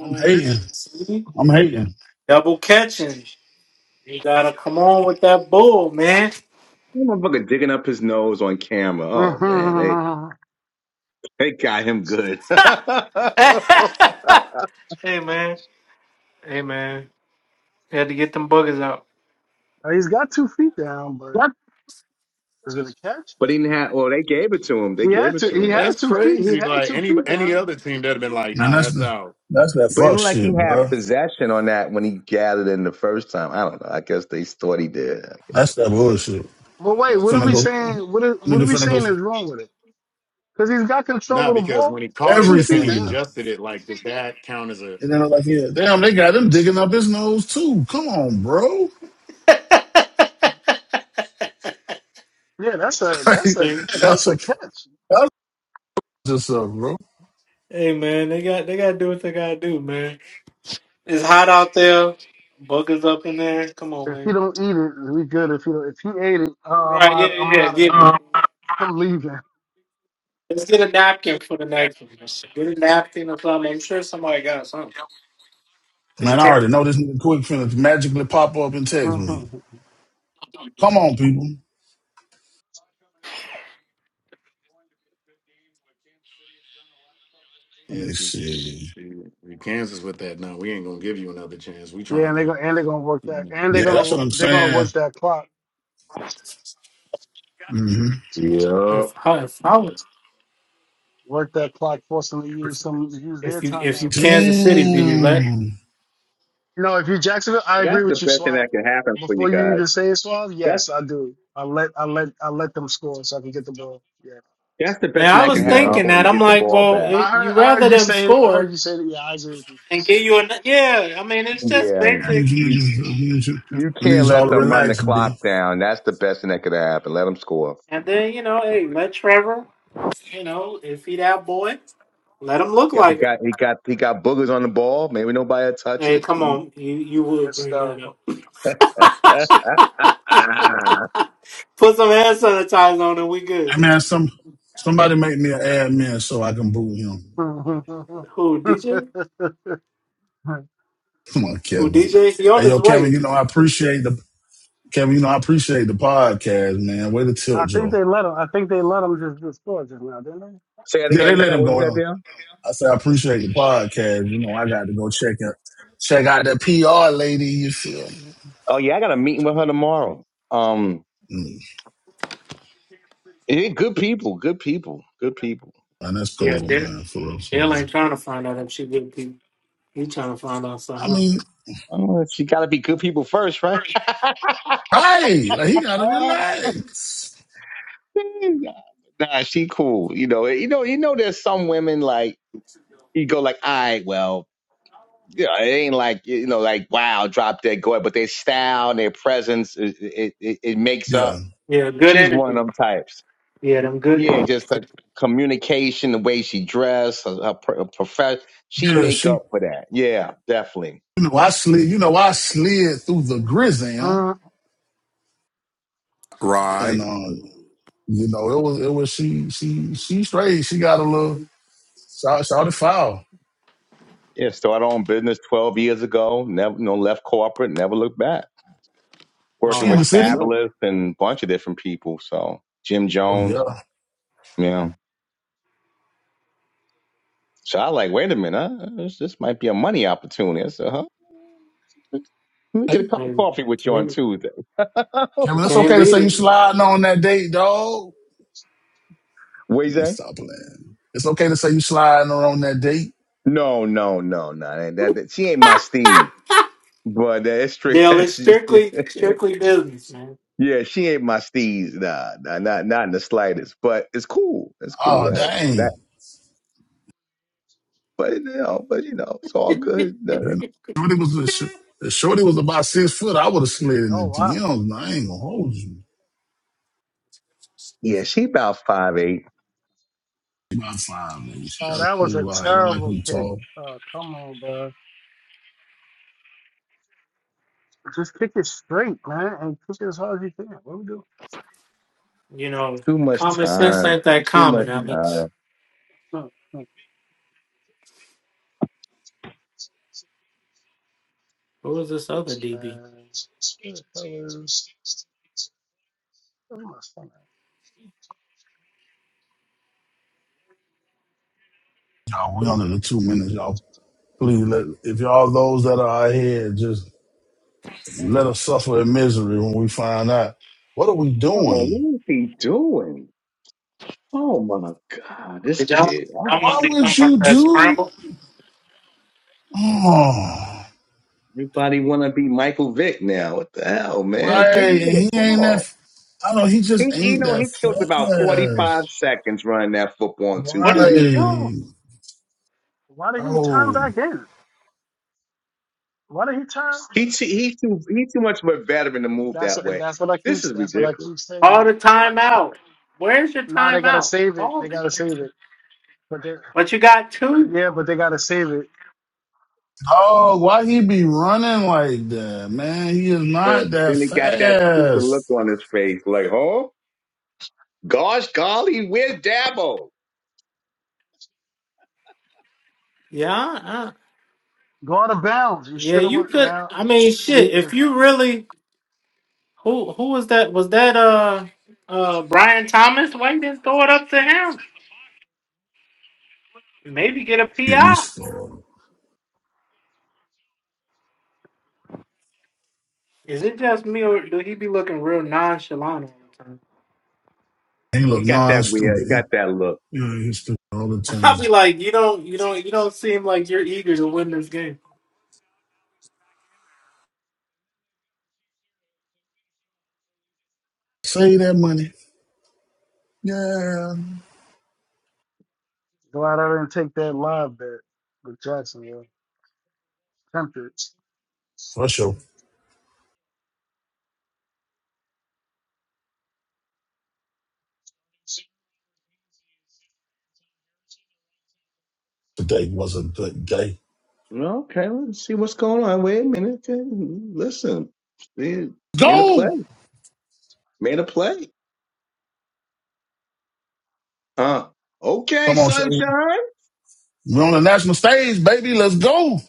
I: I'm hating.
A: see?
I: I'm hating.
A: double catching. You gotta come on with that bull, man.
G: Motherfucker digging up his nose on camera. Oh man, they
E: Mhm.
G: they got him good. [laughs] but
A: [laughs] hey man, hey man, you had to get them buggers out.
E: Uh, He's got two feet down, but
A: What?
E: is it a catch?
G: he didn't have. Well, they gave it to him. They
E: He
G: gave
E: had
G: it
E: to.
G: to
E: He
G: him.
E: had
K: That's
E: two feet. He
K: crazy.
E: had
K: Like
E: two
K: any
E: feet
K: any
E: down.
K: other team that'd have been like,
I: Man,
K: nah,
I: that's
K: that's
I: the
K: out.
I: that's that
G: But it
I: fuck
G: looked like he
I: shit,
G: had
I: bro.
G: possession on that when he gathered in the first time. I don't know. I guess they thought he did.
I: That's that bullshit.
E: But wait,
K: That's
E: what
K: for
E: are
I: Finna
E: we
K: sure.
I: go,
E: saying? What are, what
I: nigga.
E: are we
I: Finna go
E: saying
I: for
E: is wrong with it? Because he's got control
K: Nah,
E: of the
K: because
E: ball
K: when he
E: and
K: caught it,
E: two
K: but then
E: feet
K: he
I: everything.
E: down.
K: adjusted it. Like, does that count as a
I: And then I'm like, yeah, damn, they got him digging up his nose too. Come on, bro. [laughs]
E: Yeah, that's a that's
I: Like,
E: a
A: Hey,
I: that's
E: that's a
I: what,
E: catch.
I: that's just up, bro.
A: hey, man, they got they gotta do what they gotta do, man. It's hot out there. Buggers up in there. Come on,
E: If he
A: man.
E: don't eat it, we good. If he if he ate it, uh, I'm
A: Right? Yeah,
E: out I'm
A: yeah,
E: out of here.
A: yeah.
E: I'm leaving.
A: Let's get a napkin for the next one. Get a napkin or something. I'm sure somebody got something. Because you
I: Man, I
A: can't.
I: already know this nigga quick finna magically pop up and text me.
E: Mhm.
I: Come on, people. Let
K: yeah,
I: me
K: see, see,
I: see.
K: see Kansas with that. No, we ain't gonna give you another chance. We
E: yeah,
K: trying
E: and they're
K: to
E: gonna and they're gonna work that and they're
I: Yeah, that's
E: gonna
I: what I'm
E: they're gonna
I: saying.
E: work that clock,
I: hmm
A: If,
K: Yep.
A: huh, if,
E: work that clock, forcing to use some use
A: if
E: their
A: you if you
E: timeout.
A: Kansas City, do you let?
I: Damn.
E: You know, if you are Jacksonville, I
G: But that's
E: agree
G: the
E: with you,
G: best thing
E: Swab.
G: that can happen for you
E: Before you
G: guys.
E: even say it, Swab,
G: That's
E: yes, I do. I let I let I let them score so I can get the ball. Yeah.
G: that's the
A: Man,
G: best thing
A: I
G: that can
A: was
G: happen
K: Yep.
A: thinking
G: for
A: that.
G: you.
A: I'm
G: Get the
A: like,
G: ball
A: well,
G: back.
E: No, I
A: it,
E: heard,
A: you
E: I
A: rather
E: heard you
A: them
E: say it. I heard
A: score
E: you say that. Yeah, I agree with you.
A: and give you an yeah. I mean, it's just
G: Yeah,
I: I
A: basic.
I: need you
G: you
I: niggas. I need you.
G: You
I: I need
G: can't
I: y'all
G: let
I: to
G: them run the
I: relax, B.
G: clock down. That's the best thing that could happen. Let them score.
A: And then you know, hey, let Trevor. You know, if he that boy, let him look
G: Got the
A: like it.
G: guy. He got he got boogers on the ball. Maybe nobody will touch
A: Hey,
G: it.
A: come
G: Mm.
A: on, you you would bring that
E: Hysterical.
A: up.
G: [laughs] Ah.
A: [laughs] Put some hand sanitizer on and we good.
I: Hey man, some somebody make me an admin so I can boot him.
E: [laughs] I
A: Who DJ?
I: Come on,
A: Who
I: Kevin.
A: DJ? He on
I: Hey yo,
A: his
I: Kevin.
A: way.
I: You know I appreciate the Kevin. You know I appreciate the podcast, man. Way to tilt,
E: think
I: Joe.
E: they let him. I think they let him just do score just now, didn't they?
G: Say that
I: Yeah, they
G: again,
I: let
G: Dan.
I: him
G: What
I: go
G: was that,
I: in.
G: Dan?
I: I said I appreciate the podcast. You know I got to go check it, check out that PR lady. You feel me?
G: Oh yeah, I got a meeting with her tomorrow. Um,
I: Mm,
G: yeah, good people, good people, good people.
I: man, that's
A: Yeah,
I: cool, man. For real, for
A: Jill
I: real.
A: ain't trying to find out if she good people. You trying to find out
I: I
A: something? Else.
I: mean,
G: Oh, she got to be good people first, right?
I: Right. Like he gotta relax.
G: [laughs] nah, she cool. You know, you know, you know. There's some women like you go like, all right, well. Yeah, it ain't like you know, like wow, drop dead go but their style, and their presence, it, it it it makes up.
I: Yeah.
A: Yeah, good
G: She's one of
A: energy.
G: them types.
A: Yeah, them good.
G: Yeah, just
A: energy.
G: the communication, the way she dressed, her, her, pro- her profession, she
I: Yeah,
G: make
I: she
G: up for that. Yeah, definitely.
I: you know, I slid you know, I slid through the grizzam
E: Mm.
I: and
K: Right.
I: uh, you know, it was it was she she she straight. She got a little shout shout it foul.
G: Yeah, started on business twelve years ago. Never, you know, left corporate, never looked back.
A: Oh,
G: Working
I: She in
G: with
I: the
A: that's
I: city?
A: up.
G: Fabulous and a bunch of different people. So Jim
I: Oh
G: Jones,
I: yeah.
G: yeah. So I like, wait a minute, huh? this, this might be a money opportunity. I said, huh? Let me get
I: Hey,
G: a
A: I
G: cup of
A: mean,
G: coffee
A: you
G: with you on
A: can't
G: Tuesday. [laughs]
A: you
I: Cameron, it's
A: can't
I: okay to
A: beat
I: say you
A: it.
I: sliding on that date, dog.
G: What
I: Let me stop playing. It's okay to say you sliding on that date.
G: No, no, no, no. That, that, that- she ain't my Steve. But uh, it's true. [laughs]
A: Dale,
G: yeah,
A: it's strictly strictly business, man.
G: she ain't my Steez. Nah, nah, not not in the slightest. But it's cool. It's cool.
I: Oh
G: Uh,
I: dang.
G: That, but you know, but you know, it's all good.
I: You know,
G: Uh,
I: Shorty was a sh- if Shorty was about six foot, I would have slid in
E: Oh
I: the
E: wow!
I: DMs. Man. I ain't gonna hold you.
G: yeah, she about five eight.
I: About five minutes.
E: Oh,
I: Y'all
E: that was a
I: cool. All right. Y'all like
E: terrible
I: them
E: kick.
I: tall.
E: Oh, come on, bro. Just kick it straight, man, and kick it as hard as you can. What we do?
A: You know,
G: Too much
A: common sense
G: time.
A: ain't that
G: Too much
A: common, Alex.
G: time.
E: Mm, mm.
A: Who was this other DB?
E: Man, what the where's my son at?
I: Y'all, we under the two minutes. Y'all, please let, if y'all those that are out here, just let us suffer in misery when we find out. What are we
G: what am
I: doing?
G: I doing? Oh my God, this
A: Did y'all
G: kid.
A: I'm gonna
I: Why
A: be
I: would
A: talking about
I: you
A: that
I: do?
A: scramble?
I: Oh,
G: Everybody want to be Michael Vick now. What the hell, man? Give
I: right.
G: me the
I: He ain't that,
G: ball.
I: f- I don't, he
G: He,
I: just
G: you
I: ain't
G: know,
I: that
G: he killed about forty-five
I: fast.
G: seconds running that football on two
A: What is
G: play.
A: he doing?
I: Right.
E: Why did he turn
I: Oh,
E: back in? Why did he turn?
G: He, too- he too, he too much of a veteran to move
E: That's
G: that
E: what.
G: way.
E: That's what I keep.
G: This is
E: That's what I
G: ridiculous.
E: keep
A: All
E: saying.
A: the time out. Where's your
E: Now they gotta
A: timeout?
E: save it.
A: Call
E: They
A: me.
E: gotta save it. But they,
A: But you got two.
E: yeah, but they gotta save it.
I: dog, why he be running like that, man? He is not
G: Then,
I: that
G: then he got that stupid look
I: fast.
G: on his face, like, oh, gosh, golly, where's Dabo?
A: Yeah,
E: Go out of bounds. You
A: Yeah,
E: should have
A: you
E: went
A: could.
E: now.
A: I mean, shit. If
E: the-
A: you really, who who was that? Was that uh uh Brian Thomas? Why you didn't throw it up to him? Maybe get a
I: Get me
A: PI.
I: started.
A: Is it just me, or do he be looking real nonchalant all the time?
I: He
G: He
I: look
G: got
I: non
G: that weird. He
I: stupid.
G: got
I: He,
G: that look.
I: you know, he's stupid all the
A: [laughs] I'll be
I: time.
A: like, you don't, you don't, you don't seem like you're eager to win this game.
I: Save that money. Yeah.
E: Go out there and take that live bet with Jacksonville. Tempted.
I: For sure. Today was a good day.
G: No, Okay, let's see what's going on. Wait a minute. Then. Listen, man, made a play,
I: Go!
G: made a play. Uh, okay,
I: Come on, Trevor.
G: sunshine.
I: We're on the national stage, baby. Let's go.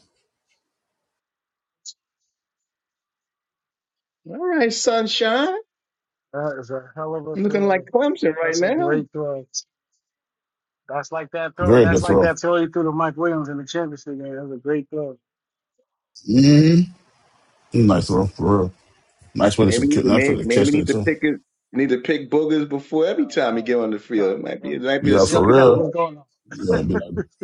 G: All right, sunshine.
E: That is a hell of a
G: Looking like
E: throw.
G: Clemson right
E: That's a
G: now.
E: great throw. That's like that throw.
I: Very
E: That's
I: good
E: like
I: throw.
E: that throw you threw to Mike Williams in the championship game. That was a great throw.
I: Mm-hmm. Nice throw, for real. Nice way to
G: Maybe need
I: secure,
G: to
I: nice way
G: may-
I: to catch
G: maybe
I: that,
G: need to
I: too.
G: pick it need to pick boogers before every
E: Oh,
G: time you
E: oh
G: get on
E: my
G: the
E: God.
G: field. It might
E: That
G: be it
E: was-
G: might be the
I: Yeah,
E: Yo,
I: for
G: secret
E: Kev,
I: real.
E: what's
G: sauce.
E: going on?
I: Yeah, it'd be
E: [laughs]
I: like,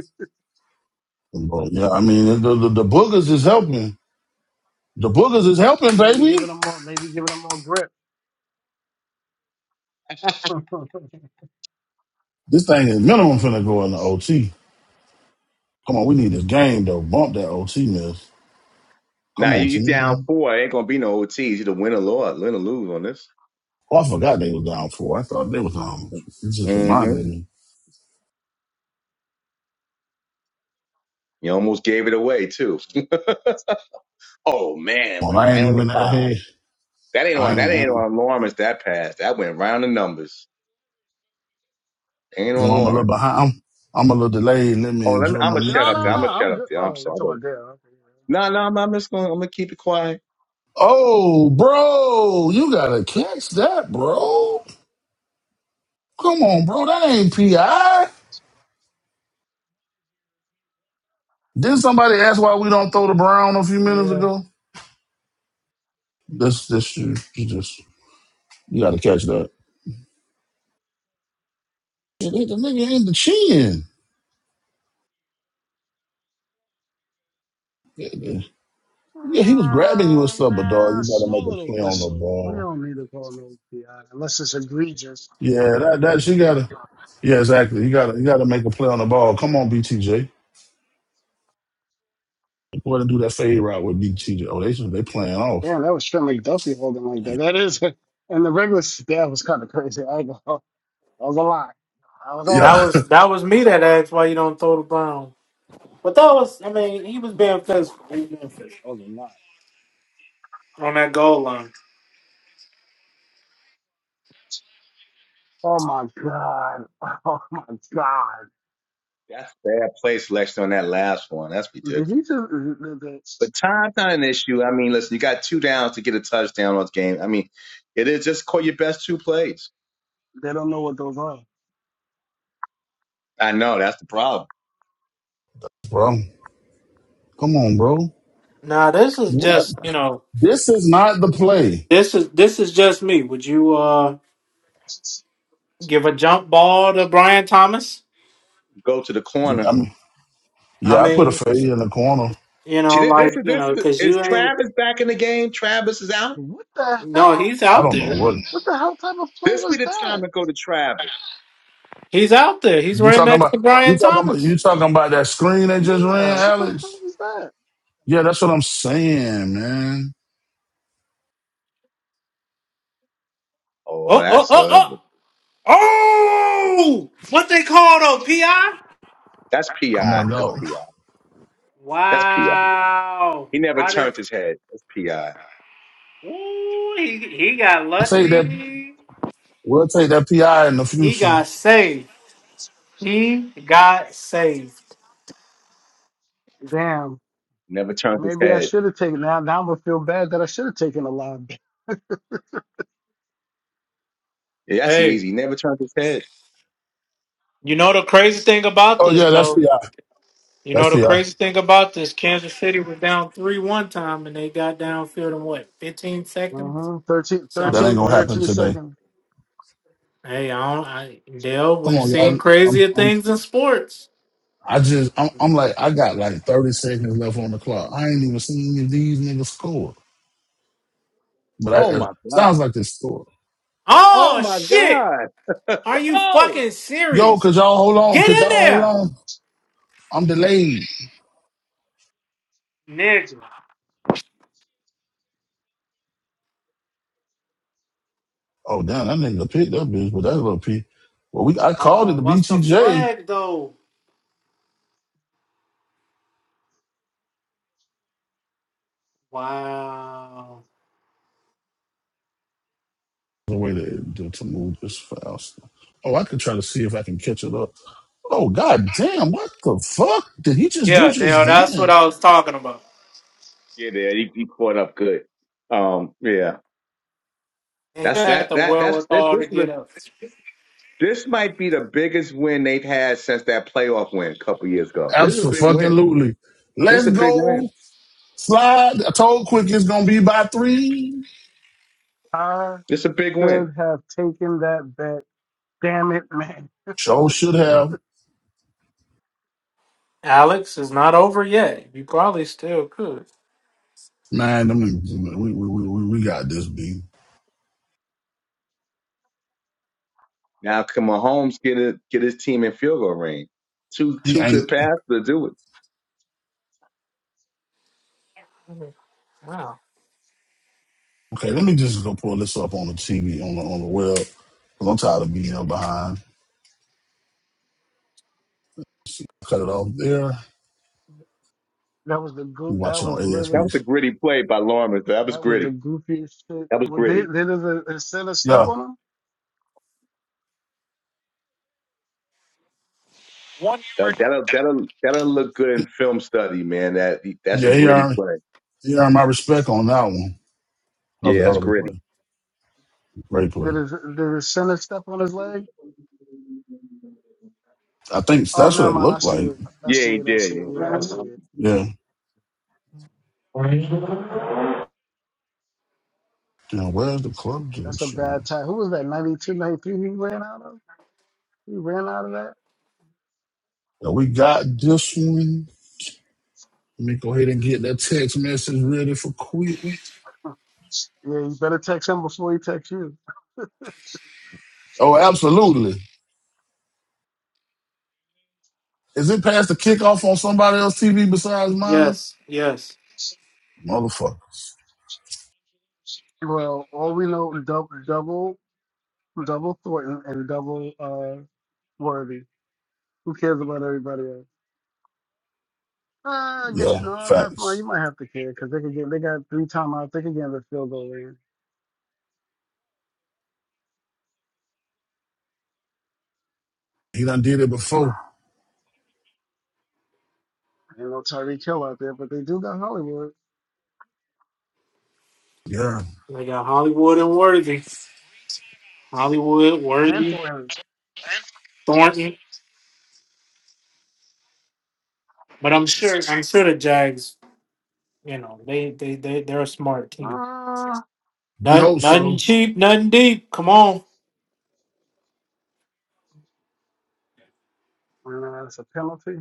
I: bro, yeah, I mean, the, the, the boogers is helping. The boogers is helping,
E: Maybe
I: baby.
E: giving them more. Maybe giving them more grip. [laughs] no,
I: This thing is minimum finna go in the OT. Come on, we need this game, though. Bump that OT, man. Come
G: Now
I: on,
G: you, you down
I: team.
G: four, it ain't gonna be no OTs. Either win or lose, win or lose on this.
I: Oh, I forgot they was down four. I thought they was um. You just
G: hmm
I: reminded me.
G: You almost gave it away too. [laughs] oh man,
I: Well,
G: went
I: I ain't
G: right on the
I: even out here.
G: five. That ain't
I: I
G: on
I: ain't,
G: that
I: I
G: ain't
I: ain't.
G: on Lawrence that pass. That went round the numbers. Ain't
I: You know,
G: on
I: I'm a little
G: Lawrence.
I: behind. I'm, I'm a little delayed. Let me
G: Oh, let me,
I: enjoy
G: I'm
I: my
G: gonna shut up
E: no,
G: there.
E: no.
G: I'm
I: music.
G: gonna shut
E: I'm
G: up
E: good.
G: there. I'm
E: Oh, you talking
G: sorry.
E: about Dale? Okay.
G: No, no, I'm, I'm just gonna I'm gonna keep it quiet.
I: Oh, bro, you gotta catch that, bro. Come on, bro. That ain't pi. Didn't somebody ask why we don't throw the brown a few
E: Yeah.
I: minutes
E: Yeah.
I: ago? This, this, you, you just you gotta catch that. Yeah, The the nigga ain't the chin. Yeah, yeah, Yeah, he was grabbing you and
E: Oh,
I: stuff, but dog, you
E: man,
I: gotta
E: small
I: make a
E: little
I: play on the
E: whistle. We
I: ball.
E: don't need to call no PI unless it's egregious.
I: Yeah, that that she gotta. Yeah, exactly. You gotta you gotta make a play on the ball. Come on, BTJ. Go ahead and do that fade route with BTJ. Oh, they they playing off,
E: Damn, that was Trent McDuffie holding like that. That is, [laughs] and the regular s- that was kind of crazy. I go, [laughs] that was a lot. That was a
A: That
I: Yeah.
E: lot.
A: was that was me that asked why you don't throw the ball. But that was, I mean, he was being physical He was being physical.
E: That was a lot.
A: on that goal line.
E: Oh my god. [laughs] Oh my god.
G: That's a bad place, Lex, on that last one. That's
E: Did he just?
G: ridiculous.
E: th- th- th-
G: But time's not an issue. I mean, listen, you got two downs to get a touchdown on this game. I mean, it is just call your best two plays.
E: They don't know what those are.
G: I know that's the problem.
I: [laughs] bro. Come on, bro.
A: Nah, this is
I: What?
A: just, you know,
I: This is not the play.
A: this is this is just me. Would you? uh give a jump ball to Brian Thomas.
G: Go to the
I: I
G: corner.
I: mean,
A: I
I: yeah, I put a
A: mean,
I: fade in the corner.
A: you
G: See,
A: know,
G: this this
A: like
G: is
A: you know,
G: this
A: because
G: is
A: you ain't.
G: Travis back in the game. Travis is out.
E: What the
A: No,
E: hell?
A: he's
I: I
A: out
I: don't know
A: there.
I: what
E: What the hell type of play
G: This be
E: was
G: the time
E: that?
G: to go to Travis.
A: He's out there. He's
I: you
A: right
I: talking
A: next
I: about.
A: to
I: You
A: Brian
I: talking about
A: Thomas.
I: you talking about that screen they just
E: Yeah.
I: ran,
E: What the hell
I: Alex?
E: was that?
I: Yeah, that's what I'm saying, man.
G: Oh,
A: Oh, oh,
G: that's
A: oh,
G: a
A: oh, oh! What they call though? Pi?
G: that's
I: Come
G: pi.
I: on,
G: That's
I: dog.
G: pi. That's pi.
A: Wow!
G: He never
A: How did?
G: turned his head. That's pi.
A: Ooh, he he got
I: We'll take that.
A: lucky.
I: We'll take that PI in the
A: He
I: future.
A: got saved. He got saved.
E: Damn.
G: Never turned his
E: Maybe I
G: head.
E: should have taken now. Now I'm gonna feel bad that I should have taken a line.
G: Yeah, that's
A: Hey,
G: easy. He Never turned his head.
A: you know the crazy thing about
I: Oh
A: this
I: yeah, that's
A: though?
I: PI.
A: You know
I: That's
A: the
I: PI.
A: crazy thing about this, Kansas City was down three one time and they got downfield in what, fifteen seconds?
E: Mm-hmm. 13,
A: Some
I: That ain't
E: 13,
I: gonna
A: crazy.
I: happen
E: 13
I: today.
E: seconds.
A: Hey, I don't I Dale,
I: Come
A: we've
I: on,
A: seen
I: y'all. I'm,
A: crazier
I: I'm,
A: things in sports.
I: I just, I'm, I'm like, I got like 30 seconds left on the clock. I ain't even seen any of these niggas score. But
G: Oh
I: I, it
G: my
I: sounds
G: God.
I: like they scored.
G: Oh
A: Oh
G: my
A: shit!
G: God.
A: Are
G: [laughs]
A: you
G: oh
A: fucking
I: Yo,
A: serious?
I: could y'all hold on?
A: Get
I: Could
A: in
I: y'all hold
A: there!
I: on? I'm delayed.
A: Nigga.
I: Oh, damn, that nigga picked that bitch, but that little P. Well, we, I called it
A: Oh,
I: the
A: what's the
I: BTJ.
A: flag though? Wow.
I: The way to, to, to move this fast. Oh, I could try to see if I can catch it up. Oh, god damn, what the fuck did he just do
A: Yeah,
I: just
A: Dale, that's what
I: then?
A: I was talking about.
G: yeah, there he, he caught up good. Um, yeah.
A: And you
G: That's
A: had
G: that
A: to
G: that
A: whirl
G: that's
A: it
G: that,
A: all
G: this
A: to
G: is a,
A: get up.
G: this might be the biggest win they've had since that playoff win a couple years ago. This is a big win.
I: Absolutely.
G: This is
I: Let's
G: a big
I: go.
G: win.
I: Slide. I told Quick it's gonna be by three.
E: I
G: This is a big win.
E: should have taken that bet. Damn it, man.
I: Show should have.
A: Alex is not over yet. You probably still could.
I: Man, let me, we, we, we, we we got this B.
G: Now can Mahomes get it get his team in field goal range? Two
I: He
G: two
I: ain't
G: good passes to do it.
A: Wow.
I: okay. Let me just go pull this up on the TV on the on the web. Cause I'm tired of being up behind. Cut it off there.
E: That was the
I: We
E: goo. That
I: watching on
E: was
G: That
E: literally.
G: was
I: ASB.
G: a gritty play by Lawrence. That was
E: That was
G: gritty.
E: the goofiest shit.
G: That was
E: Well,
G: gritty.
E: did did the the center step
I: Yeah,
E: on him?
A: One
G: That that'll that'll that'll look good
I: he-
G: in film study, man. That that's a
I: yeah, he
G: gritty
I: earned
G: play.
I: he earned my respect on that one. That was a
G: Yeah,
I: hell
G: that's
I: of a
G: gritty.
I: play. Great
E: Did
I: play.
E: his, did the center step on his leg?
I: I think
E: Oh,
I: that's
E: never
I: what it
E: mind. I
I: looked
E: see
I: like.
E: it. I see
G: Yeah, he
E: it. I see
G: did.
E: it. Yeah, I see it.
I: Yeah. Now where's the club
E: That's a
I: juice?
E: bad tie. Who was that? 92, 93 He ran out of. He ran out of that.
I: Yeah, we got this one. Let me go ahead and get that text message ready for quick.
E: Yeah, you better text him before he texts you.
I: Oh, absolutely. Is it past the kickoff on somebody else's TV besides mine?
A: Yes, yes.
I: Motherfuckers.
E: Well, all we know is double, double, double Thornton and double uh Worthy. Who cares about everybody else? Uh, I guess
I: Yeah,
E: you know I'm not fine. You
I: facts.
E: might have to care because they could get they got three timeouts. They could get the field goal in.
I: He done did it before.
E: Ain't no Tyreek Hill out there, but they do got Hollywood
I: Yeah,
A: They got Hollywood and Worthy. Hollywood,
E: and
A: Worthy,
E: Thornton.
A: Thornton. But I'm sure I'm sure the Jags, you know, they they, they they're a smart team.
E: Uh,
I: we
A: Not,
I: hope
A: nothing
I: so.
A: cheap, nothing deep. Come on.
E: and uh, it's a penalty.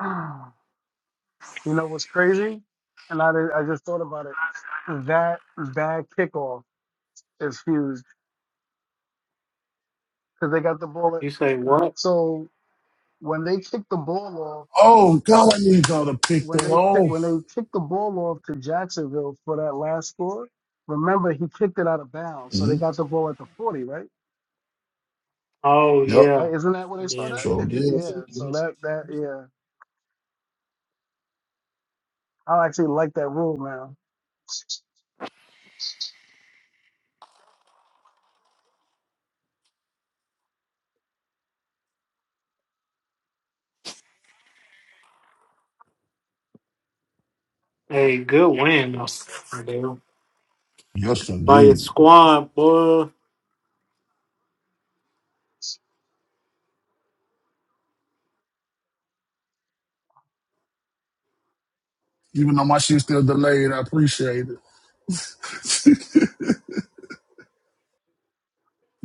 E: Ah. you know what's crazy? And I did, I just thought about it. That bad kickoff is huge because they got the ball. At,
A: You say what?
E: so when they kick the ball off.
I: Oh, God, I need y'all to pick
E: when
I: that
E: they took when
I: off.
E: they kicked the ball off to Jacksonville for that last score, remember he kicked it out of bounds, so they
I: Mhm.
E: got the ball at the forty, right?
A: Oh
I: Yep,
A: yeah.
E: Right? Isn't that where they
A: Yeah.
E: started?
I: sure
E: If you
I: did.
E: yeah, so that that yeah, I actually like that rule now.
A: Hey, good win though. Damn.
I: Yes,
A: By your
I: indeed.
A: squad, boy.
I: Even though my shit's still delayed, I appreciate it. [laughs]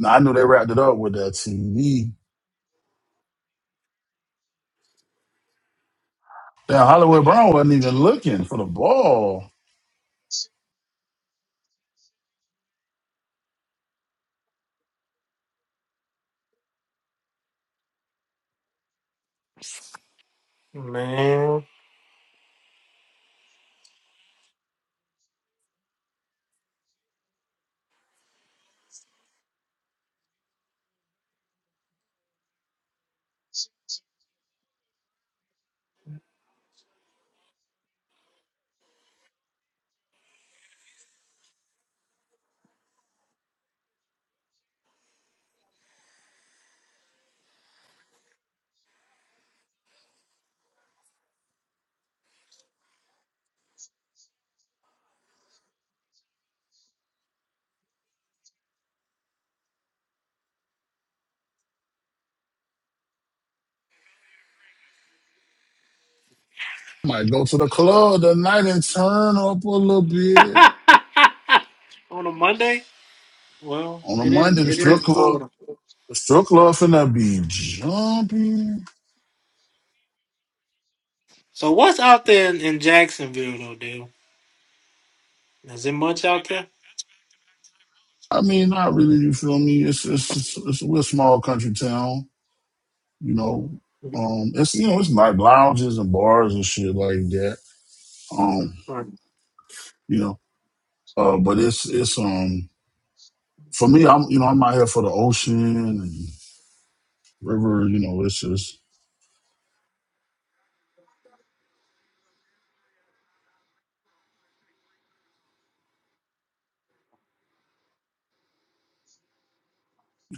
I: Now I knew they wrapped it up with that TV. Damn, Hollywood Brown wasn't even looking for the ball.
A: Man.
I: Might go to the club tonight and turn up a little bit.
A: Well,
I: On a
A: it
I: Monday,
A: is.
I: the
A: It
I: strip
A: is.
I: club, the strip club finna be jumping.
A: So what's out there in, in Jacksonville though, Dale? Is there much out there?
I: I mean, not really. You feel me? It's it's, it's, it's we're a small country town. You know, um, it's you know it's like lounges and bars and shit like that. Um,
A: Right.
I: you know, uh, but it's it's um for me, I'm you know I'm out here for the ocean and river. You know, it's just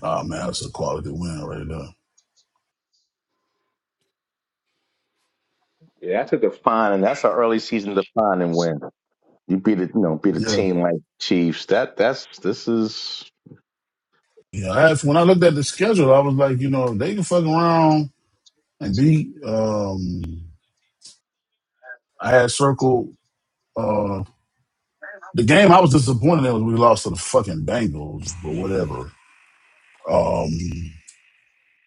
I: ah man, it's a quality win right there.
G: Yeah, that's a defining. That's an early season defining win. You beat it, you know, beat a
I: Yeah.
G: team like Chiefs. That that's this is
I: Yeah, that's when I looked at the schedule, I was like, you know, they can fuck around and beat. Um, I had circled uh, the game. I was disappointed in was we lost to the fucking Bengals, but whatever. Um,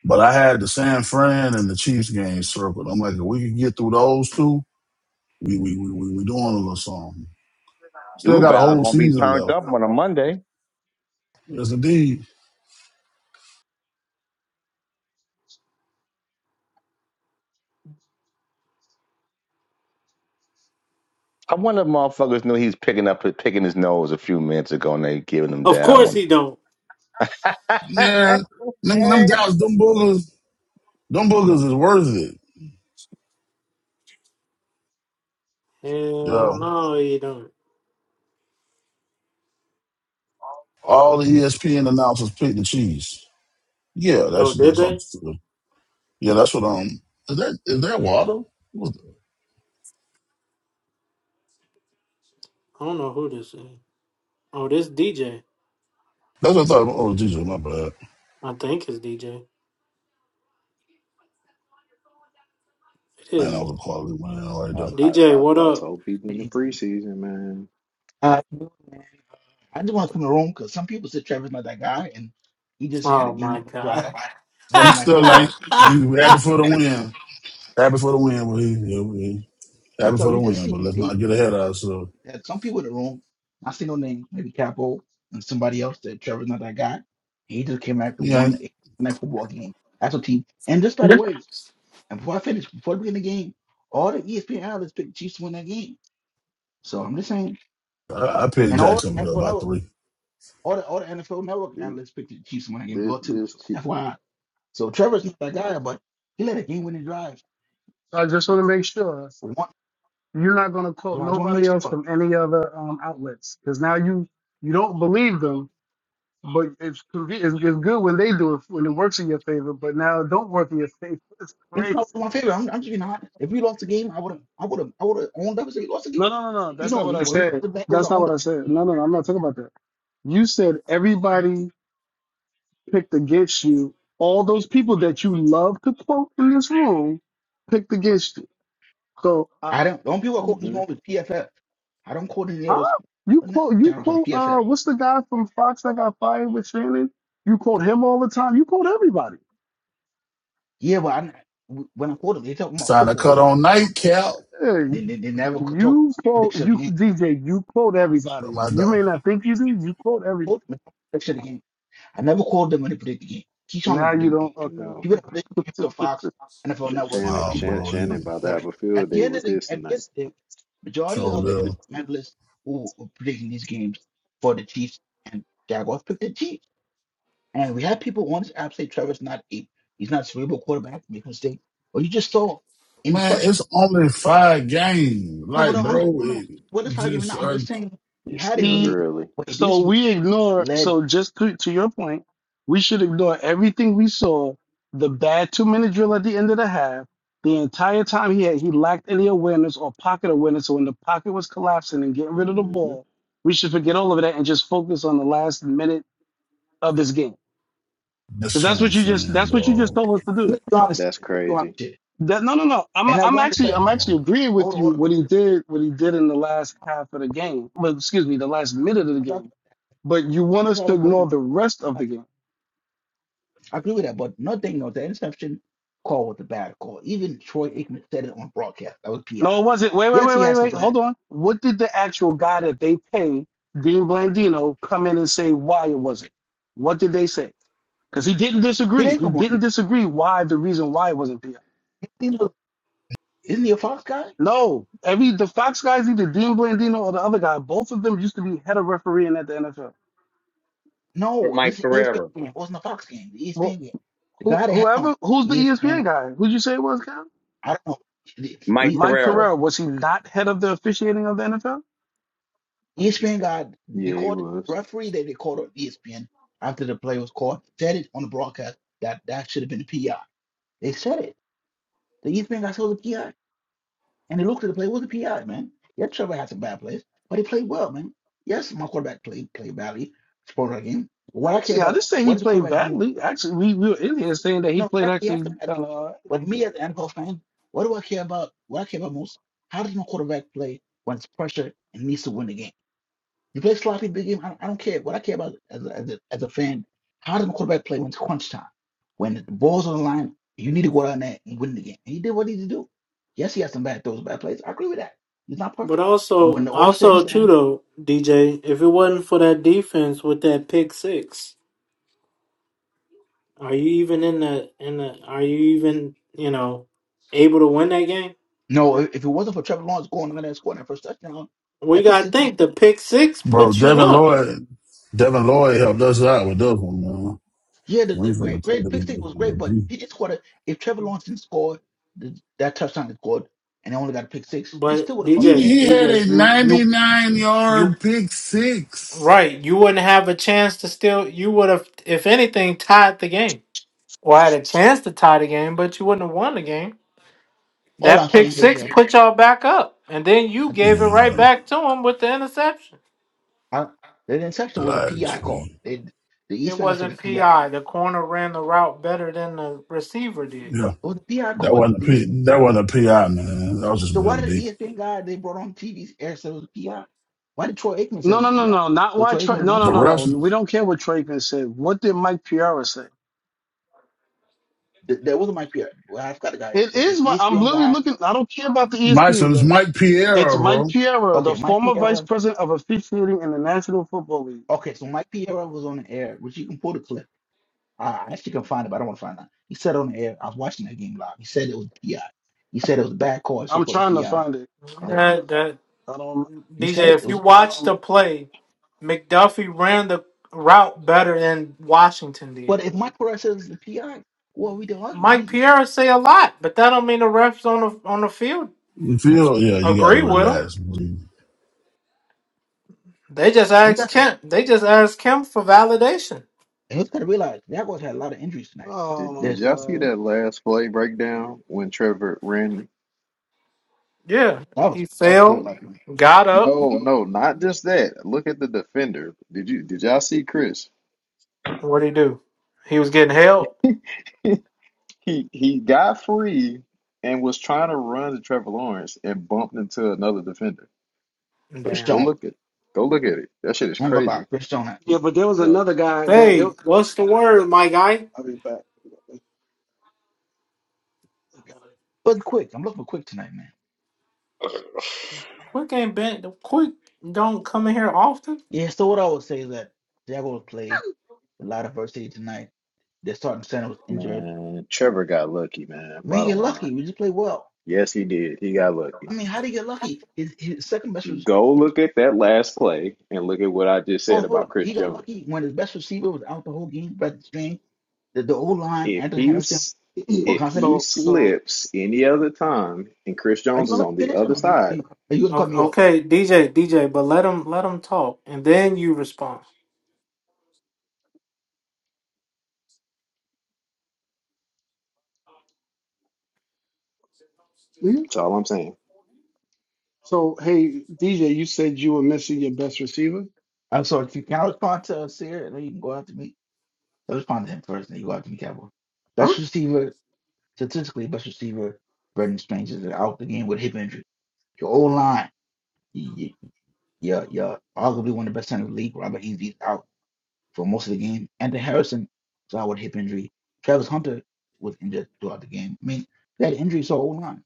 I: but I had the San Fran and the Chiefs game circled. I'm like, if we could get through those two, we we we we, we doing a little something. Still got a
G: Duval
I: whole
G: gonna be
I: season
G: turned
I: left.
G: up on a Monday.
I: Yes, indeed.
G: I wonder if motherfuckers knew he was picking up picking his nose a few minutes ago and they giving him
A: Of
G: down. I
A: course
G: wonder-
A: he don't.
I: Yeah,
G: [laughs]
I: nigga, them Dallas, them boogers, them boogers is worth it. Yeah,
A: Hell no, he don't.
I: all the ESPN announcers picked the Chiefs. Yeah,
A: Oh,
I: that's
A: did
I: that's on.
A: they?
I: Yeah, that's what um. Is that is that water? What the-
A: I don't know who this is. Oh, this DJ.
I: That's what I thought. Oh, Jesus, my bad.
A: I think it's DJ. It
I: Man, that
A: is.
I: was a quality win right
M: I,
I: there.
M: I,
A: DJ,
M: I,
A: what
M: I
A: up?
M: told people in the preseason, man,
N: Uh, I just want to come in the room because some people said Trevor's not that guy, and he just had a
A: Oh
N: game
A: my
N: winning
A: god.
N: drive,
I: He
N: Monday night
I: still like
N: football.
A: [laughs]
I: we we happy for the win. Happy for the win, but he, yeah, we happy
N: So
I: for
N: you
I: the
N: just
I: win. But
N: see
I: let's
N: a,
I: not get ahead of ourselves.
N: that some people in the room, I see no name, maybe Capo and somebody else that Trevor's not that guy. He just came back and
I: Yeah,
N: won a
I: ain't
N: Monday night football game. That's a team. And just by the way, and before I finish, before we beginning the game, all the ESPN analysts picked the Chiefs to win that game. So I'm just saying,
I: I, I picked
N: and all the
I: Jacksonville
N: NFL
I: by
N: network,
I: three.
N: all the all the NFL network
M: this
N: analysts picked the Chiefs to win that game as
M: this
N: well too.
M: this
N: So
M: te-
N: FYI. So Trevor's not that guy, but he let a game winning drive.
E: So I just want to make sure
N: For one,
E: you're not going to quote
N: so I just want to make
E: nobody else
N: sure.
E: from any other um, outlets because now you you don't believe them, but it's, conve- it's it's good when they do it when it works in your favor, but now it don't work in your favor. [laughs] It's
N: It's not
E: crazy.
N: my favorite. I'm, I'm just, being honest. if we lost the game, I would have, I would have, I would have owned up. and said We lost the game.
E: No, no, no, no.
N: You
E: That's not
N: know
E: what
N: me.
E: I
N: When we lost
E: said.
N: the Bengals,
E: That's
N: I
E: not
N: owned
E: what
N: up.
E: I said. No, no, no. I'm not talking about that. You said everybody picked against you. All those people that you love to quote in this room picked against you. So, uh,
N: I don't. Don't people quote this
M: hmm
N: one with PFF. I don't quote any
E: huh?
N: other
E: You
N: sp-
E: quote, you
N: channels on
E: quote, uh,
N: PFF.
E: what's the guy from Fox that got fired with Shannon? You quote him all the time. You quote everybody.
N: Yeah, but I, when I quote them, they talk
I: It's
N: about
I: time to
N: football.
I: cut on night cap.
N: They, they, they
E: Hey,
N: never could talk
E: you quote,
N: prediction of the
E: you,
N: game.
E: DJ, you quote everybody.
I: My dog,
E: You may not think you do, you quote everybody.
N: Quote them, prediction of the game. I never called them when they predict the game. He's trying to
E: Now you
N: predict the
E: don't,
N: game.
M: you know,
E: okay.
N: People that predict games on Fox, NFL
M: Sh-
N: Network
M: Shannon
N: are
I: my
N: people that
M: Shannon
I: boy,
M: Shannon
I: he
M: about to
N: call
M: have
N: it.
M: a
N: At
M: field
N: the
M: day
N: end of
M: with
N: the
M: this
N: at the
M: tonight.
N: end of the day, majority
I: so
N: of the NFL
I: little.
N: analysts who were predicting these games for the Chiefs and Jaguars picked the Chiefs. And we had people on this app say Trevor's not a he's not a cerebral quarterback, make a mistake. or you just saw in
I: Man,
N: pressure.
I: it's only five games.
N: No, but
I: Like,
N: no, I'm
I: bro,
N: no, no,
I: it
N: what is argument
I: just
N: now? I'm
I: I,
N: just saying we
M: It's
E: [laughs]
N: had a
M: still
E: he
N: game
M: early.
N: where
E: So
N: this
E: we ignore,
N: led
E: so just to, to your point, we should ignore everything we saw, the bad two minute drill at the end of the half, the entire time he had, he lacked any awareness or pocket awareness. So when the pocket was collapsing and getting rid of the
M: hmm
E: ball, we should forget all of that and just focus on the last minute of this game. Because
I: that's what
E: that's
I: I'm
E: what you just
I: saying,
E: that's what you
I: dog.
E: just told us to do.
N: let's be honest
M: That's
N: here, let's be honest
M: crazy.
N: here.
E: That no, no, no. I'm
N: And I
E: I'm
N: won the
E: actually
I: Yeah,
N: section.
E: I'm
I: bro.
E: actually agreeing
N: Hold
E: with
N: on,
E: you.
N: hold on.
E: What he did, what he did in the last half of the game, well, excuse me, the last minute of the
N: And
E: game. But you want
N: That's
E: us to ignore
N: everybody.
E: the rest of
N: I
E: the game.
N: agree with that, but nothing of the interception call was a bad call. Even Troy Aikman said it on broadcast. That was PI.
E: No, it wasn't. Wait, wait,
N: Yes,
E: wait,
N: he
E: wait,
N: had some
E: wait.
N: bad.
E: Hold on. What did the actual guy that they pay, Dean Blandino, come in and say why it wasn't? What did they say? Because he didn't
N: He
E: disagree.
N: didn't
E: He
N: come on. He
E: didn't disagree why the reason why it wasn't PI.
N: he was- Isn't he a Fox guy?
E: No, every the Fox guys, either Dean Blandino or the other guy, both of them used to be head of refereeing at the NFL.
G: For
N: No,
G: Mike
N: this is ESPN
G: Carrera.
N: game. It wasn't a Fox game. The
E: Well.
N: ESPN game. The
E: Who,
N: guy they had on
E: whoever, who's the ESPN
N: ESPN.
E: guy? Who'd you say it was, Cal?
N: I don't know. The-
G: Mike
N: the
E: Mike
G: Carrera.
E: Pereira. Was he not head of the officiating of the NFL?
N: ESPN guy. They
M: Yeah, he
N: called
M: was.
N: referee that they called on ESPN after the play was called. Said it on the broadcast that that should have been a PI. They said it. The ESPN guy said it was a PI. And he looked at the play was a PI, man. Yeah, Trevor had some bad plays, but he played well, man. Yes, my quarterback played played badly, spoiled our game. But what I care
E: Actually, I
N: about,
E: didn't say
N: what
E: he
N: does the
E: played
N: quarterback do?
E: badly. Actually, we, we were in here saying that he
N: No, he
E: played
N: has he has
E: actually
N: the bad
E: kind
N: play.
E: of.
N: But me as an NFL fan, what do I care about? What I care about most? How does my quarterback play when it's pressure and needs to win the game? You play a sloppy big game. I, I don't care. What I care about as a, as a, as a fan, how does the quarterback play when it's crunch time? When the ball's on the line, you need to go down there and win the game. And he did what he needed to do. Yes, he had some bad throws, bad plays. I agree with that. He's not
A: but
N: perfect. But
A: also
N: when all said and
A: also too
N: done,
A: though, DJ, if it wasn't for that defense with that pick six, are you even in the in the are you even, you know, able to win that game?
N: no, if if it wasn't for Trevor Lawrence going on there and scoring that first touchdown,
A: We
N: that pick
A: gotta
N: six was,
A: think the pick six
I: Bro,
A: put you
I: Devin
A: up,
I: Lloyd, Devin Lloyd helped us out with this one, man.
N: yeah, the,
I: We
N: the
I: from
N: great, great
I: potatoes
N: pick six
I: and
N: was
I: from
N: great.
I: the
N: But
I: G.
N: he did score that. If Trevor Lawrence didn't score the, that touchdown is scored and they only got a pick six, they
A: but
N: still would have lost
I: Nigga,
N: the game.
A: DJ,
I: he had
A: DJ,
I: a
A: you you
I: 99
A: you
I: yard pick six.
A: right. You wouldn't have a chance to still. You would have, if anything, tied the game or had a chance to tie the game, but you wouldn't have won the game.
N: All
A: That
N: I'm
A: pick
N: saying is
A: six
N: that.
A: put y'all back up, and then you gave it right
I: Yeah,
A: back to him with the interception.
N: I, the interception was a
I: relax,
N: PI call.
I: man.
N: They, the
A: It
N: ESPN guy said it was
A: wasn't
N: a PI.
A: PI. The corner ran the route better than the receiver did.
I: Yeah,
N: It was a PI
I: that
N: call.
I: wasn't a
N: The East,
I: P. That wasn't a PI, man. That was
N: so
I: just Bill
N: why did the
I: D.
N: ESPN guy they brought on TV air say it was a PI? Why did Troy Aikman say it
E: No,
N: was a
E: no, no,
N: PI?
E: no. Not
N: So
E: why
N: Troy
E: Troy.
N: Aikman was
E: No,
N: on
E: no,
I: The
E: no,
N: football.
E: no.
I: rest,
E: We don't care what Traven said. What did Mike Pereira say?
N: Th- That wasn't Mike Pierre. Well, I forgot the guy, is,
E: It
N: but the
E: is what I'm
N: ESPN
E: literally
N: guy.
E: looking. I don't care about the
I: Mike, so
E: ESPN
I: it's
E: guy.
I: Mike
E: It's
I: Piero,
E: Mike
I: bro.
E: Pereira,
N: Okay,
E: the
N: Mike
E: former vice
N: Pierre.
E: president of officiating in the National Football League.
N: Okay, so Mike Pierre was on the air, which you can pull the clip. I I actually can find it, but I don't want to find out. He said on the air, I was watching that game live. He said it was a PI. He said it was a bad call. I should
E: I'm
N: call a
E: trying to
N: PI.
E: find it.
N: And then
A: That that.
E: I don't.
N: he said
A: DJ,
N: it.
A: if
N: It
A: you
N: was
E: I
A: watch
E: don't.
A: the play, McDuffie ran the route better than Washington did.
N: But if Mike Perez is the PI, what are we to argue?
A: Mike
N: He's and
A: Pierre say a lot, but that don't mean the refs on the on the field
I: You feel? Yeah, you gotta
A: agree with him.
I: relax, bro.
A: They just
N: we
A: asked
N: got
A: Kemp. They just asked Kemp for validation.
N: and we to realize Jaguars had a lot of injuries tonight.
M: Did Did
E: Oh my
N: This
M: y'all see
E: god.
M: that last play breakdown when Trevor ran?
A: Yeah,
N: that was
A: he
N: that was gold
A: fell,
N: like
A: got up.
M: No, no, not just that. Look at the defender. Did you Did y'all see Chris?
A: What would he do? He was getting help.
M: [laughs] He he got free and was trying to run to Trevor Lawrence and bumped into another defender.
N: Chris
A: Damn.
M: Go
N: Jones.
M: look at go look at it. That shit is
N: I'm gonna lie,
M: crazy.
N: Chris Jones had
E: Yeah, but there was
N: mailed this
E: another
N: game
E: guy
N: tonight.
E: that there,
A: Hey, what's the word, my guy?
E: I'll be back.
N: But quick, I'm looking for quick tonight, man.
A: Quick ain't been quick. Don't come in here often.
N: Yeah, so what I would say is that Jaguars played a lot of adversity tonight. Their starting center was injured.
M: Man, Trevor got lucky, man.
N: We didn't get
M: Bottom line.
N: lucky. We just played well.
M: Yes, he did. He got lucky.
N: I mean, how do you get lucky? His, his second best was
M: Go look
N: his
M: at that last play and look at what I just said
N: Oh, hold
M: about
N: up.
M: Chris
N: He got
M: Jones.
N: lucky when his best receiver was out the whole game, Brett Strange. The, the old line,
M: If
N: Anthony Harrison,
M: he's
E: [clears throat]
N: were
M: if
N: confident.
M: he
E: So so
M: slips any other time and Chris
N: Are you
M: Jones is
N: going to let
M: on
N: me
M: the
N: finish or
M: other
N: no? Are you, are
M: side,
N: you, going to cut
A: Okay,
N: me off?
A: okay, DJ, DJ, but let him let him talk, and then you respond.
E: mhm.
M: that's all I'm saying.
E: so hey DJ, you said you were missing your best receiver,
N: I'm sorry. If you can I respond to uh, Sear, and then you can go after me. I respond to him first, then you go after me, Cowboy.
E: huh?
N: Best receiver, statistically, best receiver, Brendan Strange is out the game with hip injury. Your old line, yeah, yeah, arguably one of the best center in the league. Robert Easy's out. for most of the game. Anthony Harrison saw with hip injury. Travis Hunter was injured throughout the game. I mean, they had injuries to O line,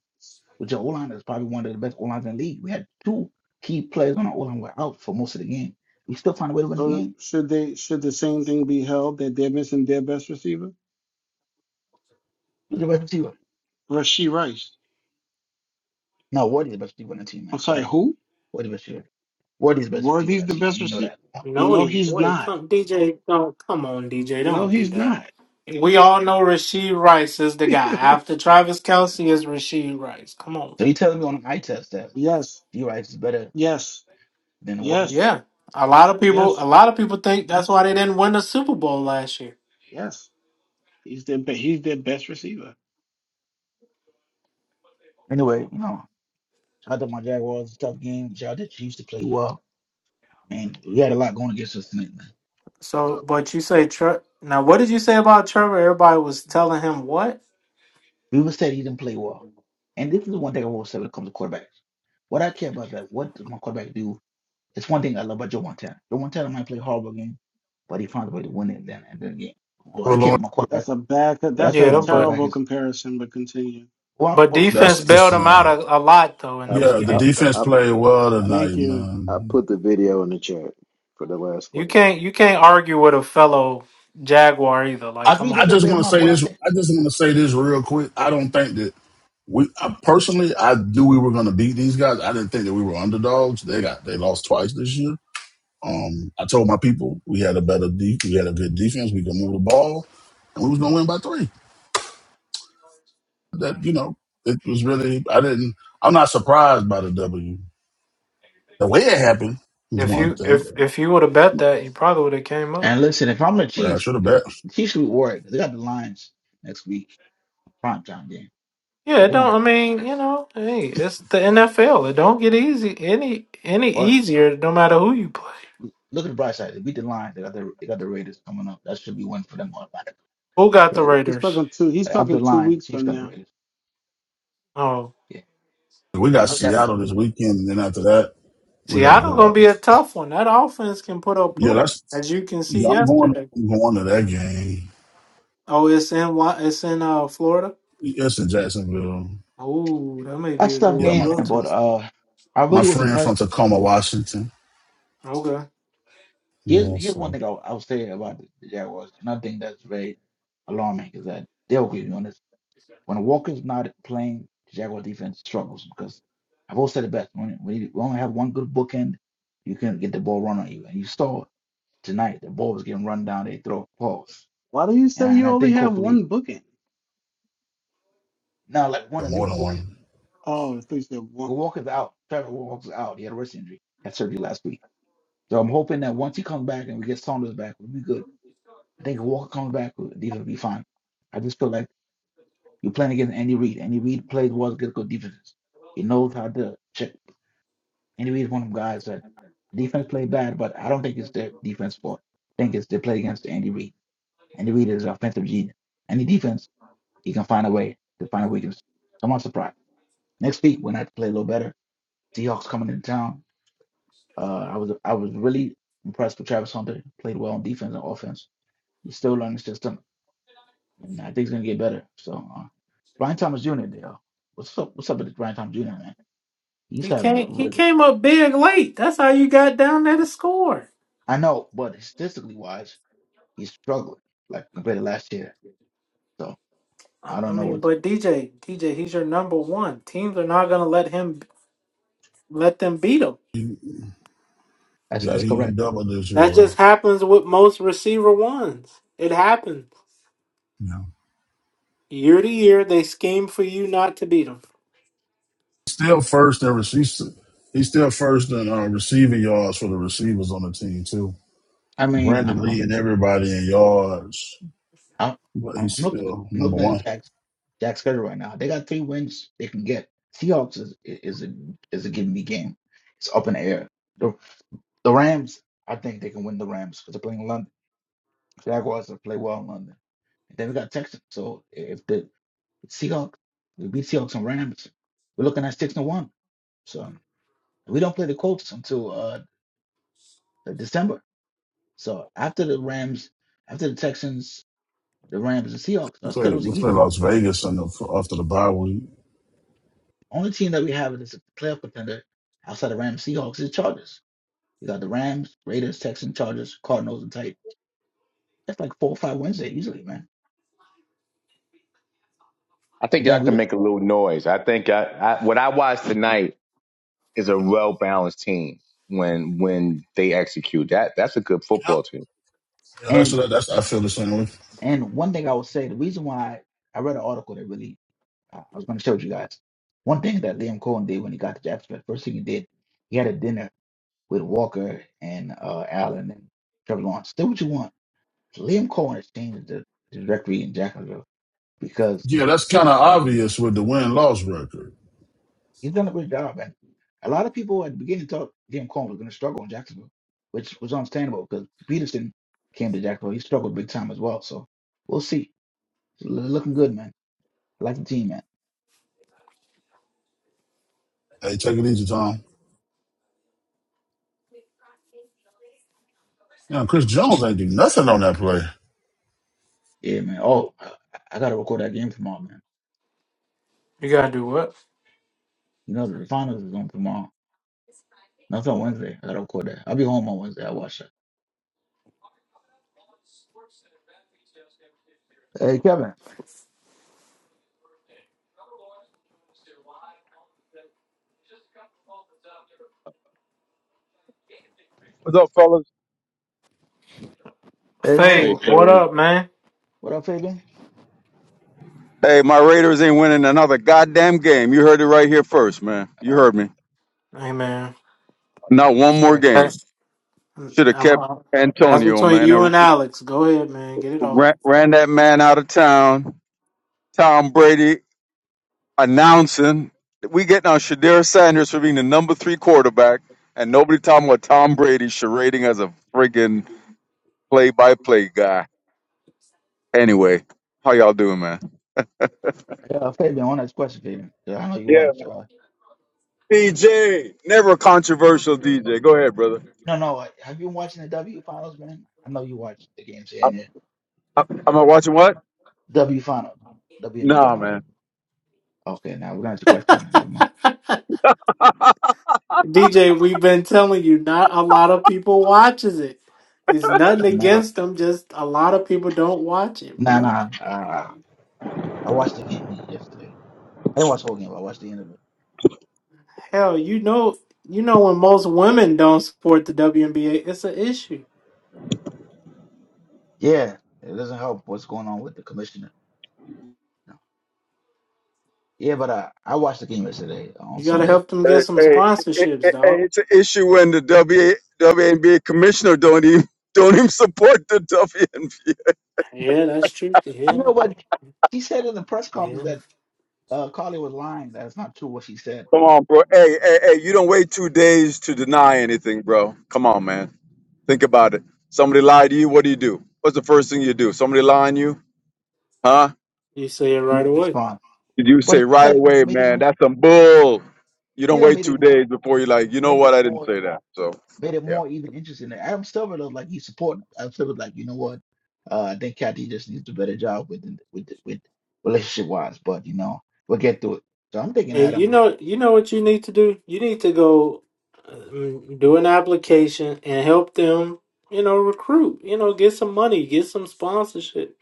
N: which the O line is probably one of the best O lines in the league. We had two key players on our O line were out for most of the game. We still find a way to win the
E: So
N: game.
E: should they should the same thing be held that they're missing their best receiver?
N: Who's the best receiver?
E: Rasheed Rice.
N: No, Wardy's the best receiver on the team, man.
E: I'm sorry,
N: Stop it.
E: who?
N: Wardy's the best receiver. Wardy's the best
E: Were
N: receiver on
E: these
N: that
E: the
N: team, and
E: best
N: you know
E: receiver?
N: that.
A: No,
E: No,
A: he
E: he's
A: wait,
E: not.
A: come, DJ, don't come on, DJ,
E: No,
A: don't do
E: he's
A: that.
E: not.
A: We all know Rasheed Rice is
E: [laughs]
A: the guy.
E: yes,
A: After Travis Kelsey is Rasheed Rice. Come on,
N: So
A: man.
N: you telling me on an eye test that
E: yes,
N: D Rice is better
E: yes,
N: than Wardy?
E: yes,
A: Yeah, a lot of people, a lot of people think that's why they didn't win the Super Bowl last year.
E: yes. He's their be- he's their best receiver.
N: Anyway, you know, shout out to my Jaguars, tough game. Shout out to Chiefs to play well. And we had a lot going against us tonight, man.
A: So, but you say Tre- now, what did you say about Trevor? Everybody was telling him what?
N: Ruben said he didn't play well. And this is one thing I will say when it comes to quarterbacks. What I care about that, what does my quarterback do? It's one thing I love about Joe Montana. Joe Montana might play a horrible game, but he found a way to win it then and then again. Well, I
I: Well,
N: care
I: Lawrence,
N: about my quarterback.
E: That's a bad. co-
N: What I
E: That's
N: care
E: a
N: about
A: Yeah,
N: my
A: but
N: quarterback
E: terrible
N: is
E: comparison. But continue.
N: well,
A: but
N: well, well,
A: defense
I: That's
A: bailed
I: just,
A: him out
I: uh,
A: a, a lot though in
M: I
A: this
I: yeah, the
M: I
A: game though.
I: defense
M: I,
I: played well tonight,
E: Thank you.
M: I
I: man.
M: put the video in the chat for the last
A: You
M: play.
A: can't you can't argue with a fellow Jaguar either.
N: I
A: Like,
N: agree
A: come
I: I
N: they
A: on.
N: can
A: now.
I: just
N: beat
I: want to
N: him up,
I: say
N: but I'm
I: this.
N: saying.
I: I just want to say this real quick. I don't think that we I, personally. I knew we were going to beat these guys. I didn't think that we were underdogs. They got they lost twice this year. Um, I told my people we had a better de- we had a good defense. We could move the ball, and we was going to win by three. That you know, it was really. I didn't. I'm not surprised by the W. The way it happened is
A: If
I: one
A: you
I: thing.
A: if if you would have bet that, you probably would have came up.
N: And listen, if I'm the
I: Yeah, I
N: Chiefs,
I: should have bet.
N: the Chiefs should be worried. They got the Lions next week, prime time game.
A: Yeah,
N: But
A: it
N: they're
A: don't.
N: gonna
A: I mean, you know, hey, it's the NFL. It don't get easy any any
N: but
A: easier, no matter who you play.
N: look at the bright side. They beat the Lions, they got the they got the Raiders coming up. That should be one for them automatically.
A: Who got the
E: He's
A: Raiders?
E: talking two. He's
N: After the
E: talking two
N: Lions, the
E: weeks
N: Chiefs
E: from
N: got the
E: now.
N: Raiders.
A: Oh,
N: Yeah,
I: We got
N: whichever.
I: Seattle this weekend, and then after that, we got to
A: Seattle
I: go
A: gonna be
I: out.
A: a tough one. That offense can put up
I: Yeah,
A: points,
I: that's
A: as you can see
I: yeah. I'm going.
A: yesterday.
I: I'm going to that game.
A: Oh, it's in Wa- it's in uh Florida.
I: Yes, in Jacksonville.
A: Oh, that may be
N: That's
A: a good
N: tough
I: Yeah,
A: one to
N: game,
I: my
A: go
N: man. But
A: to.
N: uh, I
I: my
N: really was
I: friend
N: impressed.
I: from Tacoma, Washington.
A: Okay.
N: Here's
I: Yeah,
N: here's one
I: so
N: thing I'll, I'll say about the the Jaguars. Another thing that's very alarming is that they'll be on this. When Walker's not playing, the Jaguar defense struggles because I've always said it best. When when you we only have one good bookend, you can get the ball run on you. And you saw tonight the ball was getting run down. They throw balls,
E: Why do you
N: and
E: say
N: I, and
E: you
N: I
E: only
N: think
E: have
N: hopefully
E: one booking?
N: now like one
I: got more
N: elite
I: than one.
N: bookend.
E: Oh, I thought you said one.
N: Walker's out. Trevor Walker's out. He had a wrist injury. Had surgery last week. So I'm hoping that once he comes back and we get Saunders back, we'll be good. I think if Walker comes back, the defense will be fine. I just feel like you're playing against Andy Reid. Andy Reid plays well against good defenses. He knows how to check. Andy Reid is one of them guys that defense played bad, but I don't think it's their defense fault. I think it's they play against Andy Reid. Andy Reid is an offensive genius. Any defense, he can find a way to find a weakness. So I'm not surprised. Next week, we have to play a little better, Seahawks coming into town. Uh, I was I was really impressed with Travis Hunter. Played well on defense and offense. He's still learning the system, and I think he's gonna get better. So, uh, Brian Thomas Jr. Dale, what's up? What's up with Brian Thomas Jr. Man? He's
A: He
N: having a
A: came. He
N: really,
A: came up big late. That's how you got down there to score.
N: I know, but statistically wise, he's struggling like compared to last year. So
A: I,
N: I
A: I
N: don't know
A: mean,
N: what
A: but DJ, DJ, he's your number one. Teams are not gonna let him let them beat him.
I: He,
N: that's
I: yeah,
N: that's
I: he, he
N: correct.
I: doubled this year,
A: That
I: bro.
A: just happens with most receiver ones. It happens
I: Yeah,
A: year to year. They scheme for you not to beat them.
I: still first in receipts. He's still first in uh, receiving yards for the receivers on the team too.
N: I mean,
I: Brandon
N: I'm
I: Lee
N: I'm
I: and everybody in yards,
N: I'm,
I: but
N: I'm
I: he's
N: looking
I: still
N: I'm
I: number
N: looking at
I: one.
N: the Jacks Jack's schedule right now. They got three wins they can get. Seahawks is is a is a give me game. It's up in the air. The the Rams, I think they can win the Rams because they're playing in London. Jaguars will play well in London. Then we got Texans. So if the Seahawks, we beat Seahawks and Rams, we're looking at six and one. So we don't play the Colts until uh December. So after the Rams, after the Texans, the Rams and Seahawks,
I: We
N: our
I: played,
N: schedule's
I: we
N: easy.
I: played Las Vegas in the, after the bye week.
N: Only team that we have that's a playoff contender outside the Rams, Seahawks is the Chargers. You got the Rams, Raiders, Texans, Chargers, Cardinals, and Titans. That's like four or five wins there easily, man.
G: I
N: And
G: think y'all
N: then we
G: can
N: don't-
G: make a little noise. I think I, I, what I watched tonight is a well balanced team when when they execute. That that's a good
I: Yep.
G: football team.
I: Yeah, that's
N: and
I: what I- that's. I feel the same way.
N: and one thing I would say, the reason why I read an article that really Uh, I was going to show you guys one thing that Liam Cohen did when he got to Jacksonville. First thing he did, he had a dinner with Walker and uh, Allen and Trevor Lawrence. Do what you want. Liam Cohen has changed the, the directory in Jacksonville because
I: Yeah, that's
N: he,
I: kind of obvious with the win loss record.
N: he's done a great job. And a lot of people at the beginning thought Liam Cohen was going to struggle in Jacksonville, which was understandable because Peterson came to Jacksonville. He struggled big time as well. So we'll see. It's looking good, man. I like the team, man.
I: Hey, take it easy, Tom. Yeah, Chris Jones ain't do nothing on that play.
N: Yeah, man. Oh, I, I got to record that game tomorrow, man.
A: You gotta do what?
N: You know, that the finals is on tomorrow. That's on Wednesday. I gotta record that. I'll be home on Wednesday. i watch that. Hey, Kevin.
O: What's up, fellas?
N: Hey, what
G: Hey,
A: Fade.
N: what, what,
A: What
G: Perry.
A: up, man?
N: what up, Fabian?
O: Hey, my Raiders ain't winning another goddamn game. You heard it right here first, man. You heard
N: Oh,
O: me.
A: Hey, man.
O: Not one more
N: sorry for that.
O: game.
A: That's I'm,
O: Should have kept
A: uh, that's
O: Antonio,
A: between
O: man.
A: you
O: And
A: and Alex. Go ahead, man. Get it off.
O: ran, ran that man out of town. Tom Brady announcing we getting on Shadir Sanders for being the number three quarterback, and nobody talking about Tom Brady charading as a friggin' play-by-play guy. Anyway, how y'all doing, man?
N: Yeah, Fabian, one last question, Fabian. 'Cause I know you
O: Yeah,
N: watch. Uh,
O: DJ, never controversial. DJ, go ahead, brother.
N: no, no. uh, Have you been watching the W finals, man? I know you watch the games here
O: I,
N: and there.
O: I, am I watching what?
N: W finals, WNBA
O: Nah,
N: finals.
O: man.
N: Okay, now we do not have your question. Now, never mind.
O: [laughs]
A: DJ, we've been telling you, not a lot of people watches it. It's nothing
N: No,
A: against them, just a lot of people don't watch it,
N: nah,
A: bruh.
N: nah. Uh, I watched the game yesterday. I didn't watch the whole game, but I watched the end of it.
A: Hell, you know, you know when most women don't support the WNBA, it's an issue.
N: Yeah, it doesn't help what's going on with the commissioner. Yeah, but uh, I watched the game yesterday on
A: You gotta
N: Sunday.
A: help them
O: Hey,
A: get some
O: hey, hey, hey,
A: sponsorships,
O: hey,
A: dog.
O: it's an issue when the WA, WNBA commissioner don't even [laughs] don't even support the WNBA.
A: Yeah, that's true.
N: You
A: Yeah,
N: know what? She said in the press conference
A: yeah.
N: that uh, Carly was lying. That's not true what she said.
O: Come on, bro. Hey, hey, hey, you don't wait two days to deny anything, bro. Come on, man. Think about it. Somebody lied to you. What do you do? What's the first thing you do? Somebody lying to you? Huh?
A: You say it right
N: You
A: away.
N: respond,
O: Did you say
N: but
O: right
N: that
O: away,
N: made
O: man?
N: it.
O: That's some bull. You
N: See,
O: don't
N: That
O: wait
N: made it
O: two days before you're like, you know
N: made
O: what?
N: it
O: I didn't
N: more
O: say that. So,
N: made it
O: yeah.
N: more even interesting. Adam Silver looked like he's supporting. Adam Silver like, you know what? Uh, I think Kathy just needs a better job with the- with the- with relationship wise. But you know, we'll get through it. So I'm thinking
A: And
N: Adam
A: you
N: is.
A: know, you know what you need to do. You need to go um, do an application and help them. You know, recruit. You know, get some money, get some sponsorship.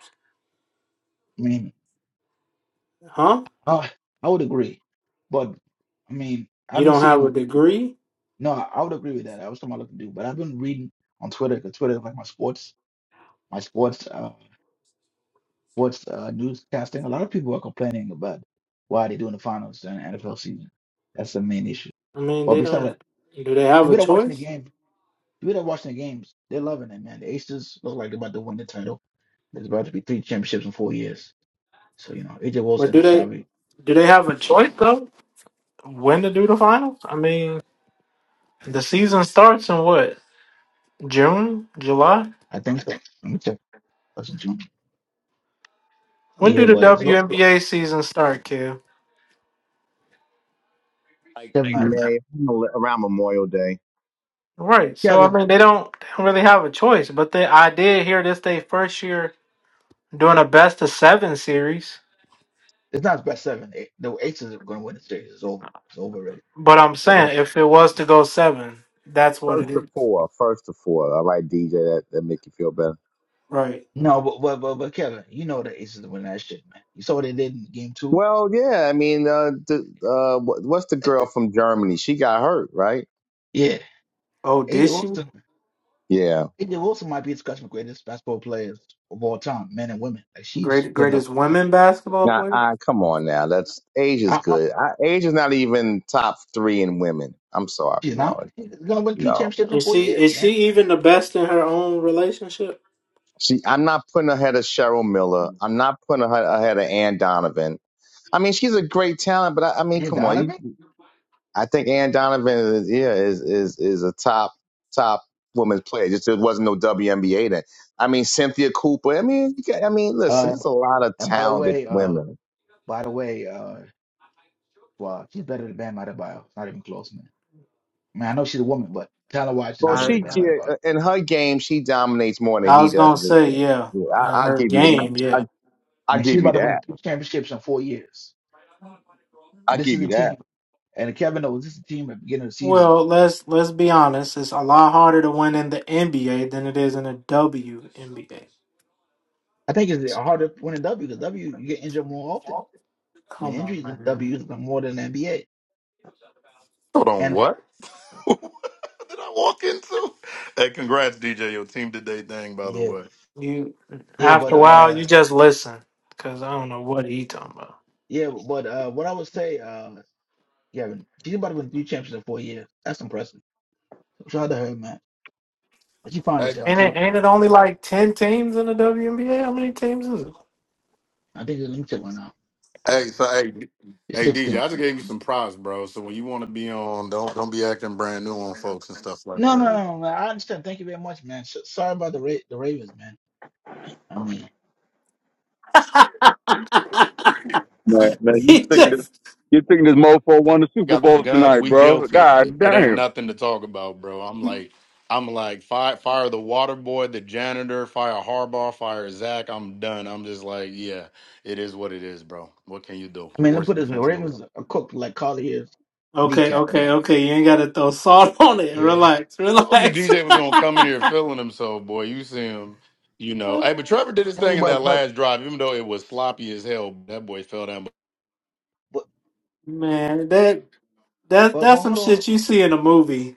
N: I mean,
A: Huh?
N: uh, I would agree, but I mean, I've
A: You
N: been
A: don't have
N: seeing.
A: a degree?
N: No, I, I would agree with that. I was talking about what to do, but I've been reading on Twitter because Twitter is like my sports, my sports, uh, sports uh, newscasting. A lot of people are complaining about why they're doing the finals during the NFL season. That's the main issue.
A: I mean,
N: But
A: they
N: besides
A: don't.
N: that,
A: Do they have
N: people
A: a
N: that are watching the
A: choice?
N: game, people that are watching the games, they're loving it, man. The Aces look like they're about to win the title. There's about to be three championships in four years. So you know, AJ
A: But do
N: Wilson's
A: they?
N: probably,
A: Do they have a choice though? When to do the finals? I mean, the season starts in what? June, July?
N: I think so. Let me check. That's in June.
A: When
N: Yeah,
A: do the
N: but it's look,
A: WNBA season start, Kev?
G: Like
N: Kevin. Ivan.
G: May around Memorial Day,
A: Right. So I
N: Kevin,
A: mean, they don't, they don't really have a choice. But they, I did hear this they first year doing a best of seven series.
N: it's not his best seven. The Aces are going to win the series. It's over. It's over. really.
A: But I'm
N: Hey,
A: saying
N: listen,
A: if it was to go seven, that's what
G: first
A: it
N: man.
G: to
A: is.
G: four, first to four. All right, DJ, that that make you feel better.
A: Right.
N: No, but but but, but Kevin, you know the Aces win that shit, man. You saw what they did in game two.
G: Well, yeah, I mean, uh, the, uh, what- what's the
N: [laughs]
G: girl from Germany? She got hurt, right?
N: Yeah,
A: Oh, did
N: AJ
A: she?
N: Wilson.
G: Yeah.
N: AJ Wilson might be the Scott's greatest basketball players of all time, men and women. Like she's
A: Great
N: putting up.
A: greatest
N: I,
A: women basketball
G: Now,
A: player?
G: I, come on now. That's Asia's
N: I-
G: good. I, Asia's not even top three in women. I'm sorry,
N: she's
G: no,
N: not. She's gonna win three
G: no.
N: championships in
A: Is
N: four
A: she
N: years,
A: is
N: man.
A: she even the best in her own relationship?
G: She, I'm not putting her ahead of Cheryl Miller. I'm not putting her ahead of Ann Donovan. I mean, she's a great talent, but I, I mean,
N: And
G: come on. You,
N: Donovan.
G: I think Ann Donovan is, yeah, is, is, is a top, top women's player. Just there wasn't no WNBA then. I mean, Cynthia Cooper. I mean, you got, I mean, listen,
N: Uh,
G: there's a lot of
N: and by the
G: talented
N: way, uh,
G: women.
N: by the way, uh, well, she's better than Bam Adebayo. It's Not even close, man. I mean, I know she's a woman, but talent-wise, she's
G: Well,
N: better
A: I
N: than
G: she,
N: Bam
G: she
N: Adebayo.
G: uh, in her game, she dominates more than
A: I
G: he
A: was
G: does
A: gonna
G: in his
A: say
G: game.
A: yeah, in
G: Yeah, I, I'll
A: her
G: give you that.
A: game, yeah.
G: I, I'll
N: Man,
G: give
N: she's about
G: you
N: to win
G: that.
N: two championships in four years, and
G: I'll
N: this is
G: give
N: a
G: you that.
N: team. And Kevin knows this is a team at the beginning of the season.
A: Well, let's let's be honest. It's a lot harder to win in the NBA than it is in the WNBA.
N: I think it's harder winning W because W you get injured more often. I mean
A: Come on,
N: injuries in
A: man.
N: W is more than NBA.
K: Hold on,
N: And
K: what? [laughs] what did I walk into? Hey, congrats, DJ. Your team did they thing, by the
N: yeah,
K: way.
A: You
N: yeah, but
A: after a while,
N: uh,
A: you just listen because I don't know what he talking about.
N: yeah, but uh, what I would say, uh, Kevin, she's about to win three championships in four years. That's impressive. Shout out to her, man. But she fine as hell
A: Ain't it
N: too.
A: ain't it only like ten teams in the WNBA? How many teams is it?
N: I think it's limited right now.
K: Hey, so hey,
N: It's
K: hey DJ,
N: sixteen.
K: I just gave you some props, bro. So when you want to be on, don't don't be acting brand new on folks and stuff like
N: No, no,
K: that.
N: no, no, man. I understand. Thank you very much, man. S- Sorry about the Ra- the Ravens, man. I mean,
O: Man, man, you think this you think this mofo won the Super
K: Got the
O: Bowl
K: gun,
O: tonight,
K: we
O: bro.
K: guilty. It,
O: God
K: it ain't
O: damn.
K: nothing to talk about, bro. I'm like, I'm like, fire, fire the water boy, the janitor, fire Harbaugh, fire Zach. I'm done. I'm just like, yeah, it is what it is, bro. What can you do?
N: I mean, let me
K: Worst
N: put it this way:
K: defense in the league.
N: Ravens are cooked like Carly Hill's
A: Okay,
N: kneecap,
A: okay,
N: man.
A: okay. You ain't gotta throw salt [laughs] on it.
N: Yeah.
A: Relax,
K: Told you
A: relax. [laughs]
K: DJ was gonna come in here feeling himself, boy. You see him, you know. Hey, but Trevor did his
N: Hey,
K: thing in that
N: but but
K: last drive, even though it was sloppy as hell. That boy fell down.
N: But
A: Man, that that
N: but
A: that's
N: but
A: some
N: hold on.
A: shit you see in a movie.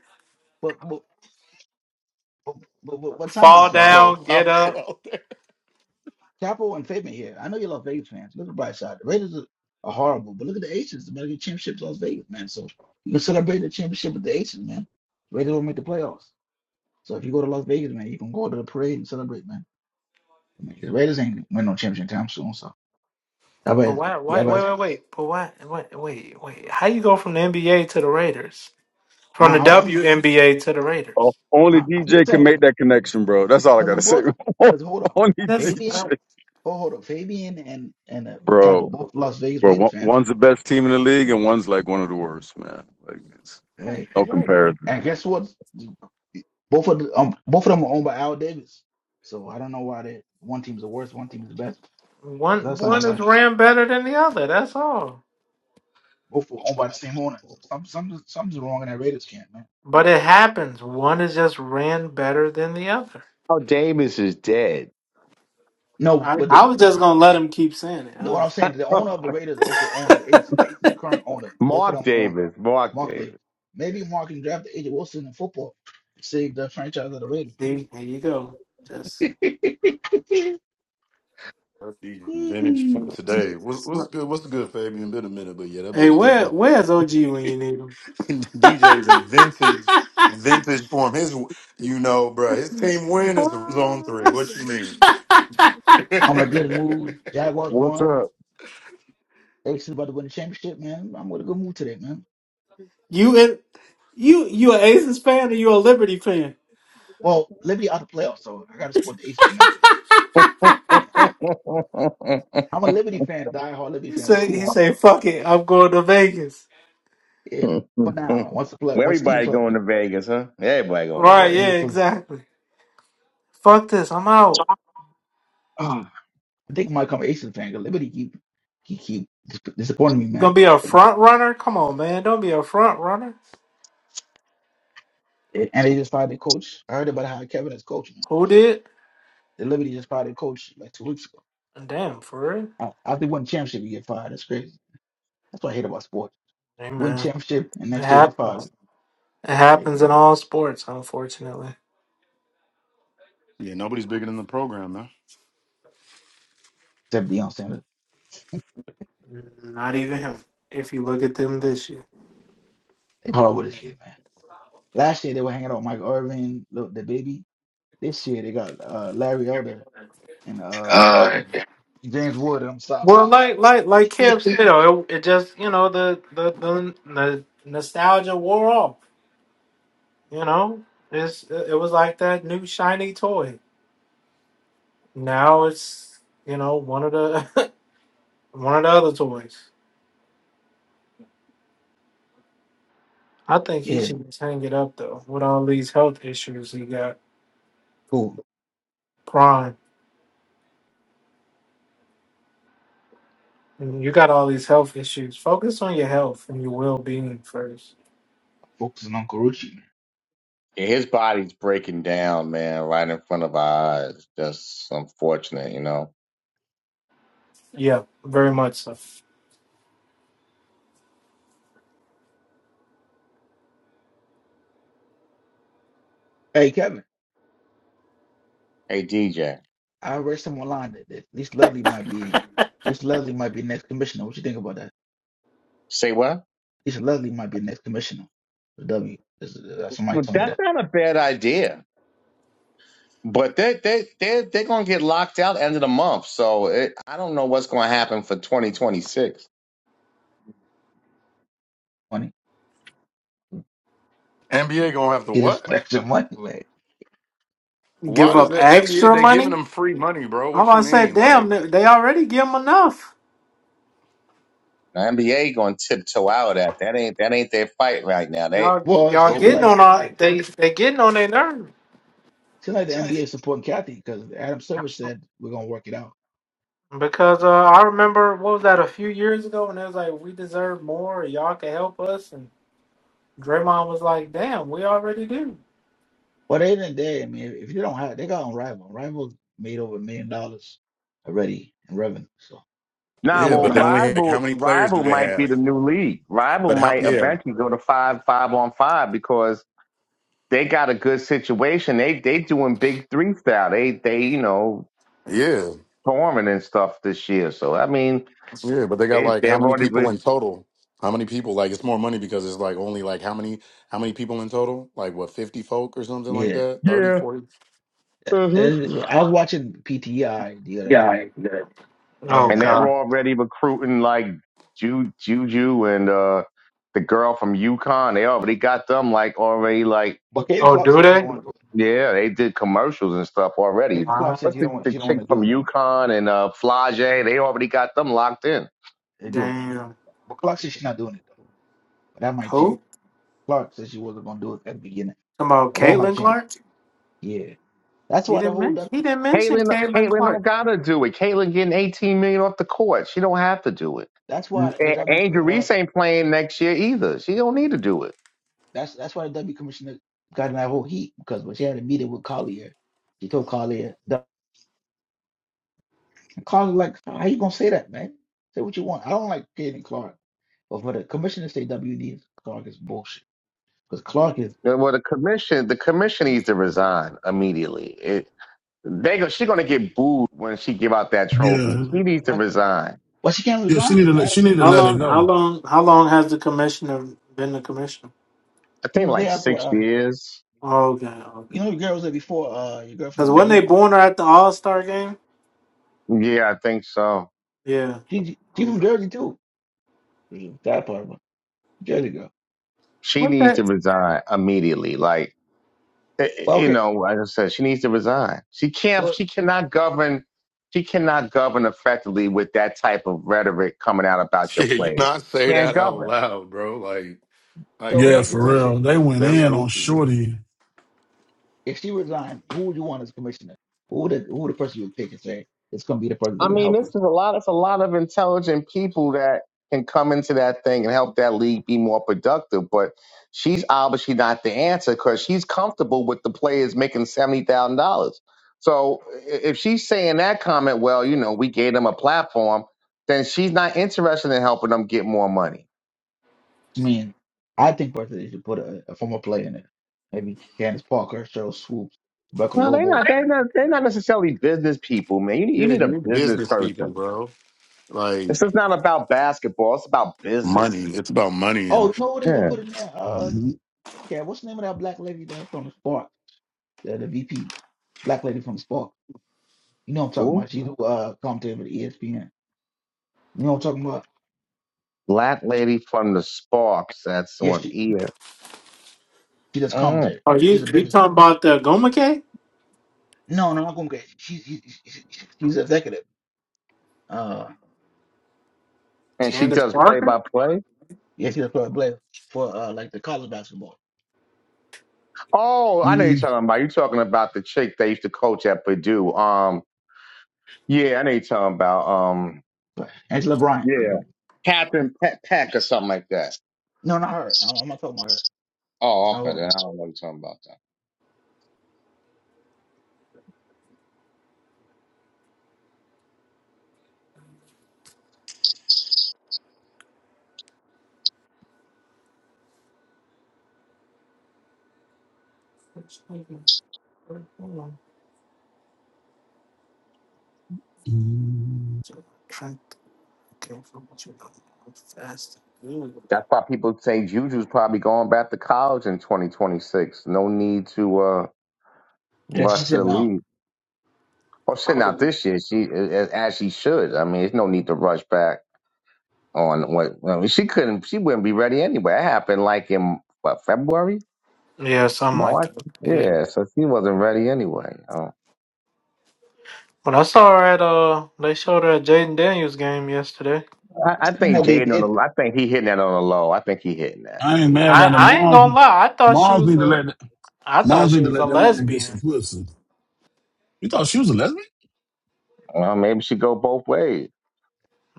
N: But but but but, but, but time I
A: Fall
N: swallow.
K: Oh,
A: down, get
K: Falco
A: up.
K: out there.
N: Capo and Fabian here. I know you love Vegas fans. Look at the bright side. The Raiders are, are horrible, but look at the Aces. They're about to get championships in Las Vegas, man. So you can celebrate the championship with the Aces, man. Raiders will make the playoffs. So if you go to Las Vegas, man, you can go to the parade and celebrate, man. I mean, the Raiders ain't win no championship time soon. So y'all
A: But
N: better,
A: why?
N: y'all
A: Wait,
N: better,
A: wait, wait, wait. But why? Wait, wait, wait. How you go from the NBA to the Raiders?
N: I,
A: From the
N: I, I'm
A: WNBA to the
O: Oh,
A: Raiders?
O: only
N: I, I'm just
O: DJ can
N: saying
O: make that connection, bro. That's all I
N: because they
O: gotta say.
N: both because hold
O: [laughs]
N: up,
O: only
A: That's
N: Fabian.
A: uh,
O: DJ.
N: Oh, hold up, Fabian and and uh, Capo
O: Bro.
N: both Las Vegas
O: Bro,
N: Raiders
O: one-
N: fans.
O: one's the best team in the league and one's like one of the worst, man. Like it's
N: Hey,
O: no comparison.
N: And guess what? Both of the, um, both of them are owned by Al Davis. So I don't know why that one team's the worst, one team's the best. But
A: one.
N: that's something
A: One
N: you
A: is
N: gotta
A: ran better than the other. That's all.
N: both are owned by the same owner. Some some something's wrong in that Raiders camp, man.
A: But it happens. One is just ran better than the other.
G: Oh, Davis is dead.
N: No,
A: I,
N: but the
A: I
N: you
A: was just gonna let him keep saying
N: what
A: it,
N: I'm saying, the owner of the Raiders also owns the agent,
A: [laughs]
N: the current owner.
G: [laughs]
N: Both of
G: Mark
N: them own
G: Davis. Mark
N: Mark
G: Davis.
N: Davis. Maybe Mark can draft the agent Wilson in football. Save the franchise of the Raiders.
A: See, here you go. Just
N: [laughs]
K: The vintage from today. What's, what's good? What's good, Fabian? Been a minute, but yeah, that
A: hey,
K: boy
A: where
K: DJ.
A: where's OG when you need him?
K: DJ's [laughs] in vintage, vintage form. His, you know, bruh, his team win is
A: Ah.
K: zone three. What you mean?
A: [laughs]
K: [laughs]
N: I'm in a good
K: yeah,
N: mood. Jaguars
C: What's
N: won.
C: up?
N: They still about to win the championship, man. I'm in a good mood today, man.
A: you in, you you an Aces fan or you a Liberty fan?
N: Well, Liberty out the playoffs, so I gotta support the Aces, man. Yeah.
G: well,
N: I'm a Liberty fan, diehard Liberty
A: He
N: fan, but
A: say
N: come
A: he
N: on,
A: say fuck it, I'm going to Vegas.
N: yeah. For now, once the play, once teams
G: everybody
N: are,
G: going to Vegas, huh? Everybody going to
A: Right?
N: yeah,
A: Yeah,
G: Vegas.
N: because
A: exactly. Fuck this, I'm out.
G: Oh.
N: I think I might become an Aces fan. Cause Liberty keep keep keep dis- disappointing me,
A: You gonna
N: man.
A: be a front runner? Come on, man, don't be a front runner.
N: And they just fired their coach. I heard about how Kevin is coaching.
A: Who did?
N: The Liberty just fired their coach like two weeks ago.
A: Damn, for real.
N: A- After they won the championship, you get fired. That's crazy. That's what I hate about sports.
A: Hey,
N: Win
A: man,
N: championship, and
A: it
N: next year they
A: happens.
N: fired.
A: It
N: Great,
A: happens in
N: man.
A: all sports, unfortunately.
K: nobody's bigger than the program, man.
N: Except Deion Sanders.
A: Not even him. If you look at them this year.
N: They hard with this year, man. Last year they were hanging out with Mike Irvin, the, the baby. This year they got uh, Larry Elder and uh,
A: Uh,
N: and James Wood on the
A: Well,
N: sidelines.
A: like like like Kev said, you know, it, it just you know the the, the the nostalgia wore off. You know, it's it was like that new shiny toy. Now it's you know one of the [laughs] one of the other toys. I
N: [laughs]
A: think he
N: yeah,
A: should just hang it up though. With all these health issues he got,
N: cool.
A: Prime, and you got all these health issues. Focus on your health and your well being first.
N: Focusing on Carucci.
G: Yeah, his body's breaking down, man, right in front of our eyes. Just unfortunate, you know.
A: Yeah, very much so.
N: Hey Kevin,
G: Hey, DJ,
N: I read some online that, that Least Lovely might be Least Lovely might be next commissioner. What you think about that?
G: say what?
N: Least Lovely might be next commissioner. The W. This- uh, Somebody
G: Well,
N: told me
G: that's
N: that.
G: not a bad idea. But they they they they're gonna get locked out end of the month, so it, I don't know what's gonna happen for 2026.
N: Funny.
K: NBA gonna have to
N: Get his [laughs]
K: what?
N: extra money, man.
K: Why
A: Give
K: does
A: up
K: the NBA?
A: extra
K: They giving
A: money?
K: them free money, bro.
A: Oh, I
K: What
A: about
K: you
A: to say,
K: mean?
A: damn,
K: Like,
A: they they already give them enough.
G: The NBA gonna tiptoe out of that. That ain't that ain't their fight right now. They
A: Y'all,
N: Well, it
A: y'all
N: seems
K: oh,
A: getting
N: like
A: on
N: the,
A: our
N: the,
A: they they getting on their nerves
N: seems like the NBA is supporting Kathy because Adam Silver said we're gonna work it out.
A: because uh, I remember what was that a few years ago, and it was like we deserve more. Y'all can help us, and Draymond was like, "Damn, we already do."
N: But at the end of the day, I mean, if, if you don't have, they got on Rival. Rival made over a million dollars already in revenue, so they
G: Nah,
N: go
K: yeah,
A: Hey,
K: but
G: well,
K: they
N: down.
A: yeah.
K: only have, like how
G: rival
K: many players do
G: rival
K: they
G: might be
K: have?
G: the new league. Rival
K: But how?
G: might
K: Yeah,
G: eventually go to five five on five because they got a good situation. They they doing big three style. They they you know
K: yeah.
G: touring and stuff this year. So I mean,
K: Yeah, but they got
G: they
K: like
G: they've
K: how many
G: already
K: people
G: re-
K: in total? How many people? Like it's more money because it's like only like how many how many people in total? Like what, 50 folk or something like
N: Yeah,
K: that? Thirty, forty.
N: And I was watching PTI the other day,
A: Oh
N: and
G: and
N: uh,
G: they're
A: God.
G: already recruiting like Ju, Juju and uh the girl from UConn. They already got them like already like
N: but Kaden
A: Oh,
N: Clark
A: do
N: says she don't
A: they?
N: want to. do
G: Yeah, they did commercials and stuff
N: it.
G: already.
N: Kaden Clark
A: Wow.
N: says
G: What's
N: she
G: the,
N: don't want.
G: the
N: She don't
G: chick
N: want to
G: from
N: do it though.
G: UConn and uh, Flage? They already got them locked in.
N: They do,
A: Damn.
N: but Clark says she's not doing it though. But that might change.
A: Who?
N: Clark says she wasn't gonna do it at the beginning,
A: Talking about
N: but that might
A: Caitlin
N: change.
A: Clark?
N: Yeah. That's
A: He
N: why the
A: didn't.
N: whole
A: Men-
N: W.
A: he didn't mention
G: Caitlin,
A: Caitlin
G: Caitlin don't
A: Clark.
G: gotta do it. Caitlin getting eighteen million off the court. She don't have to do it.
N: That's why the
G: A-
N: W
G: Angel
N: uh
G: Reese ain't playing next year either. She don't need to do it.
N: that's that's why the W commissioner got in that whole heat because when she had a meeting with Collier, she told Collier the Collier like how you gonna say that, man? Say what you want. I don't like Kaden Clark. But for the commissioner to say WD is Clark is bullshit. Because Clark is
G: Uh, Well, the commission, the commission needs to resign immediately. It, they go, she gonna get booed when she give out that trophy.
I: Yeah,
G: She needs to
N: but
G: resign.
N: but she can't
I: yeah, she
N: resign
I: need to
N: because
I: let
N: I
I: she need to
A: How
I: let it
A: long? How
I: go.
A: long? How long has the commissioner been the commissioner?
G: I
N: she
G: think
N: was
G: like
N: there after
G: six
N: uh
G: years.
A: Oh, Okay, okay.
N: you know the girl was there before uh your girl from
A: Because
N: New
A: when they
N: York.
A: born her at the All Star game,
G: Yeah, I think so.
A: yeah.
N: She she from
A: Okay.
N: Jersey too. That part of her. Jersey girl.
G: She
A: What
G: needs to
A: that?
G: resign immediately. Like eh,
N: But
G: eh, you
N: okay,
G: know, like I said, she needs to resign. She can't.
N: so
G: She cannot govern. She cannot govern effectively with that type of rhetoric coming out
K: [laughs]
G: about your
K: Yeah, you
G: plays.
K: not say
G: Can't
K: that out
G: govern.
K: loud, bro. Like like
N: so let me
I: Yeah,
K: that's
N: ask you a
I: for
K: just
I: real, they went
K: that's
N: question.
I: in on
K: goofy.
I: Shorty.
N: If she resigned, who would you want as commissioner? Who would it, who would the person you would pick and say it's going to be the person that's
G: I
N: going to
G: mean,
N: help
G: this is
N: us?
G: a lot. It's a lot of intelligent people that can come into that thing and help that league be more productive. But she's obviously not the answer because she's comfortable with the players making seventy thousand dollars. So i- if she's saying that comment, well, you know, we gave them a platform, then she's not interested in helping them get more money.
N: I mean, I think personally they should put a, a former player in there. Maybe Candace Parker, Cheryl Swoops, Rebecca
G: No, they're
N: Lobo.
G: not. They're not. They're not necessarily business people, man. You need,
K: Yeah,
G: you need
K: you
G: a
K: need
G: business
K: business people,
G: person.
K: bro. Like
G: This is not about basketball. It's about
K: money.
G: business.
K: It's about money
N: Oh,
K: and
N: you know what they can
G: Yeah.
N: put in there? Uh,
I: Mhm,
N: Kat, what's the name of that black lady that from the Spark? The, the VP, black lady from the Spark. You know what I'm talking about? She do uh commentary for the ESPN. You know what I'm talking about?
G: Black lady from the Sparks that's
N: Yes,
G: on
N: she
G: ESPN.
N: she does
G: Mm.
N: commentary.
A: Are
N: She's
A: you
N: a
A: you
N: business.
A: talking about the Gomake?
N: No, no, I'm not gonna get. She's she's she's she's executive. Uh,
G: And she
A: Candace
G: does play
A: Parker?
G: by play.
N: Yes, he was for play for uh, like the college basketball.
G: Oh, I know you're
I: mhm,
G: talking about. You're talking about the chick they used to coach at Purdue. Um, yeah, I know you're talking about. Um,
N: But Angela Bryant,
G: yeah,
N: nigga.
G: Captain Pe- Peck or something like that.
N: No, not her. I'm, I'm not talking about her. It's
G: Oh,
N: not
G: okay. Then
N: her.
G: I don't know what you're talking about that.
I: mhm.
A: Trent Gilchrist.
G: That's why people say Juju's probably going back to college in 2026. No need to uh,
N: Yeah, she
G: rush to
N: said
G: the
N: no.
G: league. Well, shit, not this year. She as as she should. I mean, there's no need to rush back on what well, she couldn't she wouldn't be ready anyway. It happened like in what February,
A: Yeah, something like
G: March,
A: that. Yeah.
G: yeah. So she wasn't ready anyway. Oh.
A: But I saw her at uh, they showed her at Jaden Daniels game yesterday.
G: I,
N: It's
G: I
N: saying
G: think
N: that they
G: Jaden on
N: did,
G: the I think he hitting that on the low. I think he hitting that.
I: I ain't
G: He hit-
I: mad
A: I
I: at the
A: I ain't gonna
I: moms.
A: lie, I thought she
I: Moms
A: was
I: need to
A: a
I: let th-
A: I thought
I: moms
A: she
I: need to
A: was
I: let
A: a
I: that man get
A: lesbian.
I: some pussy. You thought she was a lesbian?
G: Well, maybe she go both ways.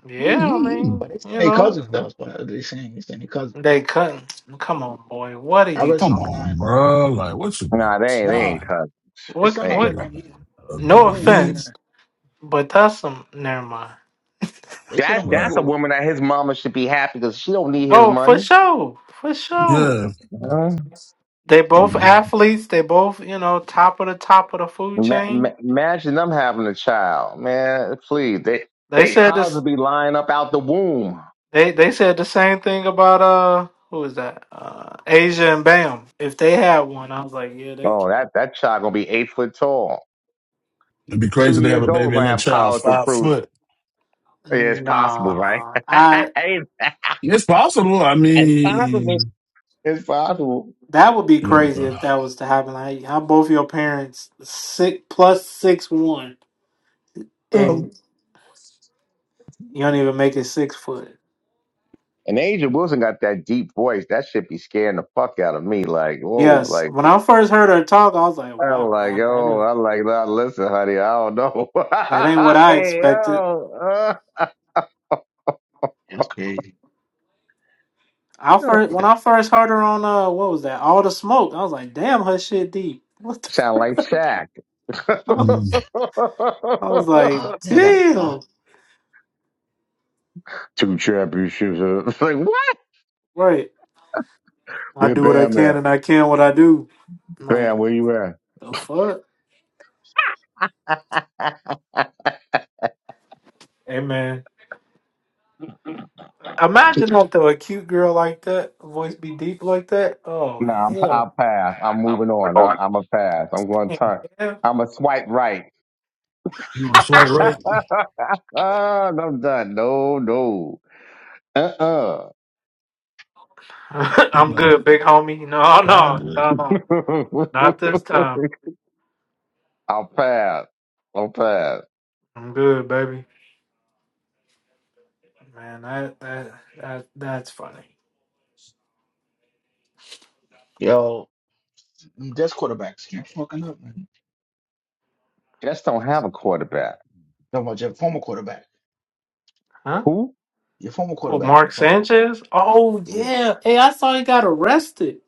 A: Yeah, I
I: Mhm.
A: mean,
N: but it's saying
A: you
N: they
A: know,
N: cousins though. But they're saying it's saying they cousins.
A: they couldn't. Come on, boy. What are
N: I
A: you
N: read
I: Come
N: some
A: talking?
I: on,
N: online.
I: bro. Like, what you mean?
G: Nah, they ain't they
N: No,
G: ain't
I: Saying?
G: cut.
N: it's
A: What?
N: something
G: They
N: I
G: ain't.
N: read
A: What?
N: on
I: Niggas
N: E-
I: ain't
N: on
A: No
I: Ugly,
N: Google. It's
I: B.
N: saying,
A: offense, but that's some. Never mind.
N: they said
G: That
N: on
I: but
G: that's a
N: Google.
G: woman that his mama should be happy because she don't need his
A: Oh, for
G: money.
A: sure, for sure.
I: yeah.
G: You know?
A: They both
I: Mm-hmm.
A: athletes. They both, you know, top of the top of the food
G: Ma- ma-
A: chain.
G: imagine them having a child, man. Please, they
A: They
G: they
A: said
G: college
A: this.
G: would be lying up out the womb.
A: They they said the same thing about uh, who was that? Uh, Asia and Bam. If they had one, I was like, yeah, they.
G: Oh, that that child gonna be eight foot tall.
I: It'd be
G: two
I: crazy to have a
G: years old,
I: baby
G: we're
I: and
G: gonna
I: that
G: have
I: child
G: college
I: five
G: recruits.
I: foot.
G: Yeah, it's possible, right?
A: Nah, I.
G: [laughs] it's
I: It's possible. I
G: it's possible.
I: mean,
G: It's possible.
A: That would be crazy if
I: yeah.
A: that was to happen. Like, how both your parents six plus six one,
I: Girl,
A: and you don't even make it six foot.
G: And Angel Wilson got that deep voice. That should be scaring the fuck out of me. Like, whoa,
A: Yes,
G: like
A: when I first heard her talk, I was like,
G: I'm
A: "Wow,
G: like,
A: that, that
G: yo,
A: ain't
G: I'm like, nah, listen, honey, I don't know.
A: that ain't what
G: [laughs]
A: I
G: hey,
A: expected."
G: yo,
N: That's crazy.
A: I
G: uh,
A: first
N: [gasps]
A: when I first heard her on uh, what was that? All the smoke. I was like, "Damn, her shit deep." What the [laughs]
G: sound
A: fuck?
G: like Shaq.
A: I was,
I: mm,
A: I was
G: [laughs]
A: like,
N: Ah, yeah, I got it. lie.
A: "Damn,
G: Two championships. uh, [laughs] It's like what?
A: right." I
G: Where
A: do what I
G: Bam at?
A: can, and I can what I do. I'm
G: Bam,
A: like
G: where you at?
A: the fuck, hey man. Imagine that though, a cute girl like that, voice be deep like that. Oh
G: No, I'm,
A: hell,
G: I'll pass. I'm
A: I'm
G: moving on. I,
A: recording.
G: I'm a pass. I'm going to
A: Dang,
G: turn. I'm a swipe right.
I: you know, to
G: [laughs]
I: swipe right?
G: Ah, no, I'm done. No, no. Uh-uh.
A: [laughs]
I: Think
A: I'm
I: about
A: good, big homie. No,
I: five
A: no,
I: foot.
A: no, no,
G: [laughs]
A: not this time.
G: I'll pass. I'll pass.
A: I'm good, baby. Man, that that that that's funny.
N: Yo, just quarterbacks keep fucking up, man.
G: Jets don't have a quarterback.
N: Talking about your former quarterback.
A: Huh?
G: Who?
N: Your former
A: Well,
N: quarterback
A: Mark
N: fucking up.
A: Sanchez? Oh
N: Yeah.
A: yeah. Hey, I saw he got arrested.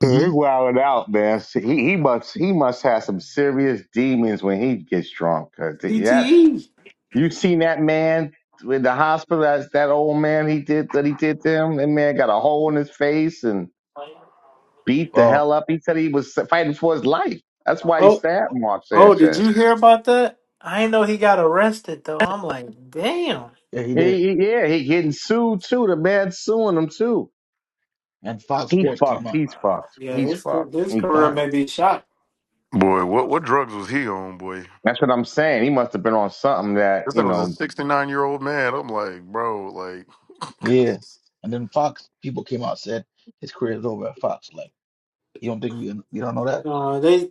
G: He's wilding out, man. See, He, he must he must have some serious demons when he gets drunk. 'cause that
A: CTE.
G: you seen that man in the hospital? That's that old man. He did that. He did to him. That man got a hole in his face and beat the
N: Well,
G: hell up. He said he was fighting for his life. That's why he
A: Oh
G: stabbed Mark
A: oh, did
G: Sanchez.
A: you hear about that? I didn't know he got arrested though. I'm like, damn.
N: yeah, he did.
G: He, he- yeah, he getting sued too. The man's suing him too.
N: And Fox
G: He's
N: Sports came
G: fucked.
N: out.
G: He's
A: Wow.
G: fucked.
A: Yeah,
G: He's
A: his ca-
G: fucked.
A: his
G: He's
A: career
N: Fox.
G: done.
A: may be shot.
K: boy,
N: Oh,
K: what what drugs was he on, boy?
G: That's what I'm saying. He must have been on something that
K: This guy
G: you
K: was
G: know.
K: a 69-year-old man. I'm like, bro, like [laughs]
N: yeah. And then Fox people came out and said his career is over at Fox. Like you don't think we you don't know that?
A: Uh, they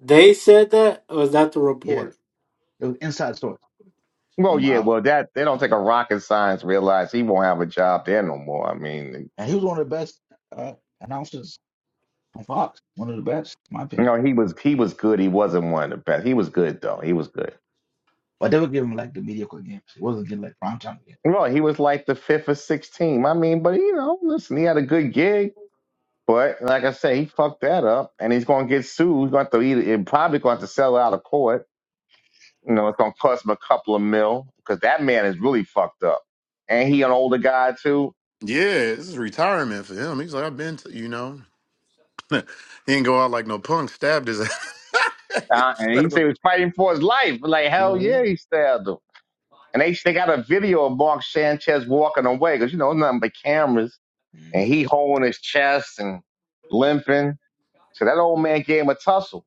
A: they said that. Or was that the
N: Yeah.
A: report?
N: It was inside story
G: Well,
N: from
G: yeah,
N: out,
G: well that they don't take a rocket science to realize he won't have a job there no more. I mean,
N: and he was one of the best uh, announcers on Fox. One of the best, in my
G: you
N: opinion.
G: know, he was he was good. He wasn't one of the best. He was good though. He was good.
N: But they were giving him like the mediocre games. It wasn't getting like prime time games.
G: Well, he was like the fifth or sixth team. I mean, but you know, listen, he had a good gig But like I say, he fucked that up, and he's gonna get sued. He's gonna have to either it probably gonna have to sell out of court. You know, it's gonna cost him a couple of mil because that man is really fucked up, and he an older guy too.
K: Yeah, this is retirement for him. He's like, I've been to, you know. [laughs] he didn't go out like no punk. Stabbed his ass. [laughs]
G: Uh, and
K: Stabbed
G: he
K: him
G: said he was fighting for his life. But like
K: a-
G: hell yeah,
K: Mhm.
G: he stabbed him. And they they got a video of Mark Sanchez walking away because you know nothing but cameras,
N: Mm. You
G: and he holding his chest and limping. So that old man gave him a tussle.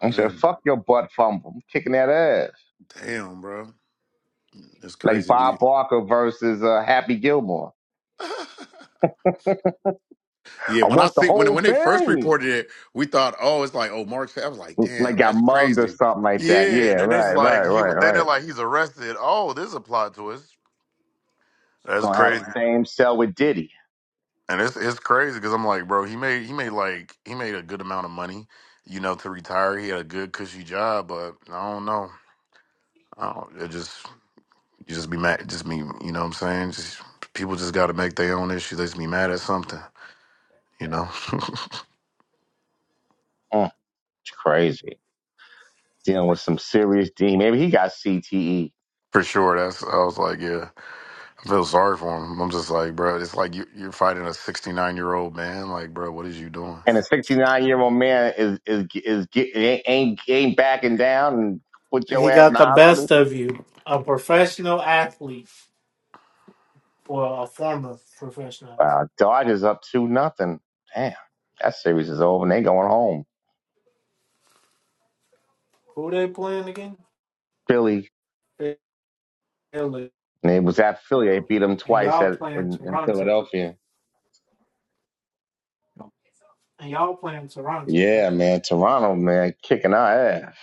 G: And he said,
K: Man,
G: "Fuck your butt fumble, I'm kicking that ass."
K: damn, bro, it's
G: like
K: crazy.
G: Bob
K: dude.
G: Barker versus uh, Happy Gilmore.
K: [laughs] yeah,
G: I
K: when I
G: want the
K: see when
G: whole
K: when they first
G: thing.
K: reported it, we thought, oh, it's like oh Mark's. fa- I was like,
G: Like
K: damn,
G: got
K: that's
G: mugged or
K: crazy.
G: something like that. Yeah,
K: Yeah, and then it's
G: right, right,
K: like he
G: right,
K: then they're
G: right.
K: like he's arrested. Oh, this is a plot twist.
G: I'm
K: That's
G: gonna have
K: crazy,
G: the same cell with Diddy.
K: and it's it's crazy because I'm like, bro, he made he made like he made a good amount of money, you know, to retire. He had a good cushy job, but I don't know. I don't. It just You just be mad. Just be, you know what I'm saying? Just, people just got to make their own issues. They just be mad at something, you know?
G: Mm, it's crazy. Dealing with some serious D. Maybe he got CTE.
K: [laughs] for sure. That's, I was like, yeah, I feel sorry for him. I'm just like, bro, it's like you, you're fighting a 69 year old man. Like, bro, what is you doing?
G: And a 69 year old man is is is get, ain't ain't backing down and put your
A: He
G: ass in the
A: got the
G: hospital.
A: best of you, a professional athlete or a former professional. athlete.
G: Wow, Dodgers up two nothing. Damn, that series is over and they going home.
A: Who they playing
G: Philly,
A: again?
G: and it was at
A: you
G: Philly. They
A: know,
G: beat them
A: and
G: twice
A: y'all
G: at
A: playing
G: in, in
A: Toronto,
G: Philadelphia.
N: know,
A: and y'all playing Toronto, right?
G: Yeah, man, Toronto, man, kicking our ass.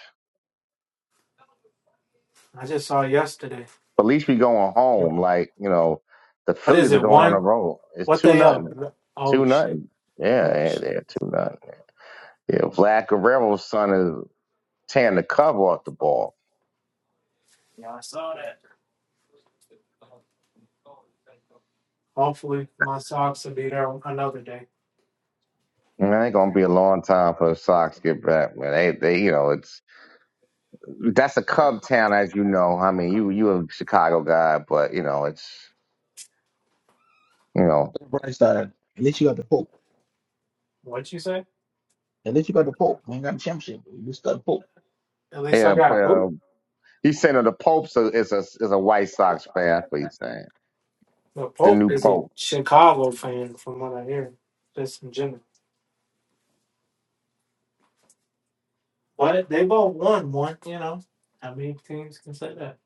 A: I just saw yesterday.
G: But at least we going home. Like you know, the
A: What
G: Phillies
A: is
G: are
A: it?
G: going on the
A: One?
G: road. It's
A: What
G: two
A: they up?
G: nothing, two
A: Oh shit!
G: nothing. Yeah,
A: Oh
G: yeah,
A: shit!
G: they're two nothing. Yeah, Vlad Guerrero's son is tearing the cover off the ball.
A: I saw that. Hopefully, my socks will be there another day.
G: Man, it ain't gonna be a long time for the Sox to get back, man. They, they, you know, it's that's a Cub town, as you know. I mean, you, you a Chicago guy, but you know, it's you know,
N: look at Bright side. At least you got the Pope.
A: What you say?
N: At least you got the Pope. You ain't got the championship. but You just got the Pope.
A: At least I
G: yeah.
A: got
G: uh,
A: who?
G: He's saying that the Pope is a, is a White Sox fan. That's what he's saying.
A: The
G: The
A: Pope
G: new
A: is a
G: Pope.
A: Chicago fan, from what I hear. Just in general. But they both won one. You know, how many teams can say that?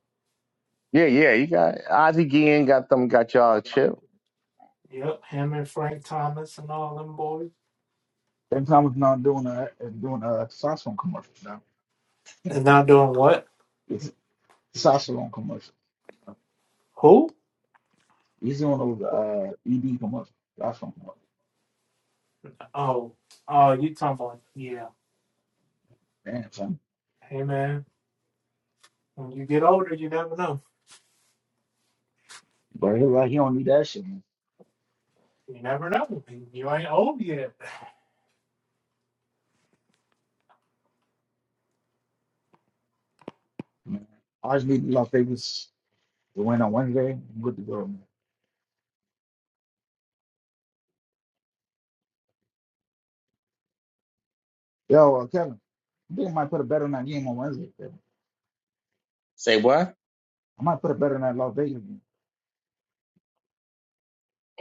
G: Yeah, yeah. You got Ozzie Guillen got them got y'all chill.
A: Yep, him and Frank Thomas and all them boys.
N: Ben Thomas now doing a doing a saxophone commercial now. [laughs]
A: And not doing what?
N: It's saxophone commercial.
A: Who?
N: He's doing those uh ED commercials. That's from commercials.
A: Oh, oh, you talking about yeah.
N: Damn son.
A: Hey man, when you get older, you never know.
N: But he like he don't need that shit, man.
A: You never know. You ain't old yet.
N: man. I just need Las Vegas to win on Wednesday. I'm good to go, man. Yo, uh, Kevin, I think I might put a bet on that game on Wednesday, Kevin.
G: Say what?
N: I might put a bet on that Las Vegas game.